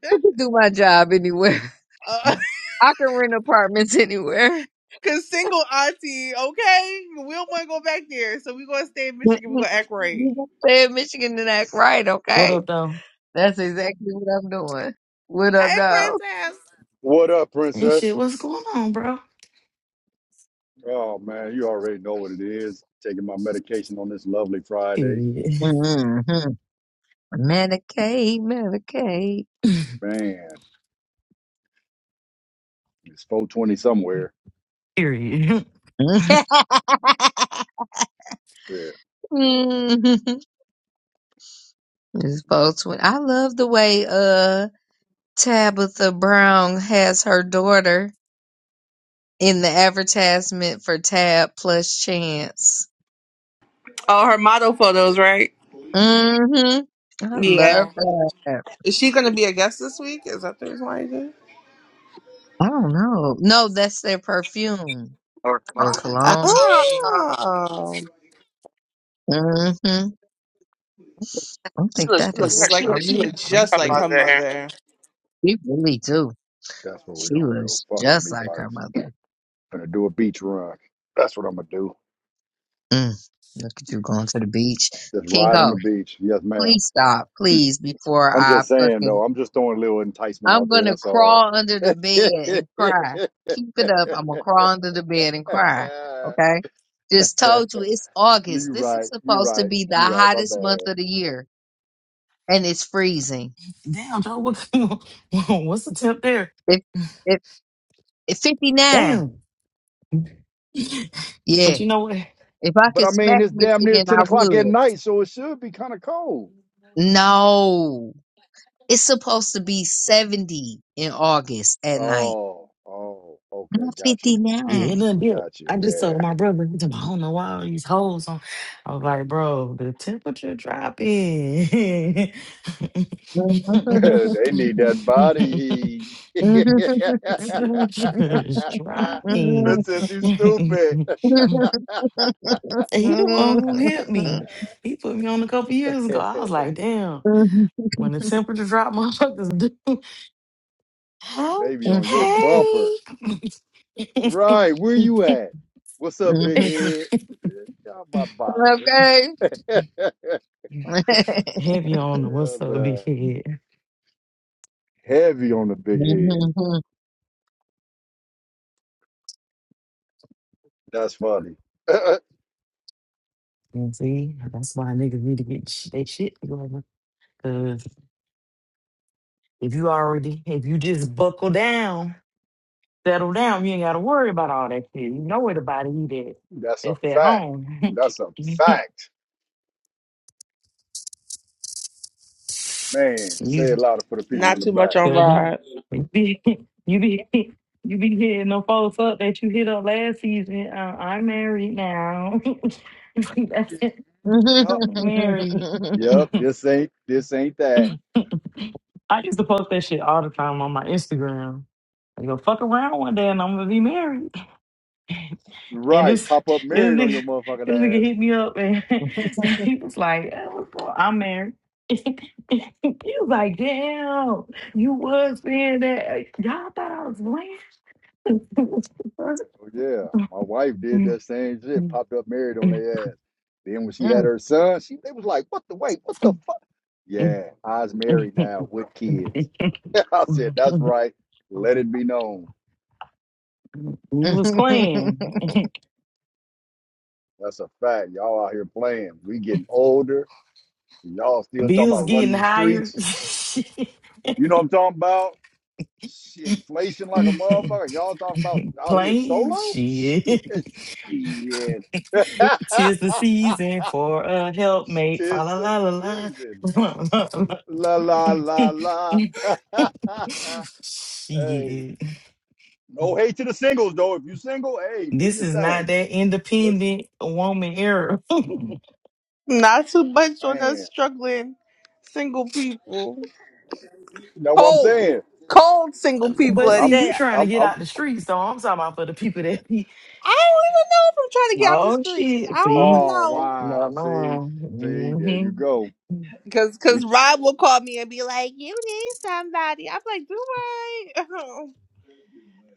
S7: I can do my job anywhere.
S2: uh,
S7: I can rent apartments anywhere.
S2: cause single auntie. Okay, we don't want to go back there, so we gonna stay in Michigan. We
S7: Mm-mm.
S2: gonna act right.
S7: You gotta stay in Michigan and act right,
S10: What
S7: okay?
S10: up, though?
S7: That's exactly what I'm doing. What
S2: Hey,
S7: up, though?
S2: princess.
S8: What up,
S10: Hey, shit,
S8: princess?
S10: what's going on, bro?
S8: Oh man, you already know what it is. Taking my medication on this lovely Friday.
S10: Period.
S7: Mm-hmm. Medicaid,
S8: Man, it's 420 somewhere.
S10: Period.
S7: Medicaid.
S8: Shit,
S7: hmm Miss Boltzman. I love the way uh Tabitha Brown has her daughter in the advertisement for Tab plus Chance.
S2: Oh, her model photos, right?
S7: Mm-hmm. I love
S2: Yeah.
S7: that.
S2: Is she gonna be a guest this week? Is that the reason why? You're
S7: I don't know. No, that's their perfume
S10: Or-
S7: or cologne.
S10: Ah,
S2: Oh,
S7: Mm-hmm. I
S10: She
S7: think
S10: looks
S2: she
S7: that
S10: like
S2: look
S10: her.
S7: is
S2: just
S10: She
S2: like her.
S10: looks
S2: She
S7: so
S2: look
S10: just like
S2: just
S10: her
S2: like
S7: lovely.
S2: her
S10: mother.
S2: mother.
S7: She really do.
S8: that's where we're
S7: She
S8: gonna go.
S7: looks
S8: Fuck the
S7: just
S8: meat
S7: like her
S8: bikes.
S7: mother.
S8: Gonna do a beach run. That's what I'm gonna do.
S7: Mm. Look at you going to the beach.
S8: Just ride on
S7: Kingo,
S8: the beach. Yes, ma'am.
S7: please stop, please, before
S8: I'm
S7: I
S8: just saying
S7: fucking
S8: though, I'm just throwing a little enticement
S7: I'm
S8: out there,
S7: gonna
S8: that's all.
S7: crawl under the bed
S8: you
S7: and cry. Keep it up. I'm gonna crawl under the bed and cry. Okay. Just told you it's August.
S8: are
S7: This is
S8: right, you're
S7: supposed to
S8: right,
S7: be the
S8: you're right, my
S7: hottest month
S8: bad.
S7: of the year, and it's freezing.
S10: Damn, Joe, what, what's the tip there?
S7: If if, if 59,
S10: Damn.
S7: yeah.
S10: but you know what?
S7: If I
S8: But
S7: could
S8: I mean
S7: smack
S8: it's damn near
S7: Michigan,
S8: ten
S7: I
S8: o'clock at
S7: would.
S8: night, so it should be kinda cold.
S7: No, it's supposed to be 70 in August at night,
S8: Oh, oh, okay,
S7: not
S8: got you,
S10: Yeah, it
S7: 59.
S10: done did. it.
S8: got you.
S10: I just
S8: Yeah,
S10: told my brother, he told me, I don't know why all these hoes on. I was like, bro, the temperature dropping.
S8: they need that body heat.
S10: Just dropping.
S8: Princess, you stupid.
S7: okay.
S10: And he the one who hit me. He put me on a couple years ago.
S8: they
S10: I was like, damn. When the temperature dropped, motherfuckers do. How?
S8: be on your bumper.
S10: Hey.
S8: Right, where you at? What's up, big head? Bitch, Get out my
S7: Now
S8: box, man.
S10: Heavy on the what's
S8: Hell,
S10: up,
S8: nah.
S10: big head.
S8: Heavy on the big head. That's funny. That's
S10: And see, that's why niggas need to get sh- they shit together. Cause if you already, if you just buckle down. settle down. You ain't got to worry about all that shit. You know where the body eat at.
S8: a
S10: It's at
S8: fact.
S10: home.
S8: That's a
S10: you
S8: fact. Man, say it louder for the people in
S2: Not
S8: the
S2: too
S8: back.
S2: much on Rod.
S10: You be you be you be hitting the folks up that you hit up last season. Uh, I'm married now. That's it.
S8: Yep.
S10: Married.
S8: Yep, this ain't this ain't that.
S10: I used to post that shit all the time on my Instagram. I go fuck around one day and I'm gonna be married. And
S8: Right,
S10: this
S8: pop up
S10: this
S8: married on your
S10: nigga, this
S8: motherfucking
S10: nigga
S8: ass.
S10: hit me up and he was like, "Uh, what's going- I'm married. he was like, damn, you was saying that. Y'all thought I was playing.
S8: Oh yeah, my wife did that same shit. Popped up married on their ass. Then when she had her son, she they was like, "What the wait? What the fuck?" Yeah, I was married now with kids. I said, "That's right. Let it be known.
S10: you was playing.
S8: That's a fact. Y'all out here playing. We getting older. Y'all still talking
S10: Bills
S8: about
S10: getting
S8: running the
S10: higher.
S8: streets. You know what I'm talking about? Shit, inflation like a motherfucker. Y'all talk about out here
S10: playing
S8: solo? Shit,
S10: shit.
S8: shit.
S10: Tis the season for a helpmate. Fa
S8: Tis
S10: la
S8: the
S10: la la la.
S8: season. La la la la. hey,
S10: Shit.
S8: no hate to the singles though. If you single, hey, do
S10: This
S8: your
S10: is not
S8: thing.
S10: that
S8: Just
S10: independent woman era.
S2: Not too much on us
S8: man.
S2: struggling single people.
S8: You know what I'm
S2: Cold,
S8: saying?
S2: cold single people
S10: but
S2: at
S10: see,
S8: I'm,
S10: you
S2: that.
S10: trying to
S8: I'm,
S10: get
S8: I'm.
S10: out the streets, so I'm talking about for the people that be.
S2: I don't even know if I'm trying to get out the
S10: Oh
S2: streets. I
S10: shit.
S2: don't
S10: See?
S2: even
S8: Oh
S2: know.
S10: No,
S8: wow. See,
S10: no.
S8: see, there
S10: hmm
S8: you go.
S2: Cause, cause
S8: We
S2: Rob will call me and be like, "You need somebody." I'm like, "Do I?"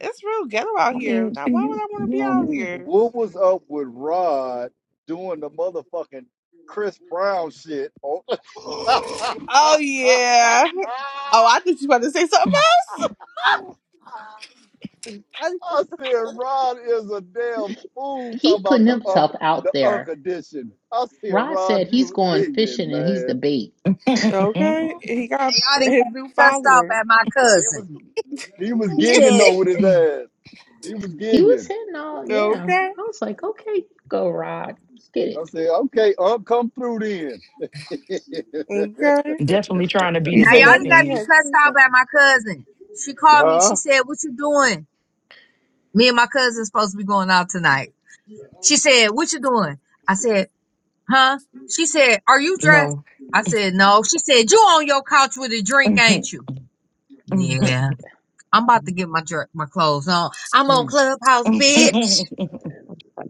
S2: It's real ghetto out
S10: I
S2: here.
S10: mean, see,
S2: Now, why would
S10: you,
S2: I
S10: you
S2: want to be out
S10: know
S2: here?
S8: What was up with Rod doing the motherfucking Chris Brown shit? On- I
S10: what
S2: Oh yeah. Oh, I thought you were about to say something else.
S8: said Rod is a damn fool talking
S6: He
S8: about
S6: putting
S8: the
S6: himself
S8: unk
S6: out
S8: the unk
S6: there.
S8: edition. I said
S6: Rod said
S8: Rod,
S6: he's
S8: you
S6: going
S8: ignorant
S6: fishing and he's the
S8: man.
S6: bait.
S10: I
S2: Okay,
S10: mean?
S2: he got
S7: y'all didn't
S2: his
S7: got me
S2: new
S7: cussed off
S2: follower.
S7: at my
S8: He
S7: cousin.
S8: was he was
S7: She
S8: gigging though
S7: said,
S8: with his ass. He was
S6: He was
S8: gigging.
S6: hitting all, yeah.
S2: okay,
S6: I was like, okay, go, Rod. Get it.
S8: I said, okay, unc, come through then.
S2: okay.
S10: Definitely trying to be
S2: He
S10: the
S7: now
S2: said
S7: y'all
S2: that
S10: bait,
S7: didn't got
S2: he
S10: Benny.
S7: me cussed
S2: has.
S7: off at my cousin. She called me. She
S8: huh?
S7: said, what you doing? Me and my cousin supposed to be going out tonight. She said, what you doing? I said, Huh? She said, Are you dressed?
S10: No.
S7: I said, No. She said, You on your couch with a drink, ain't you? Yeah. I'm about to get my dr- my clothes on. I'm on
S6: Mm,
S7: Clubhouse, bitch.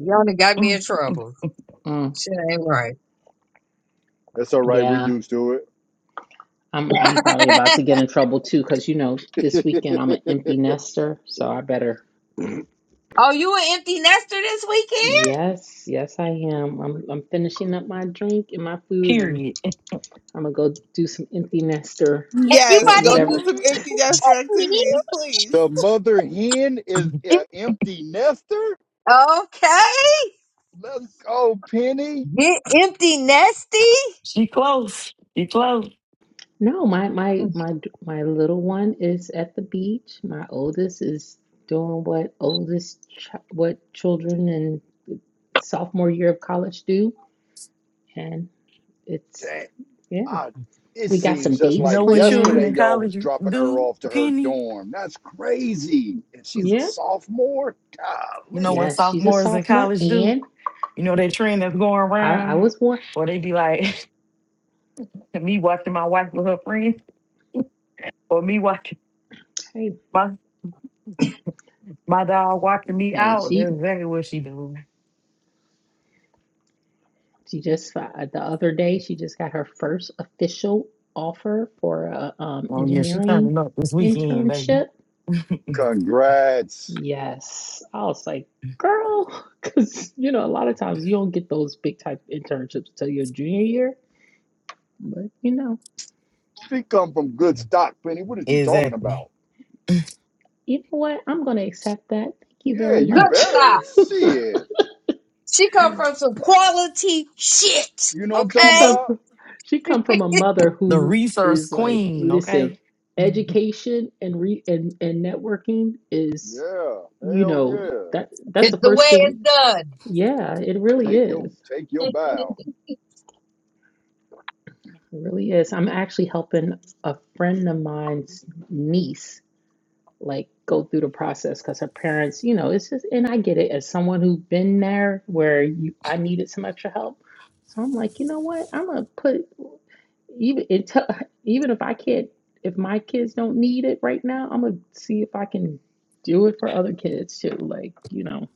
S7: Y'all done got me in trouble.
S6: mm,
S7: Shit ain't right.
S8: That's all right. We
S6: yeah.
S8: used to it.
S6: I'm I'm probably about to get in trouble too, because you know this weekend I'm an empty nester, so I better.
S7: oh, you an empty nester this weekend?
S6: Yes, yes I am. I'm I'm finishing up my drink and my food. I'm
S10: Period.
S6: I'm gonna go do some empty nester,
S7: And you
S2: Yes,
S6: wh-
S7: about
S2: go
S7: to
S2: do
S6: whatever.
S2: some
S8: What?
S2: empty nester
S7: get
S2: activities, please.
S8: The mother hen is
S7: me?
S8: an empty nester?
S7: Okay.
S8: Let's go, Penny.
S7: Get empty nesty?
S10: She close. She close.
S6: No, my my my my little one is at the beach. My oldest is doing what oldest ch what children in sophomore year of college do, and it's
S8: Damn.
S6: yeah.
S8: I, it
S6: We got
S8: seems
S6: some
S8: just
S10: You
S6: dates
S8: like
S10: know what children
S8: yesterday
S6: planned.
S10: in
S8: y'all
S10: college
S8: was dropping her
S10: do,
S8: off to her
S10: Penny?
S8: dorm. That's crazy. And she's a
S6: Yeah.
S8: sophomore?
S10: You know what
S8: Golly.
S6: Yes, she's a
S10: sophomores in
S6: sophomore,
S10: college do?
S6: and
S10: You know that trend that's going
S6: I, I
S10: around
S6: was one.
S10: where they be like me watching my wife with her friends or me watching
S6: Hey,
S10: my my dog watching me
S6: hey,
S10: out.
S6: she
S10: That's exactly what she doing.
S6: she just uh, the other day she just got her first official offer for a um,
S10: Oh yeah, she
S6: engineering
S10: turning up this weekend, baby.
S6: internship.
S8: Congrats.
S6: Yes, I was like, girl, because you know a lot of times you don't get those big type internships till your junior year, but you know,
S8: She come from good stock, Penny. What are you talking
S10: Exactly.
S8: about?
S6: you know what? I'm gonna accept that. Thank you
S8: Yeah,
S6: very
S8: you
S7: Good
S6: much.
S8: better.
S7: stop.
S8: See it.
S7: She come from some quality shit.
S8: You know what I'm
S6: She
S8: talking
S7: Okay?
S6: come
S8: about?
S6: from, she come from a mother
S10: The
S6: who
S10: resource
S6: is like,
S10: queen,
S6: listen,
S10: okay?
S6: education and re and, and networking is,
S8: Yeah.
S6: you
S8: Hell
S6: know,
S8: yeah.
S6: that that's the
S7: It's the way
S6: first
S7: it's
S6: thing.
S7: done.
S6: Yeah, it really
S8: Take your
S6: is.
S8: take your bow.
S6: It really is. I'm actually helping a friend of mine's niece like go through the process because her parents, you know, it's just and I get it as someone who's been there where you I needed some extra help. So I'm like, you know what? I'm gonna put even it t- even if I can't if my kids don't need it right now, I'm gonna see if I can do it for other kids too. Like, you know,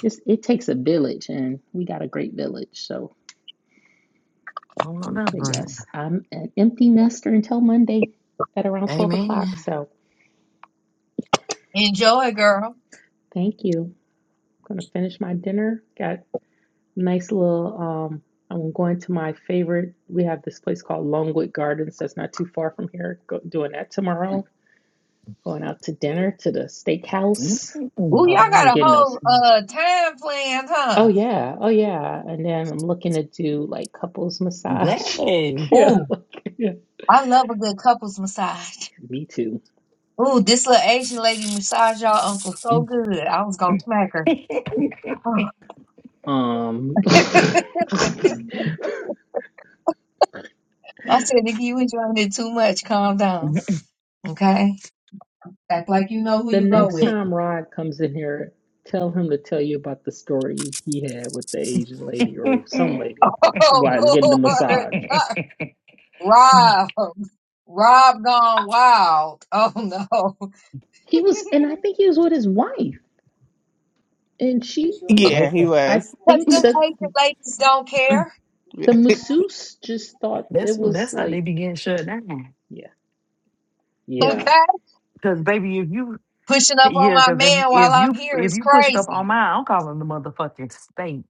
S6: it's it takes a village and we got a great village. So
S10: I don't know that's
S6: but
S10: right.
S6: yes, I'm an empty nester until Monday at around twelve
S10: Amen.
S6: o'clock. So
S7: Enjoy, girl.
S6: thank you. I'm gonna finish my dinner. Got nice little um I'm going to my favorite. We have this place called Longwood Gardens that's not too far from here. Go, doing that tomorrow. Going out to dinner to the steakhouse.
S10: Mm.
S7: Ooh,
S6: Although
S7: y'all
S6: I
S7: got
S6: ain't
S7: a
S6: getting those.
S7: whole uh time plan,
S6: Oh
S7: huh?
S6: yeah, oh yeah. And then I'm looking to do like couples massage.
S10: Yes.
S6: yeah,
S7: Ooh,
S6: like, yeah.
S7: I love a good couples massage.
S6: Me too.
S7: Ooh, this little Asian lady massage y'all uncle so good. I was gonna smack her. Oh.
S6: Um
S7: I said, if you enjoying it too much. Calm down. Okay? Act like you know who
S6: The
S7: you go
S6: next
S7: with.
S6: time Rod comes in here, tell him to tell you about the story he had with the Asian lady or some lady while
S7: Oh
S6: getting a
S7: Lord.
S6: massage.
S7: Not Rob. Rob gone wild. Oh no.
S6: He was, and I think he was with his wife, and she,
S2: Yeah, he
S7: Listen.
S6: I
S2: was.
S7: Cause
S6: think
S7: them
S6: the
S7: Asian ladies don't care.
S6: the masseuse just thought it
S10: that's
S6: was
S10: that's how they
S6: like,
S10: begin shut down.
S6: yeah, yeah.
S7: Okay?
S10: Cause baby, if you
S7: Pushing up on
S10: yeah,
S7: my
S10: cause if
S7: man while
S10: if
S7: I'm
S10: you
S7: here
S10: if
S7: is
S10: you push it up on
S7: crazy.
S10: mine, I'm calling the motherfucking state.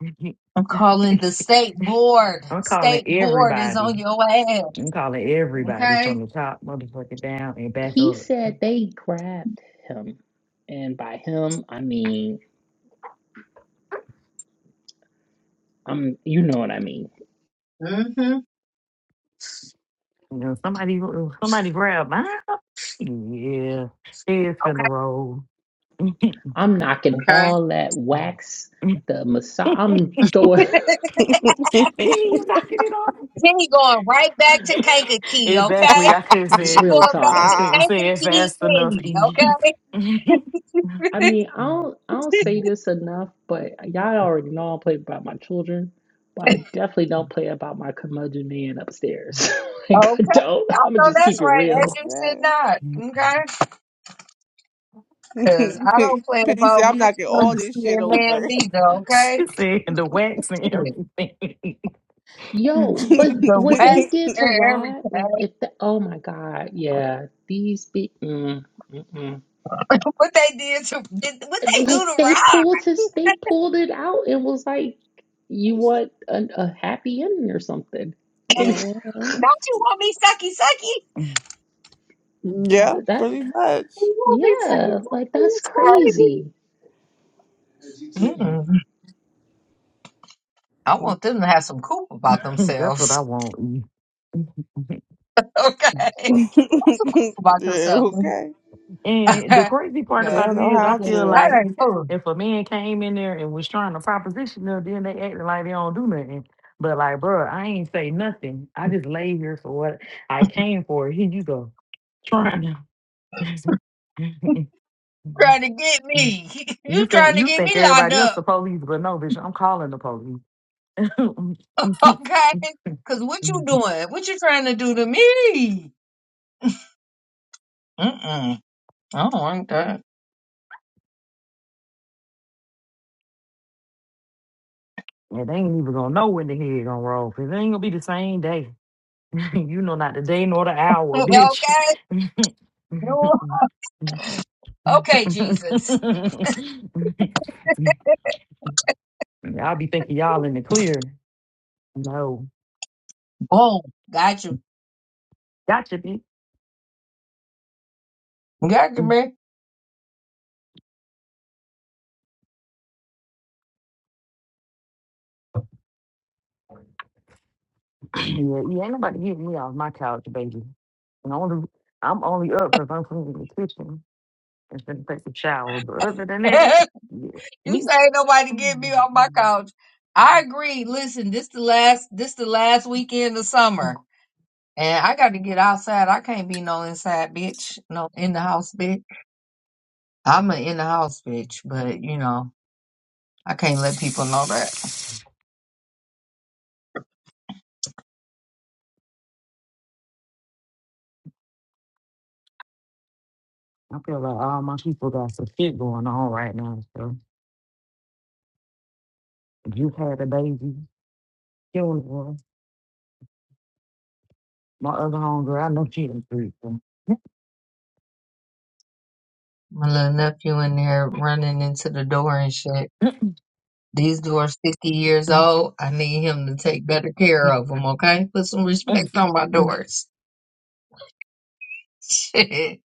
S7: I'm calling the state board.
S10: I'm calling
S7: State board is on
S10: everybody.
S7: your ass.
S10: I'm calling everybody
S7: Okay.
S10: from the top motherfucking down and back
S6: He
S10: up.
S6: said they grabbed him, and by him I mean I'm, you know what I mean.
S7: Mm-hmm.
S10: You know, somebody, somebody grab mine. Yeah, it's in a
S7: Okay.
S10: roll. Penny,
S6: I'm knocking
S7: Okay.
S6: all that wax, the massage. I'm throwing
S10: you knocking it off.
S7: Penny going right back to Kankakee.
S10: exactly.
S7: Okay.
S10: I couldn't say
S7: She
S10: it.
S6: real
S7: going back
S10: I
S6: talk.
S7: to
S10: couldn't
S2: Ah,
S10: say it
S7: Kankakee
S10: fast enough.
S7: Penny. Okay.
S6: I mean, I don't I don't say
S10: E.
S6: this enough, but y'all already know I don't play about my children, but I definitely don't play about my curmudgeon man upstairs. like I
S7: okay.
S6: don't. I'm
S7: I
S6: gonna
S7: know
S6: just
S7: that's
S6: keep it
S7: right. As
S6: real.
S7: you should
S2: man.
S7: not. Okay. Cause I don't play
S2: Penny said,
S7: about
S2: I'm
S7: my
S2: knocking all
S7: feelings
S2: this shit
S7: here, man,
S2: over.
S7: neither. Okay.
S10: she said the wax and everything.
S6: Yo, but
S7: the
S6: what they
S7: wax
S6: did to
S7: and
S6: Rod, like
S7: everything.
S6: if the oh my God, yeah, these be mm, mm-mm.
S7: What they did to did, what they do
S6: like
S7: to
S6: they
S7: Rob?
S6: pulled his they pulled it out and was like, you want a, a happy ending or something?
S2: Mhm.
S7: Don't you want me sucky sucky?
S2: Yeah,
S6: that
S2: pretty much.
S7: You want me sucky
S6: yeah, like
S7: sucky?
S6: that's
S7: It's
S6: crazy.
S7: crazy. Mm, I want them to have some coop about
S10: That's what I
S7: themselves.
S10: want. E.
S7: Okay, have some coop about
S2: yeah,
S7: yourself.
S2: okay.
S10: And the
S7: I
S10: crazy part
S2: They
S10: about
S2: don't
S10: it
S2: know
S10: is, I
S2: how
S10: feel
S2: to.
S10: like
S7: ain't cool.
S10: if a man came in there and was trying to proposition them, then they acting like they don't do nothing. But like, bro, I ain't say nothing. I just lay here for what I came for. Here you go, trying to.
S7: Trying to get me?
S10: you
S7: You
S10: think
S7: trying to
S10: you
S7: get
S10: think
S7: me locked
S10: everybody else the
S7: up?
S10: police, but no, bitch, I'm calling the police.
S7: Okay,
S10: and
S7: because what you doing? What you trying to do to me? Mm mm. I don't like that.
S10: they ain't even gonna know when the head gonna roll. 'cause it ain't gonna be the same day. you know not the day nor the hour, bitch.
S7: Okay. You- Okay, Jesus.
S10: I'll be thinking y'all in the clear. No.
S7: Oh, got you.
S10: Gotcha, bitch.
S7: Got you,
S10: yeah,
S7: man.
S10: you ain't nobody getting me off my couch, baby. And only, I'm only up because I'm cleaning the kitchen and then take a shower. But other than
S7: you
S10: that, yeah, me,
S7: say ain't
S10: I
S7: nobody get me off my couch. I agree. Listen, this the last this the last weekend of summer. And I got to get outside. I can't be no inside bitch. No in the house bitch. I'm an in the house bitch, but you know, I can't let people know that.
S10: feel like all my people got some shit going on right now. So if you had a baby. Killing one. My other homegirl, I know she done three.
S7: My little nephew in there running into the door and shit. These doors 50 years old. I need him to take better care
S10: You
S7: of them, okay? Put some
S10: can
S7: respect on my doors. Shit.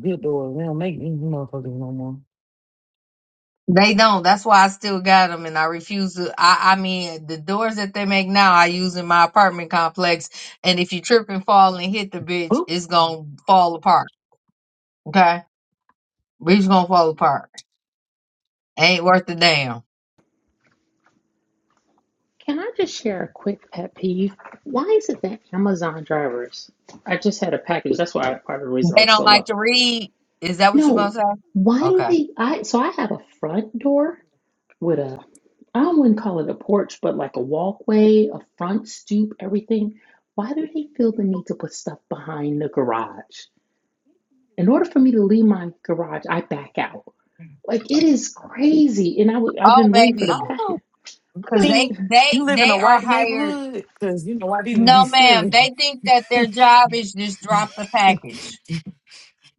S10: good doors. they don't make these motherfuckers no more.
S7: They don't. That's why I still got them, and I refuse to. I, I mean, the doors that they make now, I use in my apartment complex, and if you trip and fall and hit the bitch,
S10: Who?
S7: it's gonna fall apart. Okay, bitch gonna fall apart. Ain't worth a damn.
S6: Can I just share a quick pet peeve? Why is it that Amazon drivers? I just had a package. That's why part of the reason I
S7: They
S6: was
S7: don't
S6: still
S7: like to
S6: up.
S7: read. Is that what you gonna
S6: No,
S7: say?
S6: why do
S7: Okay.
S6: they? I so I have a front door with a I wouldn't call it a porch, but like a walkway, a front stoop, everything. Why do they feel the need to put stuff behind the garage? In order for me to leave my garage, I back out. Like it is crazy, and I w- I've
S7: Oh,
S6: been waiting for the
S10: I
S7: baby,
S10: don't
S6: package.
S10: know.
S6: I'm
S7: because
S6: like.
S7: they
S10: Penny, you
S7: they
S10: live in a
S7: they are
S10: white
S7: hired.
S10: neighborhood? Because you know why people be
S7: No, ma'am.
S10: stealing.
S7: They think that their job is just drop the package.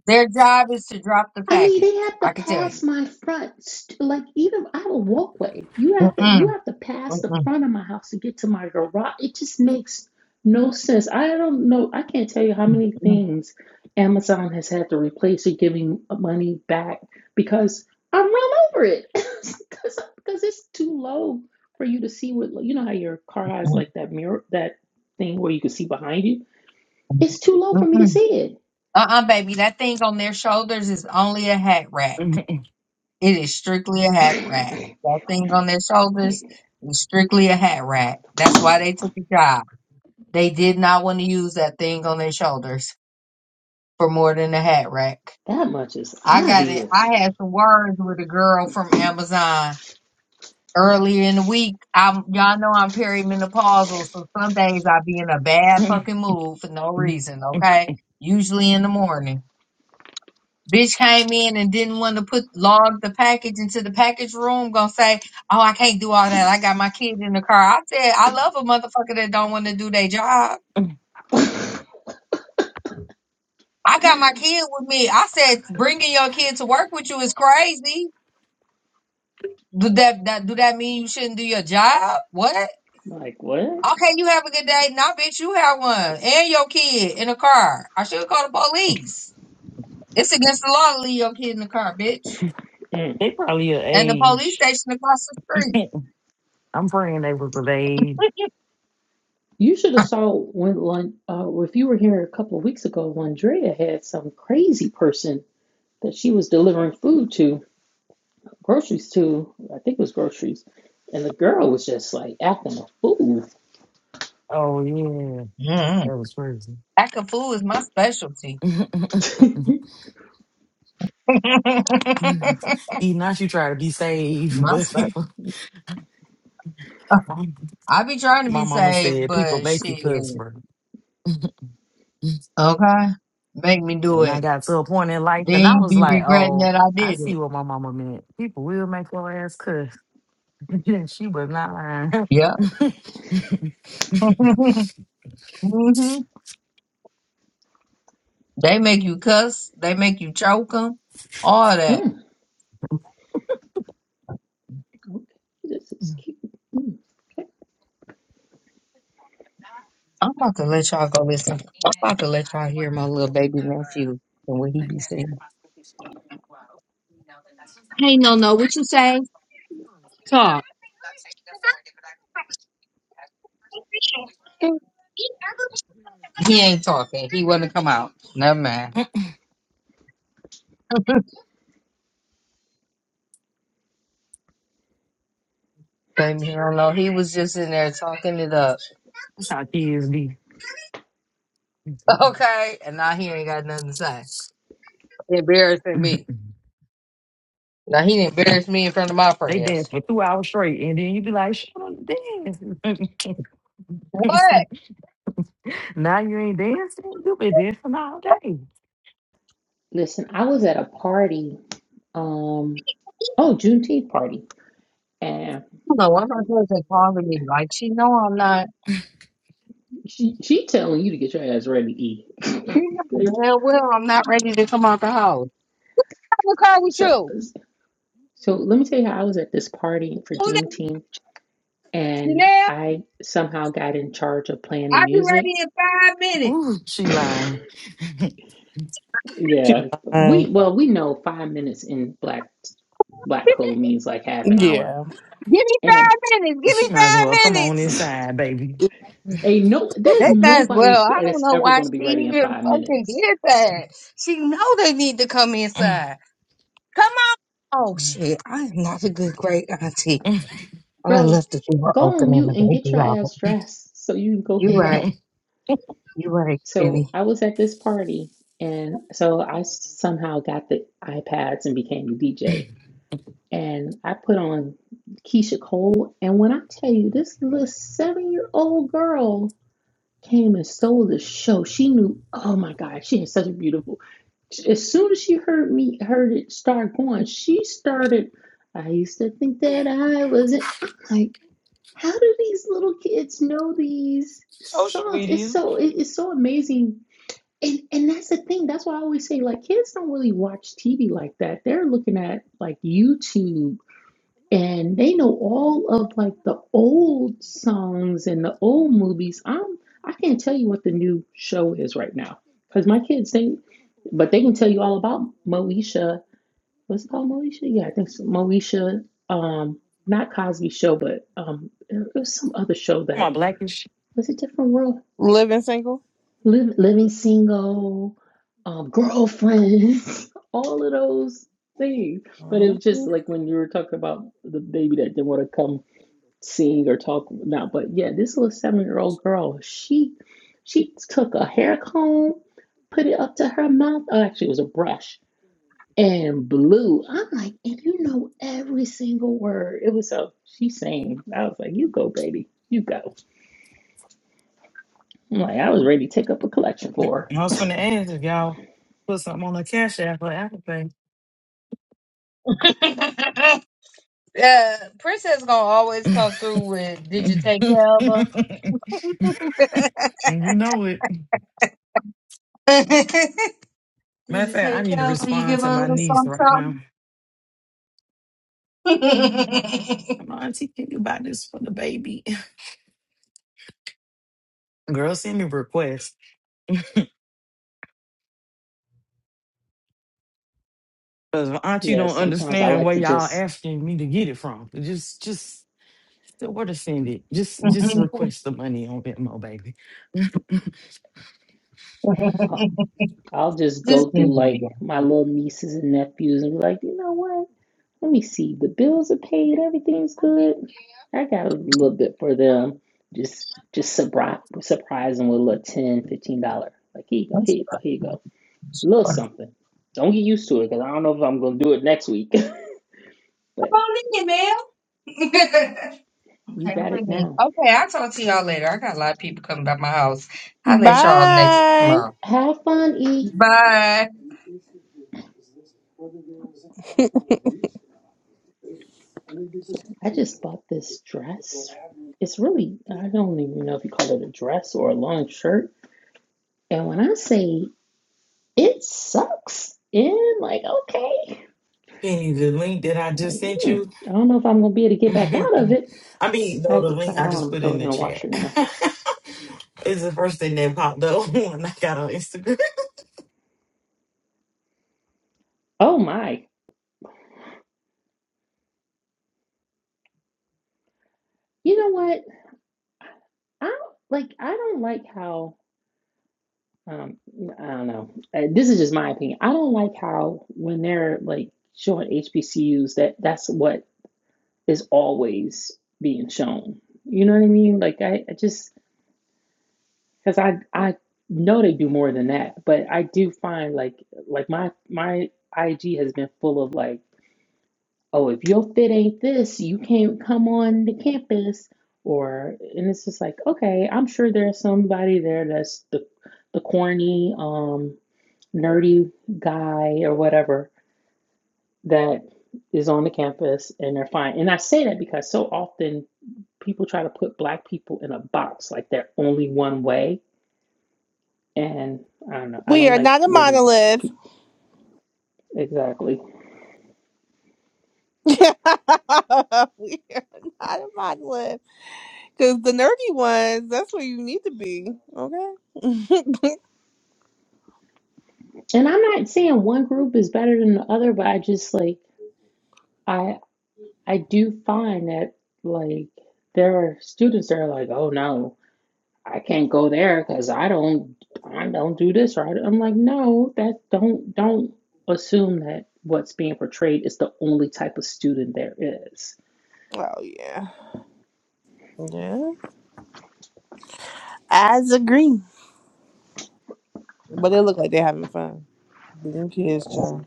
S7: Their job is to drop the
S6: I mean,
S7: package.
S6: they have to
S7: I can tell you.
S6: pass my front, st- like even I have a walkway. You have to you
S7: Mm-mm,
S6: have to pass the
S7: mm-mm,
S6: front of my house to get to my garage. It just makes no sense. I don't know. I can't tell you how many things Amazon has had to replace or giving money back because I'm run over it because because it's too low for you to see what you know how your car has like that mirror that thing where you can see behind you. It's too low for me to
S7: Mm-mm.
S6: see
S7: Uh-uh, baby. That thing on their shoulders is only a hat rack.
S10: they
S7: It is strictly a hat rack.
S6: it.
S7: That thing on their
S6: Like,
S7: shoulders is strictly a hat rack. That's why they took the job. They did not want to use that thing on their shoulders for more than a hat rack.
S6: That much is
S7: I got it.
S6: obvious.
S7: I had some words with a girl from Amazon earlier in the week. I'm y'all know I'm perimenopausal, so some days I be in a bad fucking mood for no reason, okay? Usually in the morning. Bitch came in and didn't want to put log the package into the package room. Gonna say, "Oh, I can't do all that. I got my kid in the car." I said, "I love a motherfucker that don't want to do their job." I got my kid with me. I said, "Bringing your kid to work with you is crazy." Do that, that do that mean you shouldn't do your job? What?
S6: Like what?
S7: Okay, you have a good day. Nah, bitch, you have one and your kid in the car. I should call the police. It's against the law to leave your kid in the car, bitch.
S6: Mm.
S10: probably your
S7: And the police
S10: age.
S7: station across the street.
S10: I'm praying they was of age.
S6: You should have saw when one uh, if you were here a couple of weeks ago, Landrea had some crazy person that she was delivering food to, groceries to. I think it was groceries, and the girl was just like acting a fool.
S10: Oh, yeah.
S7: Mhm.
S10: That was crazy.
S7: Acting fool is my specialty.
S6: Mm.
S7: my
S10: Even now you try to be safe, but
S7: specialty.
S10: people.
S7: I be trying to
S10: My
S7: be
S10: mama
S7: safe,
S10: said people
S7: but
S10: make you
S7: shit.
S10: cuss, bro. And
S7: Okay. Make me do
S10: I
S7: it.
S10: got to a point in life and
S7: Then
S10: I
S7: you
S10: was
S7: be
S10: like,
S7: regretting
S10: oh,
S7: that I
S10: I
S7: did
S10: see
S7: it.
S10: what my mama meant. People will make your ass cuss. And she was not lying.
S7: Yeah. hmm They make you cuss. They make you choke 'em, All that.
S6: Okay, this is cute. Mm. Okay.
S7: I'm about to let y'all go listen. I'm about to let y'all hear my little baby nephew and what he be saying. Hey, no, no. What you say? Talk. He ain't talking. He wouldn't come out. Never mind. Baby, I don't know. He was just in there talking it up.
S10: That's how kids be.
S7: Okay. And now he ain't got nothing to say. Embarrassing me. Now he embarrassed me in front of my
S10: they
S7: friends.
S10: dance for two hours straight and then you be like, shut up, dance.
S7: What?
S10: now you ain't dancing. You been dancing all day.
S6: Listen, I was at a party. Um, oh, Juneteenth party, and.
S7: No, I'm not going to calling me like she know I'm not.
S6: She she telling you to get your ass ready to eat.
S7: You know
S6: it.
S7: damn well I'm not ready to come out the house. I'm gonna call with
S6: so
S7: you.
S6: so let me tell you how I was at this party for
S7: Who that?
S6: Juneteenth and
S7: Janelle?
S6: I somehow got in charge of playing the
S7: I'll be
S6: music.
S7: ready in five minutes.
S10: Ooh, she lying.
S2: She
S6: Yeah. We
S2: lying.
S6: well we know five minutes in black black code means like half an hour.
S2: Yeah.
S7: Give me
S6: And
S7: five minutes. Give me
S10: She might as
S7: five
S10: well come on
S7: minutes.
S10: inside, baby.
S6: a no there's
S7: That as well.
S6: nobody's
S7: I don't
S6: that's
S7: know
S6: ever
S7: why
S6: gonna be
S7: she
S6: ready in
S7: even
S6: five
S7: fucking
S6: minutes.
S7: did that. She know they need to come inside. Oh shit, I am not a good great auntie. I
S6: Girl,
S7: left the door
S6: go on
S7: open in
S6: mute
S7: the
S6: and get
S7: baby
S6: your
S7: out.
S6: ass dressed so you can go
S7: You
S6: hang
S7: right.
S6: out.
S7: You right,
S6: So
S7: Penny.
S6: I was at this party, and so I somehow got the iPads and became the DJ. And I put on Keisha Cole, and when I tell you, this little seven-year-old girl came and stole the show. She knew, oh my God, she had such a beautiful. As soon as she heard me, heard it start going, she started. I used to think that I wasn't. I'm like, how do these little kids know these
S10: Social.
S6: songs? It's so it, it's so amazing and and that's the thing. That's why I always say like kids don't really watch TV like that. They're looking at like YouTube and they know all of like the old songs and the old movies. I'm I can't tell you what the new show is right now because my kids they but they can tell you all about Moesha. What's it called Moesha? Yeah, I think so. Moesha. Um, not Cosby Show, but um, it was some other show
S10: My
S6: that
S10: blackish.
S6: was a different world.
S2: Living single.
S6: Liv- living single, um, girlfriends, all of those things. But it was just
S2: Mhm.
S6: like when you were talking about the baby that didn't want to come sing or talk now. But yeah, this little seven-year-old girl, she she took a hair comb, put it up to her mouth. Oh, actually, it was a brush and blew. I'm like, and you know every single word. It was so she sang. I was like, you go, baby, you go. I'm like, I was ready to take up a collection
S10: I
S6: for her.
S10: was finna ask if y'all put something on the cash app or Apple Pay.
S7: Uh, Princess gonna always come through with, did you
S10: and
S7: take care of her?
S10: you know it.
S7: did
S10: Matter of
S7: you
S10: fact, I
S7: take
S10: need to
S7: care of her? You
S10: respond
S7: give her
S10: to
S7: a
S10: my
S7: little
S10: niece right now.
S7: something, something?
S10: I'm like, auntie, can you buy this for the baby? Girl, send me requests. Cause auntie
S6: Yeah,
S10: don't
S6: sometimes I
S10: understand
S6: like
S10: where
S6: to
S10: y'all
S6: just
S10: asking me to get it from. Just just so where to send it. Just just request the money on Venmo, baby.
S6: I'll, I'll just
S7: Just
S6: go
S7: give
S6: through
S7: her a little.
S6: like my little nieces and nephews and be like, you know what? Let me see. The bills are paid. Everything's good. I got a little bit for them. Just just surprise surprise them with a little ten, fifteen dollar. Like here you go,
S7: That's
S6: here you
S7: what
S6: go, here you go.
S7: I'm
S6: A little
S7: for.
S6: something. Don't get used to it because I don't know if I'm gonna do it next week.
S7: Come
S6: but
S7: on in, ma'am.
S6: you
S7: Okay, I'm
S6: got it
S7: ready.
S6: now.
S7: Okay, I'll talk to y'all later. I got a lot of people coming by my house. I'll let y'all next
S2: Bye.
S7: tomorrow.
S6: Have fun, E.
S7: Bye.
S6: I just bought this dress. It's really I don't even know if you call it a dress or a long shirt And when I say it sucks, and like, okay,
S10: Penny, the link that I
S6: like,
S10: just sent
S6: hmm,
S10: you.
S6: I don't know if I'm gonna be able to get back out of it.
S10: I mean,
S6: I
S10: though
S6: had
S10: the
S6: to try
S10: link
S6: it
S10: I
S6: on. I'm
S10: just
S6: gonna
S10: put
S6: throw
S10: in
S6: it in
S10: the
S6: the washer
S10: chat
S6: now.
S10: is the first thing that popped up when I got on Instagram.
S6: Oh my! You know what? I don't like. I don't like how. Um, I don't know. Uh, this is just my opinion. I don't like how when they're like showing HBCUs that that's what is always being shown. You know what I mean? Like I, I just because I I know they do more than that, but I do find like like my my IG has been full of like, oh, if your fit ain't this, you can't come on the campus, or and it's just like, okay, I'm sure there's somebody there that's the the corny um nerdy guy or whatever that is on the campus and they're fine. And I say that because so often people try to put black people in a box like they're only one way And I don't know. I
S2: We
S6: don't
S2: are
S6: like
S2: not a
S6: when
S2: monolith.
S6: pe- exactly.
S2: we are not a mod lib because the nerdy ones, that's where you need to be. Okay. oh
S6: And I'm not saying one group is better than the other, but I just like I I do find that like there are students that are like, oh no, I can't go there because I don't I don't do this or I don't-" I'm like, no, that don't don't assume that what's being portrayed is the only type of student there is.
S2: yeah, yeah. As a green, but they look like they're having fun being kids, child.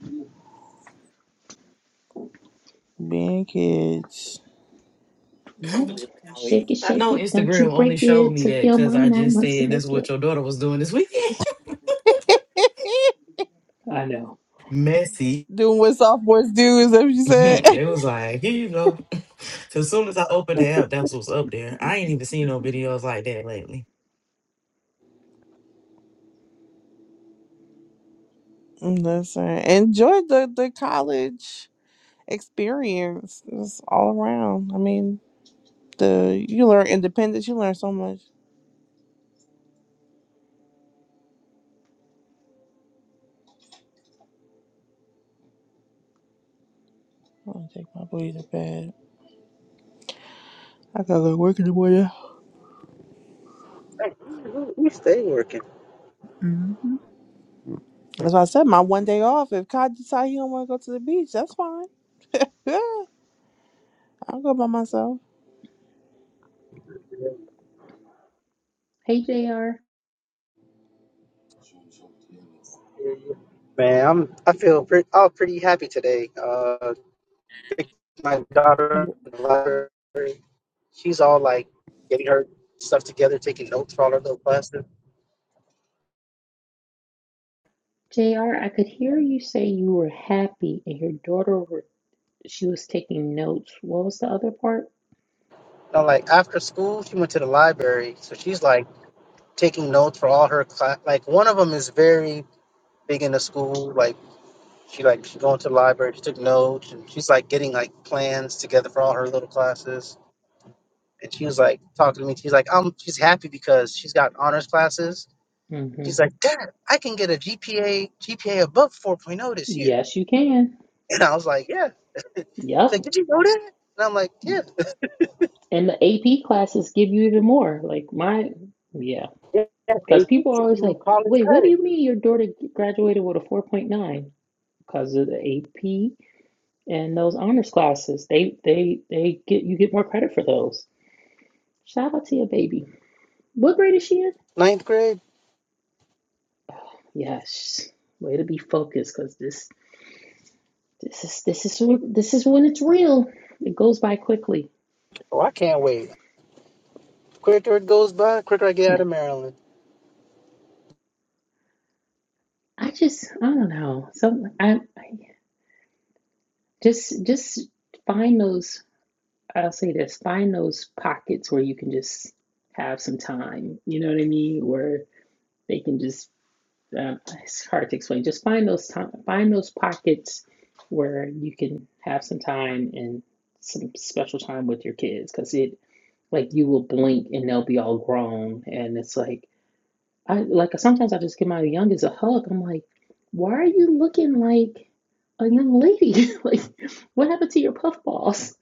S2: Being kids,
S6: Yeah.
S10: For Just now we-
S6: Shake it,
S10: I
S6: shake
S10: know
S6: it. Don't you
S10: Instagram only
S6: break
S10: showed
S6: it.
S10: me
S6: Took
S10: that
S6: your
S10: because
S6: mom
S10: I
S6: nine
S10: just
S6: months to
S10: said that's
S6: make it.
S10: what your daughter was doing this weekend.
S6: I know.
S10: Messy.
S2: doing what sophomores do is that what you said.
S10: it was like, here you go. So as soon as I opened the app, that's what's up there. I ain't even seen no videos like that lately.
S2: Listen, enjoy the the college experience. It's all around. I mean, the you learn independence. You learn so much. I'm gonna take my booty to bed. I gotta go to work in the morning.
S9: Hey, we stay working.
S2: Mm-hmm. That's why I said my one day off. If Kai decides he don't want to go to the beach, that's fine. Yeah, I'll go by myself.
S6: Hey, JR.
S9: Man, I'm I feel pretty I'm pretty happy today. Uh picked my daughter in the library. She's all like getting her stuff together, taking notes for all her little classes.
S6: JR, I could hear you say you were happy and your daughter were, she was taking notes. What was the other part?
S9: No, like after school she went to the library. So she's like taking notes for all her class like one of them is very big into school, like she like she going to the library, she took notes and she's like getting like plans together for all her little classes. and she was like talking to me. She's like, um, she's happy because she's got honors classes.
S6: hmm
S9: She's like, Dad, I can get a GPA GPA above 4.0 this year.
S6: Yes, you can.
S9: And I was like, Yeah.
S6: Yep.
S9: She's like, Did you know that? And I'm like, Yeah.
S6: And the AP classes give you even more. Like my, yeah.
S9: Yeah,
S6: Because
S9: baby,
S6: people are
S9: give
S6: always like,
S9: you college
S6: wait, what do
S9: credit.
S6: you mean your daughter graduated with a 4.9? Because of the AP and those honors classes. They they they get you get more credit for those. Shout out to your baby. What grade is she in?
S9: Ninth grade.
S6: Oh, Yes. Way to be focused because this This is this is this is when it's real. It goes by quickly.
S9: Oh, I can't wait. Quicker it goes by, quicker I get out
S6: No,
S9: of Maryland.
S6: I just I don't know. So I, I just just find those. I'll say this: find those pockets where you can just have some time. You know what I mean? Where they can just. Um, it's hard to explain. Just find those time. Find those pockets where you can have some time and some special time with your kids, because it like you will blink and they'll be all grown, and it's like I like sometimes I just give my youngest a hug. I'm like, why are you looking like a young lady? like, what happened to your puff balls?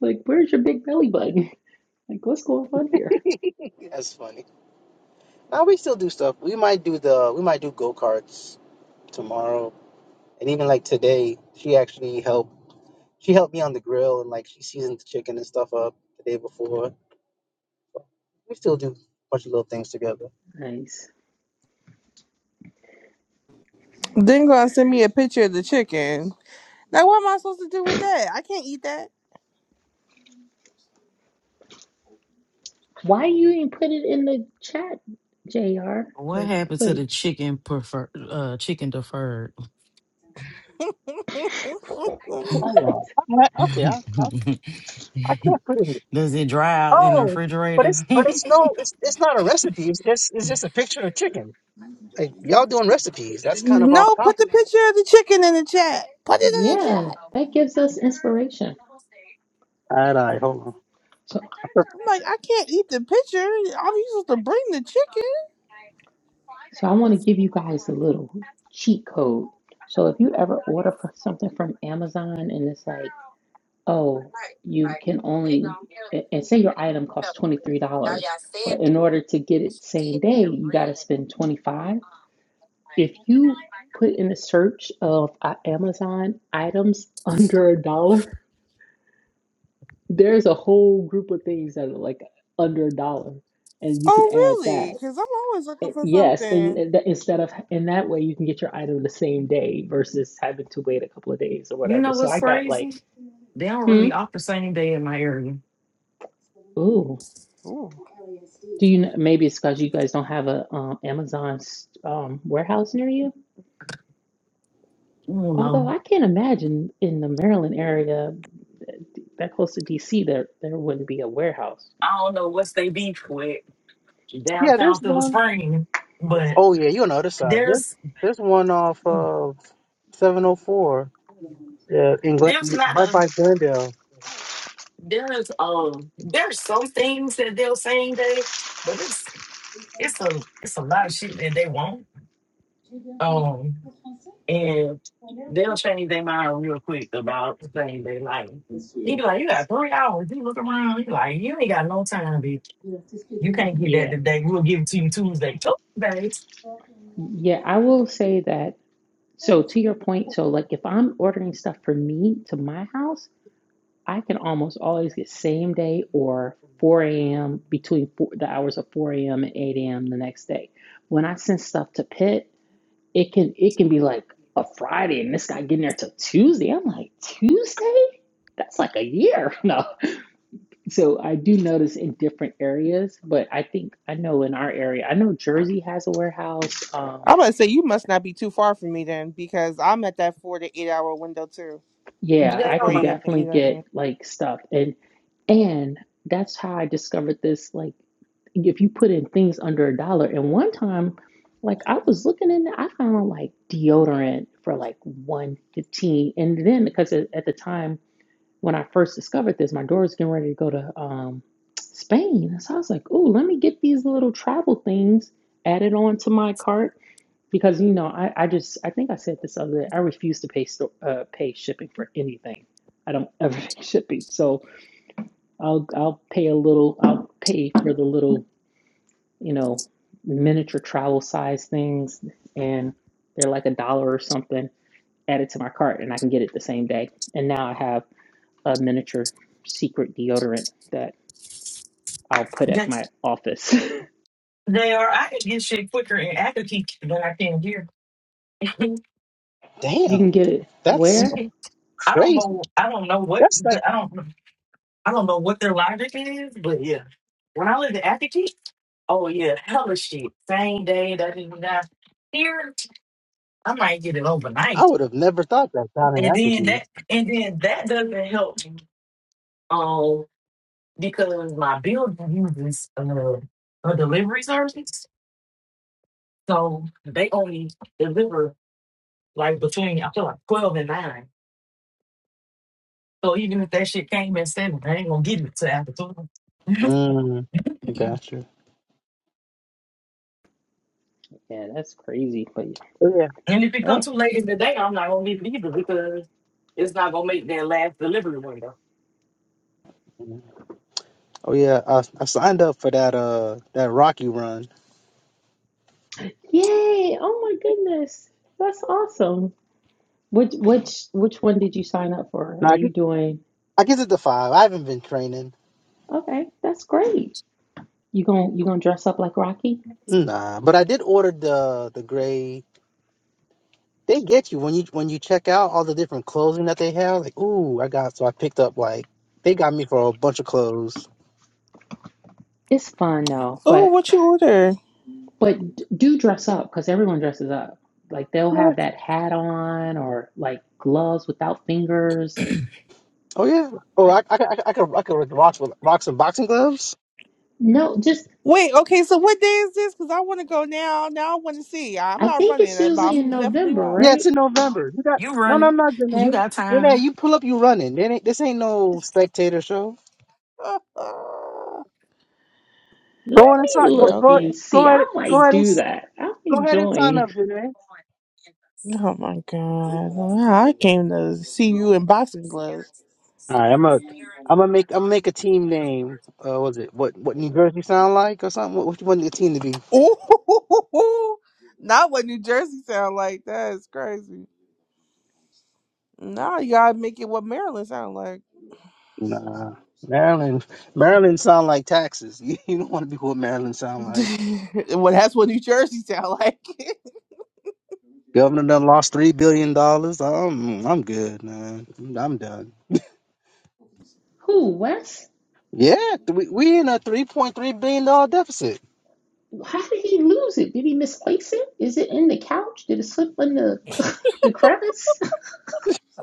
S6: Like, where's your big belly button? Like, what's going on here?
S9: Yeah, That's funny. Now we still do stuff. We might do the we might do go karts tomorrow, and even like today, she actually helped. She helped me on the grill and like she seasoned the chicken and stuff up the day before. We still do a bunch of little things together.
S6: Nice.
S2: Then gonna send me a picture of the chicken. Now what am I supposed to do with that? I can't eat that.
S6: Why you didn't put it in the chat, JR?
S10: What
S6: Or
S10: happened to
S6: wait,
S10: the chicken prefer uh chicken deferred?
S9: Oh
S6: what?
S9: no. I- Okay, I, I I can't put it. in-
S10: Does it dry out in the
S9: Oh, but
S10: refrigerator?
S9: it's but it's no, it's it's not a recipe. It's just it's just a picture of chicken. Like y'all doing recipes. That's kind of off
S2: no, put the
S9: topic.
S2: picture of the chicken in the chat. Put it in the
S6: Yeah,
S2: chat.
S6: that gives us inspiration.
S9: All right, all right, hold on.
S6: So,
S2: I'm like, I can't eat the picture. I'm supposed to bring the chicken.
S6: so I want to give you guys a little cheat code. So if you ever order for something from Amazon and it's like oh, you can only, and say your item costs $23, but in order to get it same day, you got to spend 25. dollars. If you put in a search of uh, Amazon items under a dollar, there's a whole group of things that are like under a dollar, and you could
S2: Oh
S6: add
S2: really?
S6: that.
S2: Because I'm always
S6: Eh,
S2: looking for
S6: Yes, and
S2: something.
S6: instead of in that way, you can get your item the same day versus having to wait a couple of days or
S10: You
S6: whatever.
S10: know
S6: So
S10: what's
S6: I got like,
S10: crazy? They don't
S6: hmm,
S10: really offer same day in my area.
S6: ooh.
S2: Ooh.
S6: Do you know, maybe it's because you guys don't have a um, Amazon um, warehouse near you?
S10: I don't
S6: Although
S10: know.
S6: I can't imagine in the Maryland area that close to DC there there wouldn't be a warehouse.
S10: I don't know what's they beef with
S9: Yeah, there's
S10: downtown Philip
S9: one.
S10: Spring, but
S9: Oh yeah, you on the other side. There,
S10: there's
S9: there's one off of 704. Yeah, in Glen,
S10: there's not
S9: right
S10: a
S9: by Glendale.
S10: there's um there's some things that they'll same day, but it's it's a it's a lot of shit that they want. Um, and they'll change their mind real quick about things they like. He be like, you got three hours. He look around. He like, you ain't got no time, bitch. You can't get that
S6: Yeah.
S10: today. We'll give it to you Tuesday. Tuesday.
S6: Yeah, I will say that. So to your point, so like if I'm ordering stuff for me to my house, I can almost always get same day or 4 a.m. between four, the hours of 4 a.m. and 8 a.m. the next day. When I send stuff to Pitt, It can it can be like a Friday and this guy getting there till Tuesday. I'm like, Tuesday? That's like a year. No. So I do notice in different areas, but I think I know in our area, I know Jersey has a warehouse. Um,
S2: I'm gonna say you must not be too far from me then, because I'm at that four to eight hour window too.
S6: yeah,
S2: At
S10: They
S6: I
S2: four
S6: can
S10: are.
S2: a.m. to
S6: definitely
S2: eight a.m.
S6: get like stuff and and that's how I discovered this like if you put in things under a dollar. And one time, like I was looking in, I found like deodorant for like one fifteen, and then because at at the time when I first discovered this, my daughter's getting ready to go to um, Spain. So I was like, "Ooh, let me get these little travel things added on to my cart because, you know, I, I just, I think I said this other day, I refuse to pay, sto- uh, pay shipping for anything. I don't ever pay shipping. So I'll, I'll pay a little, I'll pay for the little, you know, miniature travel size things and they're like a dollar or something added to my cart and I can get it the same day. And now I have a miniature secret deodorant that I'll put at
S10: That's,
S6: my office.
S10: they are. I can get shit quicker in Akaki than I can here. I don't
S6: you
S9: Damn,
S6: can get it
S9: that's
S6: where?
S9: crazy.
S10: know. I don't know what.
S9: That's like
S10: But I don't. I don't know what their logic is, but yeah. When I lived in Acton, oh yeah, hella shit. Same day that it was got here, I might get it overnight,
S9: I would have never thought that down in
S10: and then
S9: Athenry.
S10: that, and then that doesn't help me. Um, because my building uses uh, a delivery service, so they only deliver like between I feel like twelve and nine. So even if that shit came at seven, I ain't gonna get it to after twelve.
S9: Mm, I got you.
S6: Yeah, that's crazy. But yeah.
S9: Yeah.
S10: And if it
S6: yep.
S10: comes too late in the day, I'm not gonna leave it either because it's not gonna make that last delivery window.
S9: Oh yeah, I, I signed up for that uh that Rocky run.
S6: Yay! Oh my goodness, that's awesome. Which which which one did you sign up for? Are
S9: Nah, I guess
S6: you doing?
S9: I guess it's the five. I haven't been training.
S6: Okay, that's great. You going you gonna dress up like Rocky?
S9: Nah, but I did order the the gray. They get you when you when you check out all the different clothing that they have. Like, ooh, I got so I picked up like they got me for a bunch of clothes.
S6: It's fun though,
S2: Oh,
S6: but
S2: what you order?
S6: but do dress up because everyone dresses up. Like they'll
S9: Yeah.
S6: have that hat on or like gloves without fingers.
S9: Oh yeah. Oh, I
S6: Like
S9: I I, I could I could rock with rock some boxing gloves.
S6: no, just
S2: Wait, okay. So what day is this? Because I want to go now. Now I want to see. I'm
S6: I
S2: not
S6: think it's
S2: running, uh, but
S6: usually in
S2: I'm definitely
S6: November,
S2: watching.
S9: Yeah, it's
S6: right?
S9: in November. You got
S10: You
S9: no
S10: running?
S9: no no, Janae. Janae, you pull up, you running. This ain't, this ain't no spectator show. Go
S6: Let
S9: on and
S6: me
S9: sign. Go
S2: yeah.
S6: look
S9: go
S2: Okay.
S6: and
S9: go
S6: see. I
S9: ahead. Go
S6: might do
S9: ahead.
S6: that. I
S9: Go
S6: might
S9: ahead and sign
S6: join.
S9: up, Janae.
S2: Oh my god! I came to see you in boxing gloves.
S9: All right, I'm a, I'm gonna make I'm gonna make a team name. Uh, was it what what New Jersey sound like or something? What, what you want the team to be?
S2: Ooh, not what New Jersey sound like. That's crazy. Now you gotta make it what Maryland sound like.
S9: Nah, Maryland. Maryland sound like taxes. You, you don't want to be what Maryland sound like.
S2: well, that's what New Jersey sound like.
S9: Governor done lost three billion dollars. I'm I'm good, man. I'm, I'm done.
S6: Who, Wes?
S9: Yeah, th- we we in a three point three billion dollar deficit.
S6: How did he lose it? Did he misplace it? Is it in the couch? Did it slip in the, the crevice?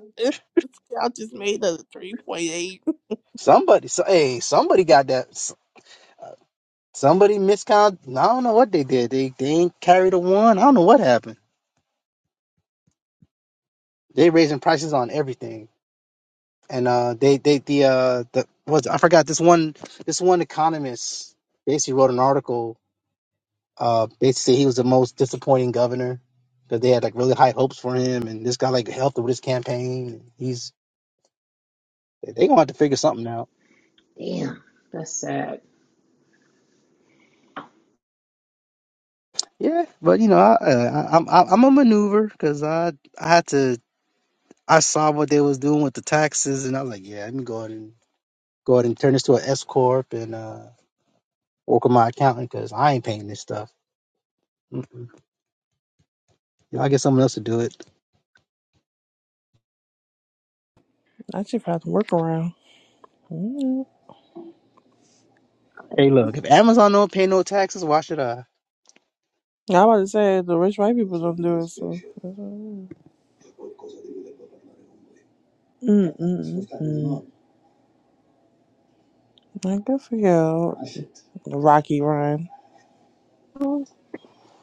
S2: Y'all just made a three point eight.
S9: Somebody, so hey, somebody got that. s- uh, Somebody miscount. I don't know what they did. They they ain't carried a one. I don't know what happened. They raising prices on everything, and uh, they they the uh the was I forgot this one this one economist basically wrote an article. Uh, basically he was the most disappointing governor because they had like really high hopes for him, and this guy like helped with his campaign. He's they gonna have to figure something out.
S6: Damn, that's sad.
S9: Yeah, but you know I uh, I, I'm I'm I'm a maneuver because I I had to I saw what they was doing with the taxes, and I was like, yeah, let me go ahead and go ahead and turn this to an S corp and uh work with my accountant because I ain't paying this stuff. You know, I get someone else to do it.
S2: I should have to work around. Mm.
S9: Hey, look, if Amazon don't pay no taxes, why should I?
S2: I was about to say the rich white people don't do it. So. Mm, mm, mm, mm. Like, Good for you, Rocky Run.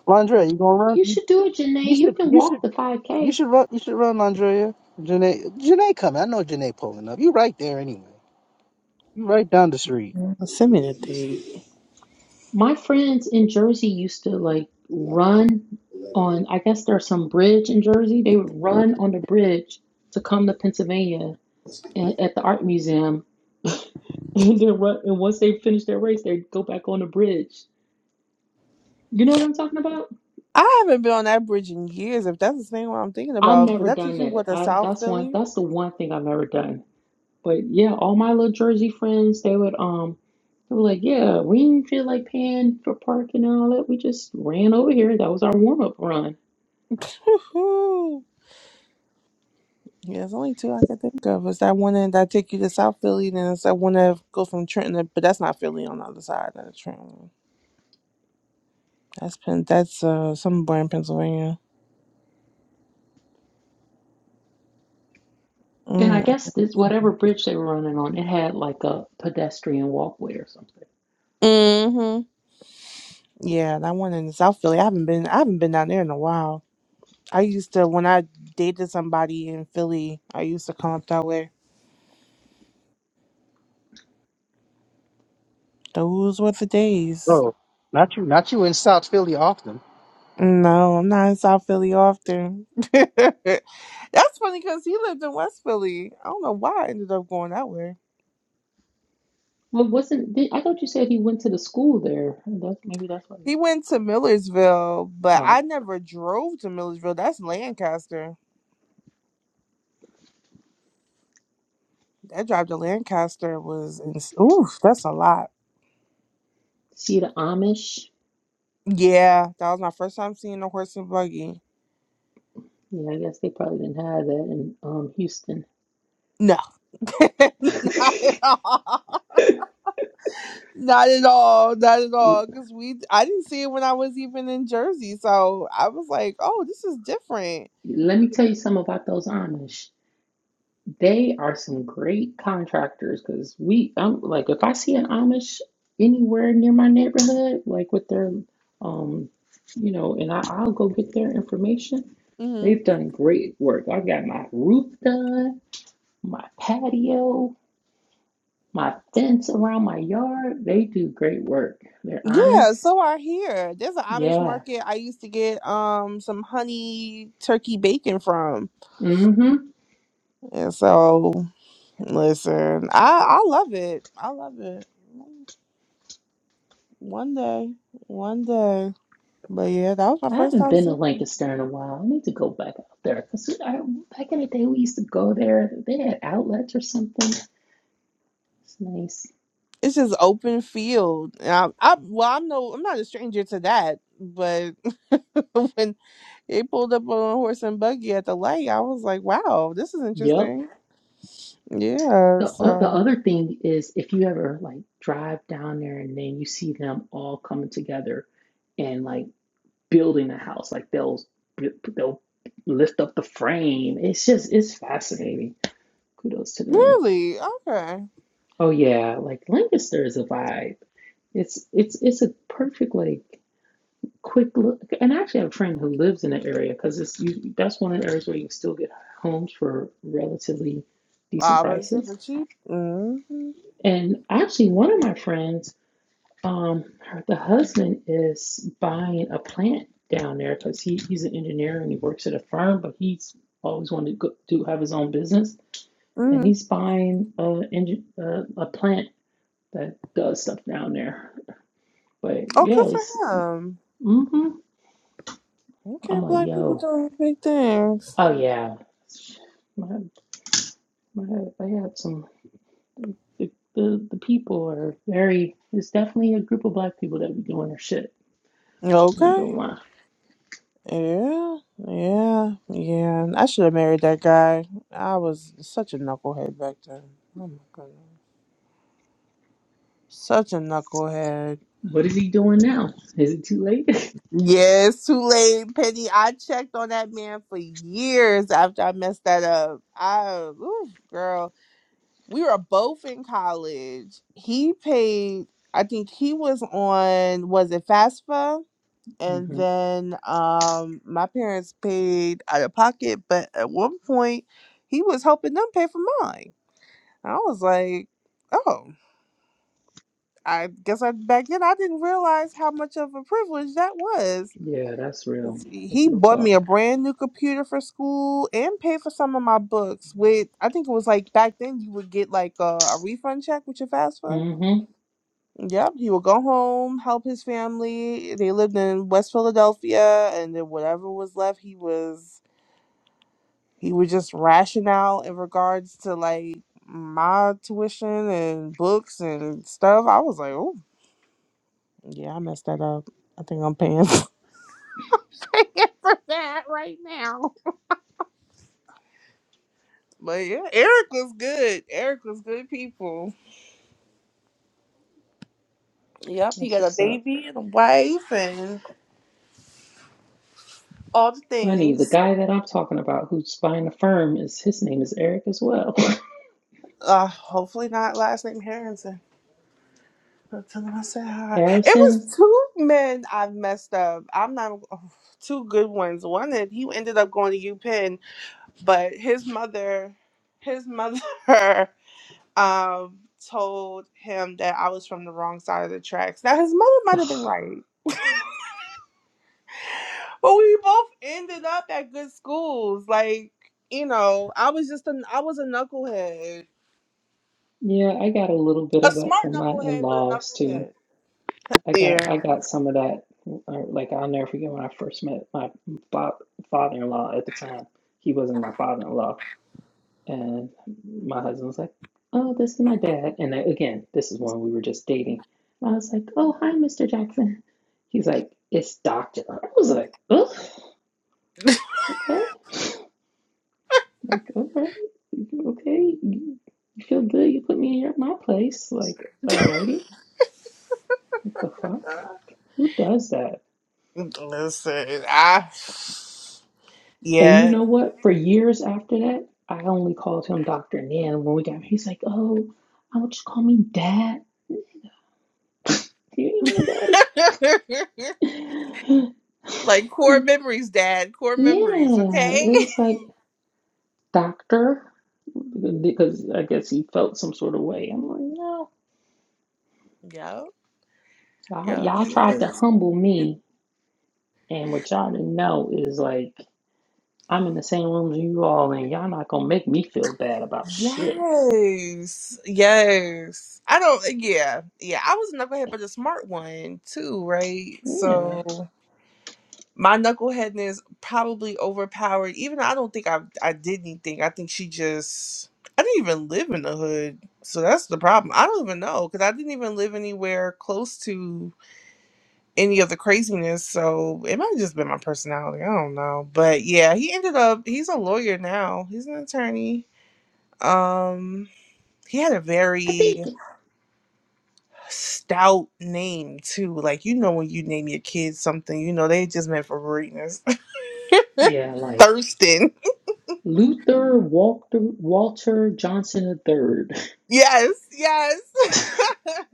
S9: Landrea, you gonna
S6: You
S9: run?
S6: should do it,
S9: You
S6: Janae. You
S9: should,
S6: can
S9: you
S6: walk
S9: should,
S6: the
S9: you
S6: 5K.
S9: should run. You should run, Landrea. Janae, Janae coming. I know Janae pulling up. You right there anyway. You right down the street.
S2: Mm, Send me the thing.
S6: My friends in Jersey used to like run on, I guess there's some bridge in Jersey. They would run on the bridge to come to Pennsylvania a- at the art museum And then run, and once they finish their race, they go back on the bridge. You know what I'm talking about?
S2: I haven't been on that bridge in years, if that's the thing what I'm thinking
S6: I've
S2: about. But
S6: never
S2: that
S6: done
S2: takes you
S6: that.
S2: what to
S6: I
S2: South
S6: that's one
S2: Philly.
S6: that's the one thing I've never done. But yeah, all my little Jersey friends, they would um they were like, Yeah, we didn't feel like paying for parking and all that. We just ran over here. That was our warm up run.
S2: Woo-hoo. Yeah, there's only two I can think of. It's that one that take you to South Philly, then it's that one that goes from Trenton, to- but that's not Philly on the other side of the Trenton. That's Penn. That's uh somewhere in Pennsylvania.
S6: And I
S2: Mm.
S6: guess this whatever bridge they were running on, it had like a pedestrian walkway or something.
S2: hmm Yeah, that one in South Philly. I haven't been. I haven't been down there in a while. I used to when I dated somebody in Philly. I used to come up that way. Those were the days.
S9: Bro, not you, not you in South Philly, often.
S2: No, I'm not in South Philly often. That's funny because he lived in West Philly. I don't know why I ended up going that way.
S6: Well, wasn't did- I thought you said he went to the school there. That's maybe that's why.
S2: He went to Millersville, but I
S6: Oh,
S2: never drove to Millersville. That's Lancaster. That drive to Lancaster was ins- oof. That's a lot.
S6: see the Amish.
S2: Yeah, that was my first time seeing a horse and buggy.
S6: Yeah, I guess they probably didn't have that in um, Houston.
S2: No, not at all. Not at all. Not at all. Because we, I didn't see it when I was even in Jersey, so I was like, oh, this is different.
S6: Let me tell you something about those Amish. They are some great contractors because we, I'm like, if I see an Amish anywhere near my neighborhood, like with their, um, you know, and I, I'll go get their information.
S2: Mm-hmm.
S6: They've done great work. i got my roof done, my patio, my fence around my yard. They do great work. They're
S2: Yeah,
S6: honest.
S2: so I hear there's an Amish
S6: Yeah.
S2: market I used to get um some honey turkey bacon from.
S6: Mm-hmm.
S2: And so listen, I I love it. I love it. One day, one day. But yeah, that was my
S6: I
S2: first
S6: haven't
S2: time
S6: been to
S2: seeing. it.
S6: Lancaster in a while. I need to go back out there because back in the day we used to go there. They had outlets or something. It's nice.
S2: It's just open field. And I, I well, I'm no, I'm not a stranger to that. But when they pulled up on horse and buggy at the light, I was like, wow, this is
S6: Yep.
S2: interesting. Yeah,
S6: The o- the
S2: so.
S6: other thing is if you ever like drive down there and then you see them all coming together and like building a house, like they'll they'll lift up the frame. It's just it's fascinating. Kudos to them.
S2: Really? Okay.
S6: Oh yeah, like Lancaster is a vibe. It's it's it's a perfect like. quick look and I actually have a friend who lives in the area because it's you that's one of the areas where you can still get homes for relatively decent
S2: Wow, but it's
S6: prices
S2: for cheap. Mm-hmm.
S6: and actually one of my friends um her, the husband is buying a plant down there because he, he's an engineer and he works at a firm but he's always wanted to go, do have his own business and
S2: Mm-hmm.
S6: he's buying a, engi- uh, a plant that does stuff down there but
S2: Oh,
S6: yeah
S2: good
S6: it's
S2: for him.
S6: mm-hmm.
S2: Okay,
S6: I'm like
S2: black people
S6: yo
S2: doing big things.
S6: Oh yeah, my, my, I had some. The, the the people are very. It's definitely a group of black people that be doing their shit. I ain't
S2: Okay.
S6: gonna lie.
S2: Yeah. Yeah. Yeah. I should have married that guy. I was such a knucklehead back then. Oh my goodness. Such a knucklehead.
S6: What is he doing now? Is it too late?
S2: Yeah, it's too late, Penny. I checked on that man for years after I messed that up. I, oof, girl. we were both in college. He paid, I think he was on, was it FAFSA? And
S6: hmm
S2: then um my parents paid out of pocket, but at one point he was helping them pay for mine. And I was like, oh, I guess I back then I didn't realize how much of a privilege that was.
S6: Yeah, that's real.
S2: 'Cause He
S6: That's
S2: he
S6: real
S2: bought
S6: talk.
S2: me a brand new computer for school and paid for some of my books. With I think it was like back then you would get like a, a refund check with your FAFSA
S6: hmm
S2: Yep, he would go home, help his family. They lived in West Philadelphia, and then whatever was left, he was he would just ration out in regards to like my tuition and books and stuff. I was like, oh yeah, I messed that up. I think I'm paying for that right now. But yeah, Eric was good. Eric was good people. Yep, he
S6: That's
S2: got a
S6: what's up.
S2: baby and a wife and all the
S6: Funny, the
S2: things.
S6: guy that I'm talking about who's buying the firm is his name is Eric as well.
S2: Uh, hopefully not last name Harrington. So tell him I said hi. It was
S6: Harrison.
S2: two men I messed up. I'm not oh, two good ones. One that he ended up going to UPenn, but his mother, his mother, um, told him that I was from the wrong side of the tracks. Now his mother might have been
S6: Ugh.
S2: right, but we both ended up at good schools. Like you know, I was just an I was a knucklehead,
S6: Yeah, I got a little bit
S2: a
S6: of that
S2: smart
S6: from my
S2: knucklehead, but a
S6: in-laws too.
S2: knucklehead.
S6: I
S2: Yeah,
S6: got I got some of that. uh, Like I'll never forget when I first met my fa- father-in-law at the time. He wasn't my father-in-law, and my husband was like, "Oh, this is my dad." And I, again, this is when we were just dating. I was like, "Oh, hi, Mr. Jackson." He's like, "It's Doctor." I was like, "Oh, okay." Like, all right, okay. You you feel good? You put me in your, my place. Like, alrighty. What the fuck? Like, Who does that?
S2: listen, I.
S6: And you
S2: Yeah,
S6: know what? For years after that, I only called him Dr. Nan when we got married. He's like, oh, I would just call me dad. Do you mean my daddy?
S2: like core memories, Dad.
S6: yeah. It
S2: Core memories. Okay.
S6: was like, doctor. Because I guess he felt some sort of way. I'm like, no.
S2: Yep.
S6: Y'all,
S2: Yep.
S6: y'all
S2: He
S6: tried to
S2: is.
S6: humble me. And what y'all didn't know is like, I'm in the same room as you all, and y'all not gonna make me feel bad about shit.
S2: Yes. Yes. I don't. uh, Yeah. Yeah. I was a knucklehead, but a smart one too, right?
S6: Yeah.
S2: So my knuckleheadness probably overpowered. Even though I don't think I I did anything. I think she just. I didn't even live in the hood, so that's the problem. I don't even know because I didn't even live anywhere close to any of the craziness. So it might have just been my personality. I don't know. But yeah, he ended up he's a lawyer now. He's an attorney. Um he had a
S6: I
S2: very
S6: think.
S2: stout name too. Like you know when you name your kids something, you know they just meant for greatness.
S6: Yeah, like.
S2: Thurston.
S6: Luther Walter, Walter Johnson III.
S2: Yes, yes.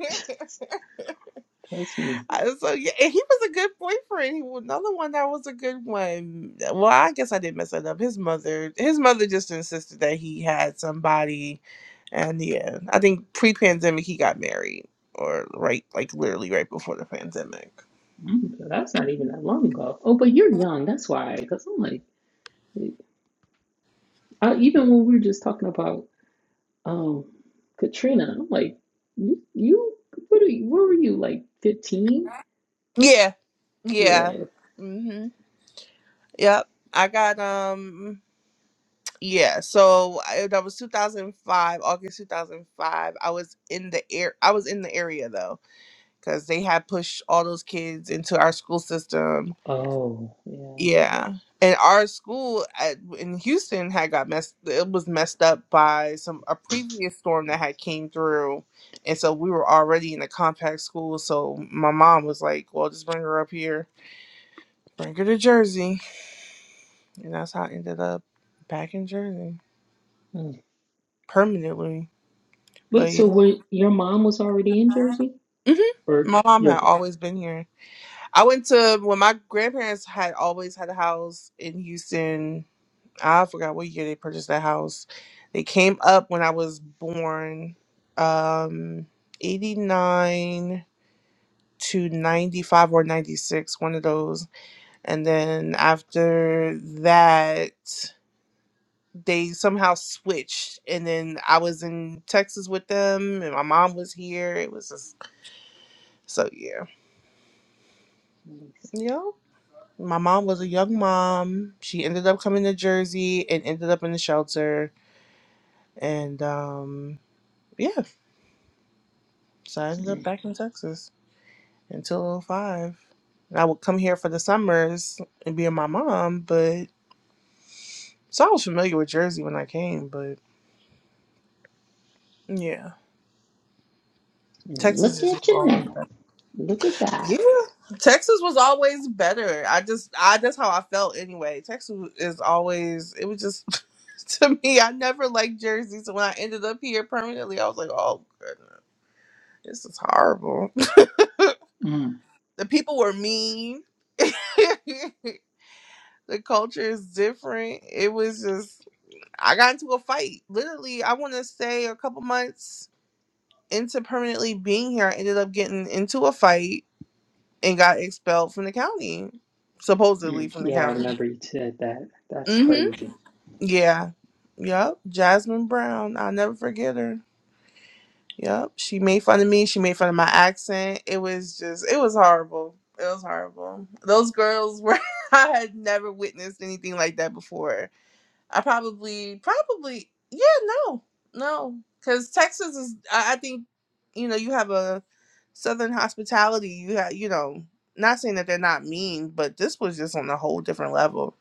S6: Trust me.
S2: I- So yeah, and he was a good boyfriend. He was another one that was a good one. Well, I guess I did mess it up. His mother, his mother just insisted that he had somebody, and yeah, I think pre-pandemic he got married, or right, like literally right before the pandemic.
S6: Mm, That's not even that long ago. Oh, but you're young. That's why. Because I'm like, I, even when we were just talking about um, Katrina, I'm like, you, you what, are you, what were you, like 15?
S2: Yeah,
S6: Yeah.
S2: yeah, hmm yep. I got um, yeah. So I, that was 2005, August 2005. I was in the air. I was in the area though because they had pushed all those kids into our school system.
S6: Oh, yeah.
S2: Yeah, and our school at, in Houston had got messed. It was messed up by some a previous storm that had came through, and so we were already in a compact school. So my mom was like, "Well, just bring her up here, bring her to Jersey," and that's how I ended up back in Jersey
S6: Mm.
S2: permanently.
S6: Wait,
S2: But
S6: so
S2: yeah.
S6: were, your mom was already in Jersey?
S2: hmm
S6: Or
S2: My mom
S6: your.
S2: had always been here. I went to when my grandparents had always had a house in Houston I forgot what year they purchased that house. They came up when I was born, um, 89 to 95 or 96, one of those. And then after that, they somehow switched. And then I was in Texas with them, and my mom was here. It was just, so yeah.
S6: Nice.
S2: Yep. My mom was a young mom. She ended up coming to Jersey and ended up in the shelter. And um, yeah. So I ended up
S6: Mm.
S2: back in Texas until oh five. And I would come here for the summers and be with my mom, but so I was familiar with Jersey when I came, but yeah. Texas
S6: Look
S2: just
S6: at
S2: was
S6: you
S2: always
S6: now.
S2: better.
S6: Look at God.
S2: Yeah. Texas was always better. I just I that's how I felt anyway. Texas is always it was just to me, I never liked Jersey. So when I ended up here permanently, I was like, Oh goodness, this is horrible.
S6: Mm.
S2: The people were mean. the culture is different. It was just I got into a fight. Literally, I want to say a couple months into permanently being here, I ended up getting into a fight and got expelled from the county, supposedly
S6: Mm,
S2: from the
S6: yeah, I
S2: county.
S6: remember you said that. That's
S2: Mhm.
S6: crazy.
S2: Yeah. Yep. Jasmine Brown. I'll never forget her. Yep. She made fun of me. She made fun of my accent. It was just. It was horrible. It was horrible. Those girls were. I had never witnessed anything like that before I probably, probably, yeah, no, no, because Texas is. I, I think you know you have a Southern hospitality. You have, you know, not saying that they're not mean, but this was just on a whole different level,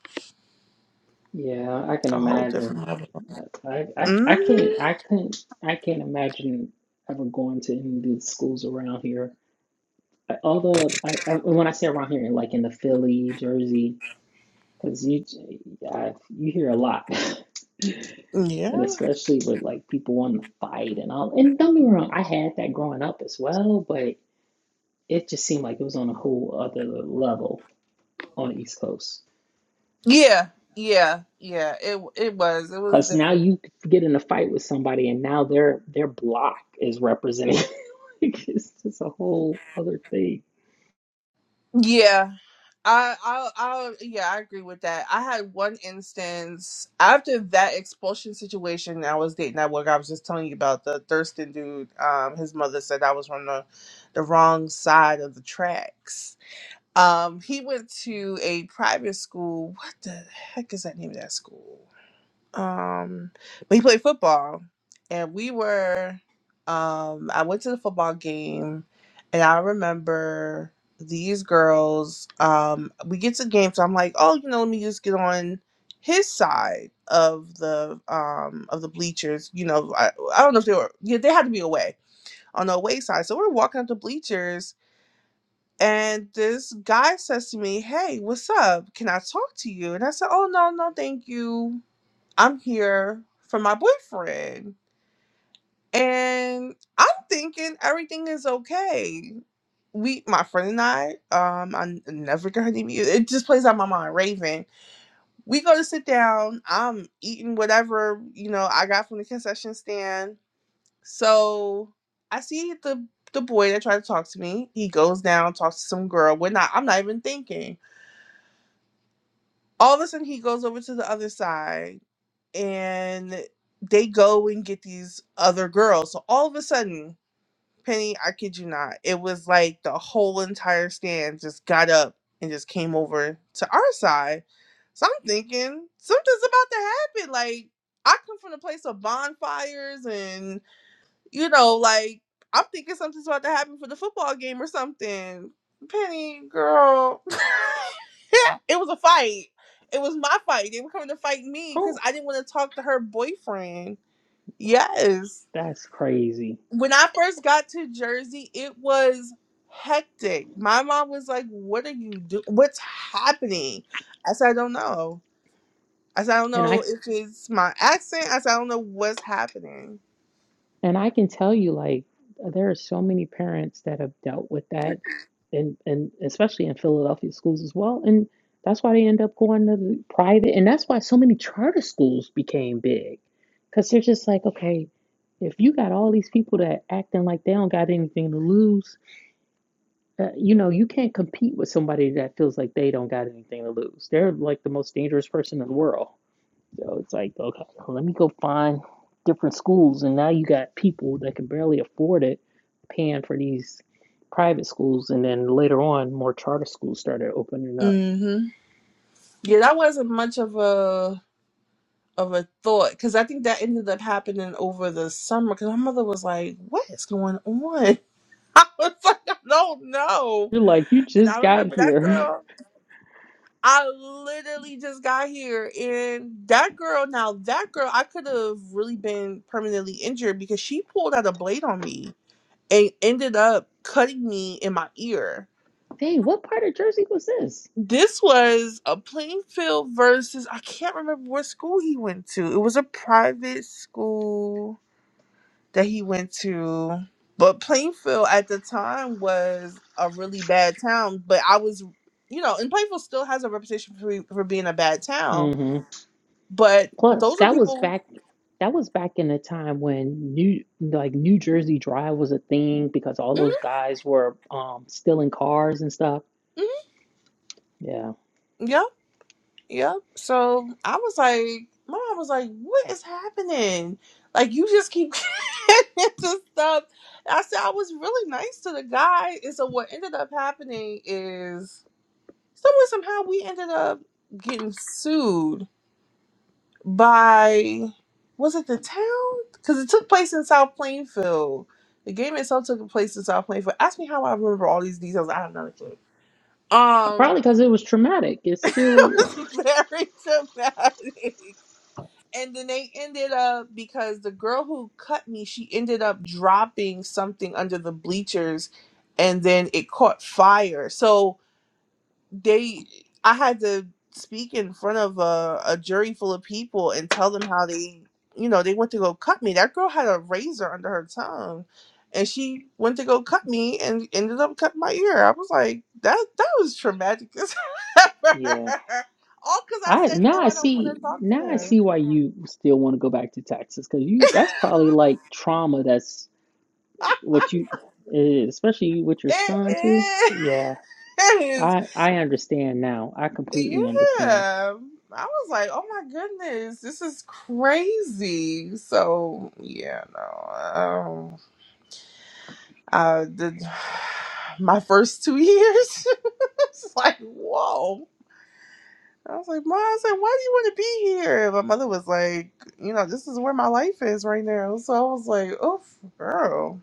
S6: Yeah, I can
S2: a whole
S6: imagine.
S2: different level.
S6: I, I, I can't
S2: hmm
S6: I couldn't I can't imagine ever going to any of these schools around here. I, although I, I and when I say around here, like in the Philly, Jersey, because you I, you hear a lot, and
S2: Yeah,
S6: especially with like people wanting to fight and all. And don't get me wrong, I had that growing up as well, but it just seemed like it was on a whole other level on the East Coast.
S2: yeah, yeah, yeah. It it was it was
S6: Cause now
S2: different.
S6: you get in a fight with somebody and now their their block is representing it's just a whole other thing.
S2: Yeah. I, I, I, yeah, I agree with that. I had one instance after that expulsion situation. I was dating that work. I was just telling you about the Thurston dude. Um, his mother said I was on the, the wrong side of the tracks. Um, he went to a private school. What the heck is that name of that school? Um, but he played football, and we were. Um, I went to the football game, and I remember these girls. Um, we get to the game, so I'm like, oh, you know, let me just get on his side of the um of the bleachers. You know, I, I don't know if they were. Yeah, they had to be away on the away side. So we're walking up the bleachers. And this guy says to me, Hey, what's up? Can I talk to you? And I said, Oh, no, no, thank you I'm here for my boyfriend. And I'm thinking everything is okay. We, my friend and I, um, I n- never got any. music. It just plays out my mind. Raven, we go to sit down. I'm eating whatever you know I got from the concession stand. So I see the the boy that tried to talk to me. He goes down, talks to some girl. We're not. I'm not even thinking. all of a sudden he goes over to the other side and they go and get these other girls. So all of a sudden, Penny, I kid you not, it was like the whole entire stand just got up and just came over to our side. So I'm thinking something's about to happen. Like I come from a place of bonfires and you know, like I'm thinking something's about to happen for the football game or something. Penny, girl, it was a fight. It was my fight. They were coming to fight me because
S6: Oh,
S2: I didn't want to talk to her boyfriend. Yes.
S6: that's crazy.
S2: When I first got to Jersey, it was hectic. My mom was like, What are you doing? What's happening? I said, I don't know. I said, I don't
S6: And
S2: know
S6: I
S2: if it's my accent. I said, I don't know what's happening.
S6: and I can tell you like there are so many parents that have dealt with that and and especially in Philadelphia schools as well. And that's why they end up going to the private and that's why so many charter schools became big. Cause they're just like, okay, if you got all these people that acting like they don't got anything to lose Uh, you know, you can't compete with somebody that feels like they don't got anything to lose. They're like the most dangerous person in the world. So it's like, okay, well, let me go find different schools. And now you got people that can barely afford it paying for these private schools. And then later on, more charter schools started opening up.
S2: hmm Yeah, that wasn't much of a of a thought because I think that ended up happening over the summer because my mother was like, "What is going on?" I was like, "I don't know,"
S6: You're like, you
S2: and I
S6: just got
S2: remember that
S6: here.
S2: girl. I literally just got here, and that girl. Now that girl, I could have really been permanently injured because she pulled out a blade on me and ended up cutting me in my ear.
S6: Dang, what part of Jersey was this?
S2: This was a Plainfield versus I can't remember what school he went to. It was a private school that he went to. But Plainfield at the time was a really bad town. But I was, you know, and Plainfield still has a reputation for, for being a bad town.
S6: Mm hmm.
S2: But
S6: Plus,
S2: those are
S6: that was
S2: people.
S6: back that was back in the time when New like New Jersey Drive was a thing because all
S2: Mhm,
S6: those guys were um stealing cars and stuff.
S2: mhm,
S6: Yeah.
S2: Yep, yep. So I was like, mom was like, what is happening? Like, you just keep getting into stuff. I said, I was really nice to the guy. And so what ended up happening is, somewhere, somehow, we ended up getting sued by was it the town? Because it took place in South Plainfield. The game itself took place in South Plainfield. Ask me how I remember all these details. I have not a clue.
S6: Co-
S2: Um,
S6: Probably because it was traumatic. It's still
S2: it was very dramatic. And then they ended up because the girl who cut me, she ended up dropping something under the bleachers, and then it caught fire. So they i had to speak in front of a, a jury full of people and tell them how they you know they went to go cut me that girl had a razor under her tongue and she went to go cut me and ended up cutting my ear i was like that that was traumatic as ever.
S6: yeah.
S2: all because i
S6: I
S2: said no
S6: now I
S2: i don't want
S6: see
S2: to talk to
S6: now I
S2: him
S6: see why you still want to go back to Texas because you that's probably like trauma that's what you eh, especially with your son too. Yeah.
S2: it is
S6: I I understand now. I completely understand.
S2: Yeah. I was like, oh my goodness, this is crazy. So yeah, no. Um I did my first two years. it's like, whoa. I was like, Mom, I said, why do you want to be here? My mother was like, you know, this is where my life is right now. So I was like, oh girl.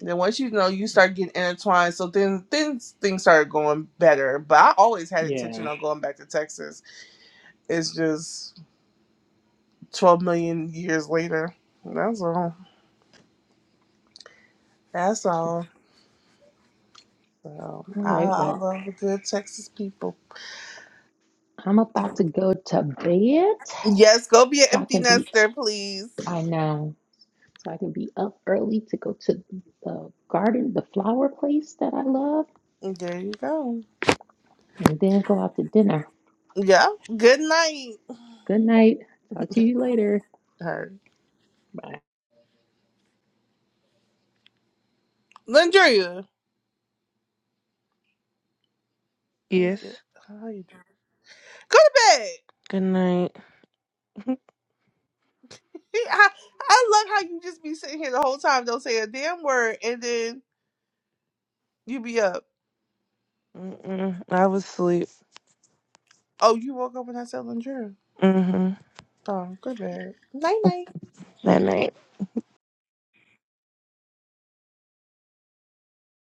S2: Then once you know you start getting intertwined, so then things things started going better. But I always had
S6: Yeah.
S2: intention on going back to Texas. It's just 12 million years later. That's all. That's
S6: All
S2: all. So I,
S6: right.
S2: I
S6: Well,
S2: love the good Texas people.
S6: I'm about to go to bed so
S2: Yes, go be an
S6: I
S2: empty
S6: can be,
S2: nester, please.
S6: I know, so I can be up early to go to the garden, the flower place that I love,
S2: There you go.
S6: and then go out to dinner.
S2: Yeah. Good night.
S6: Good night. Talk to you later.
S2: Her.
S6: Bye.
S2: Landria. Let me
S1: Yes.
S2: get- How you doing? Go to bed.
S1: Good night.
S2: He- I, I love how you just be sitting here the whole time, don't say a damn word, and then you be up.
S1: Mm-mm. I was asleep.
S2: Oh, you woke up when I said Landria.
S1: Mm-hmm.
S2: Oh, good bed. Night night.
S1: That night.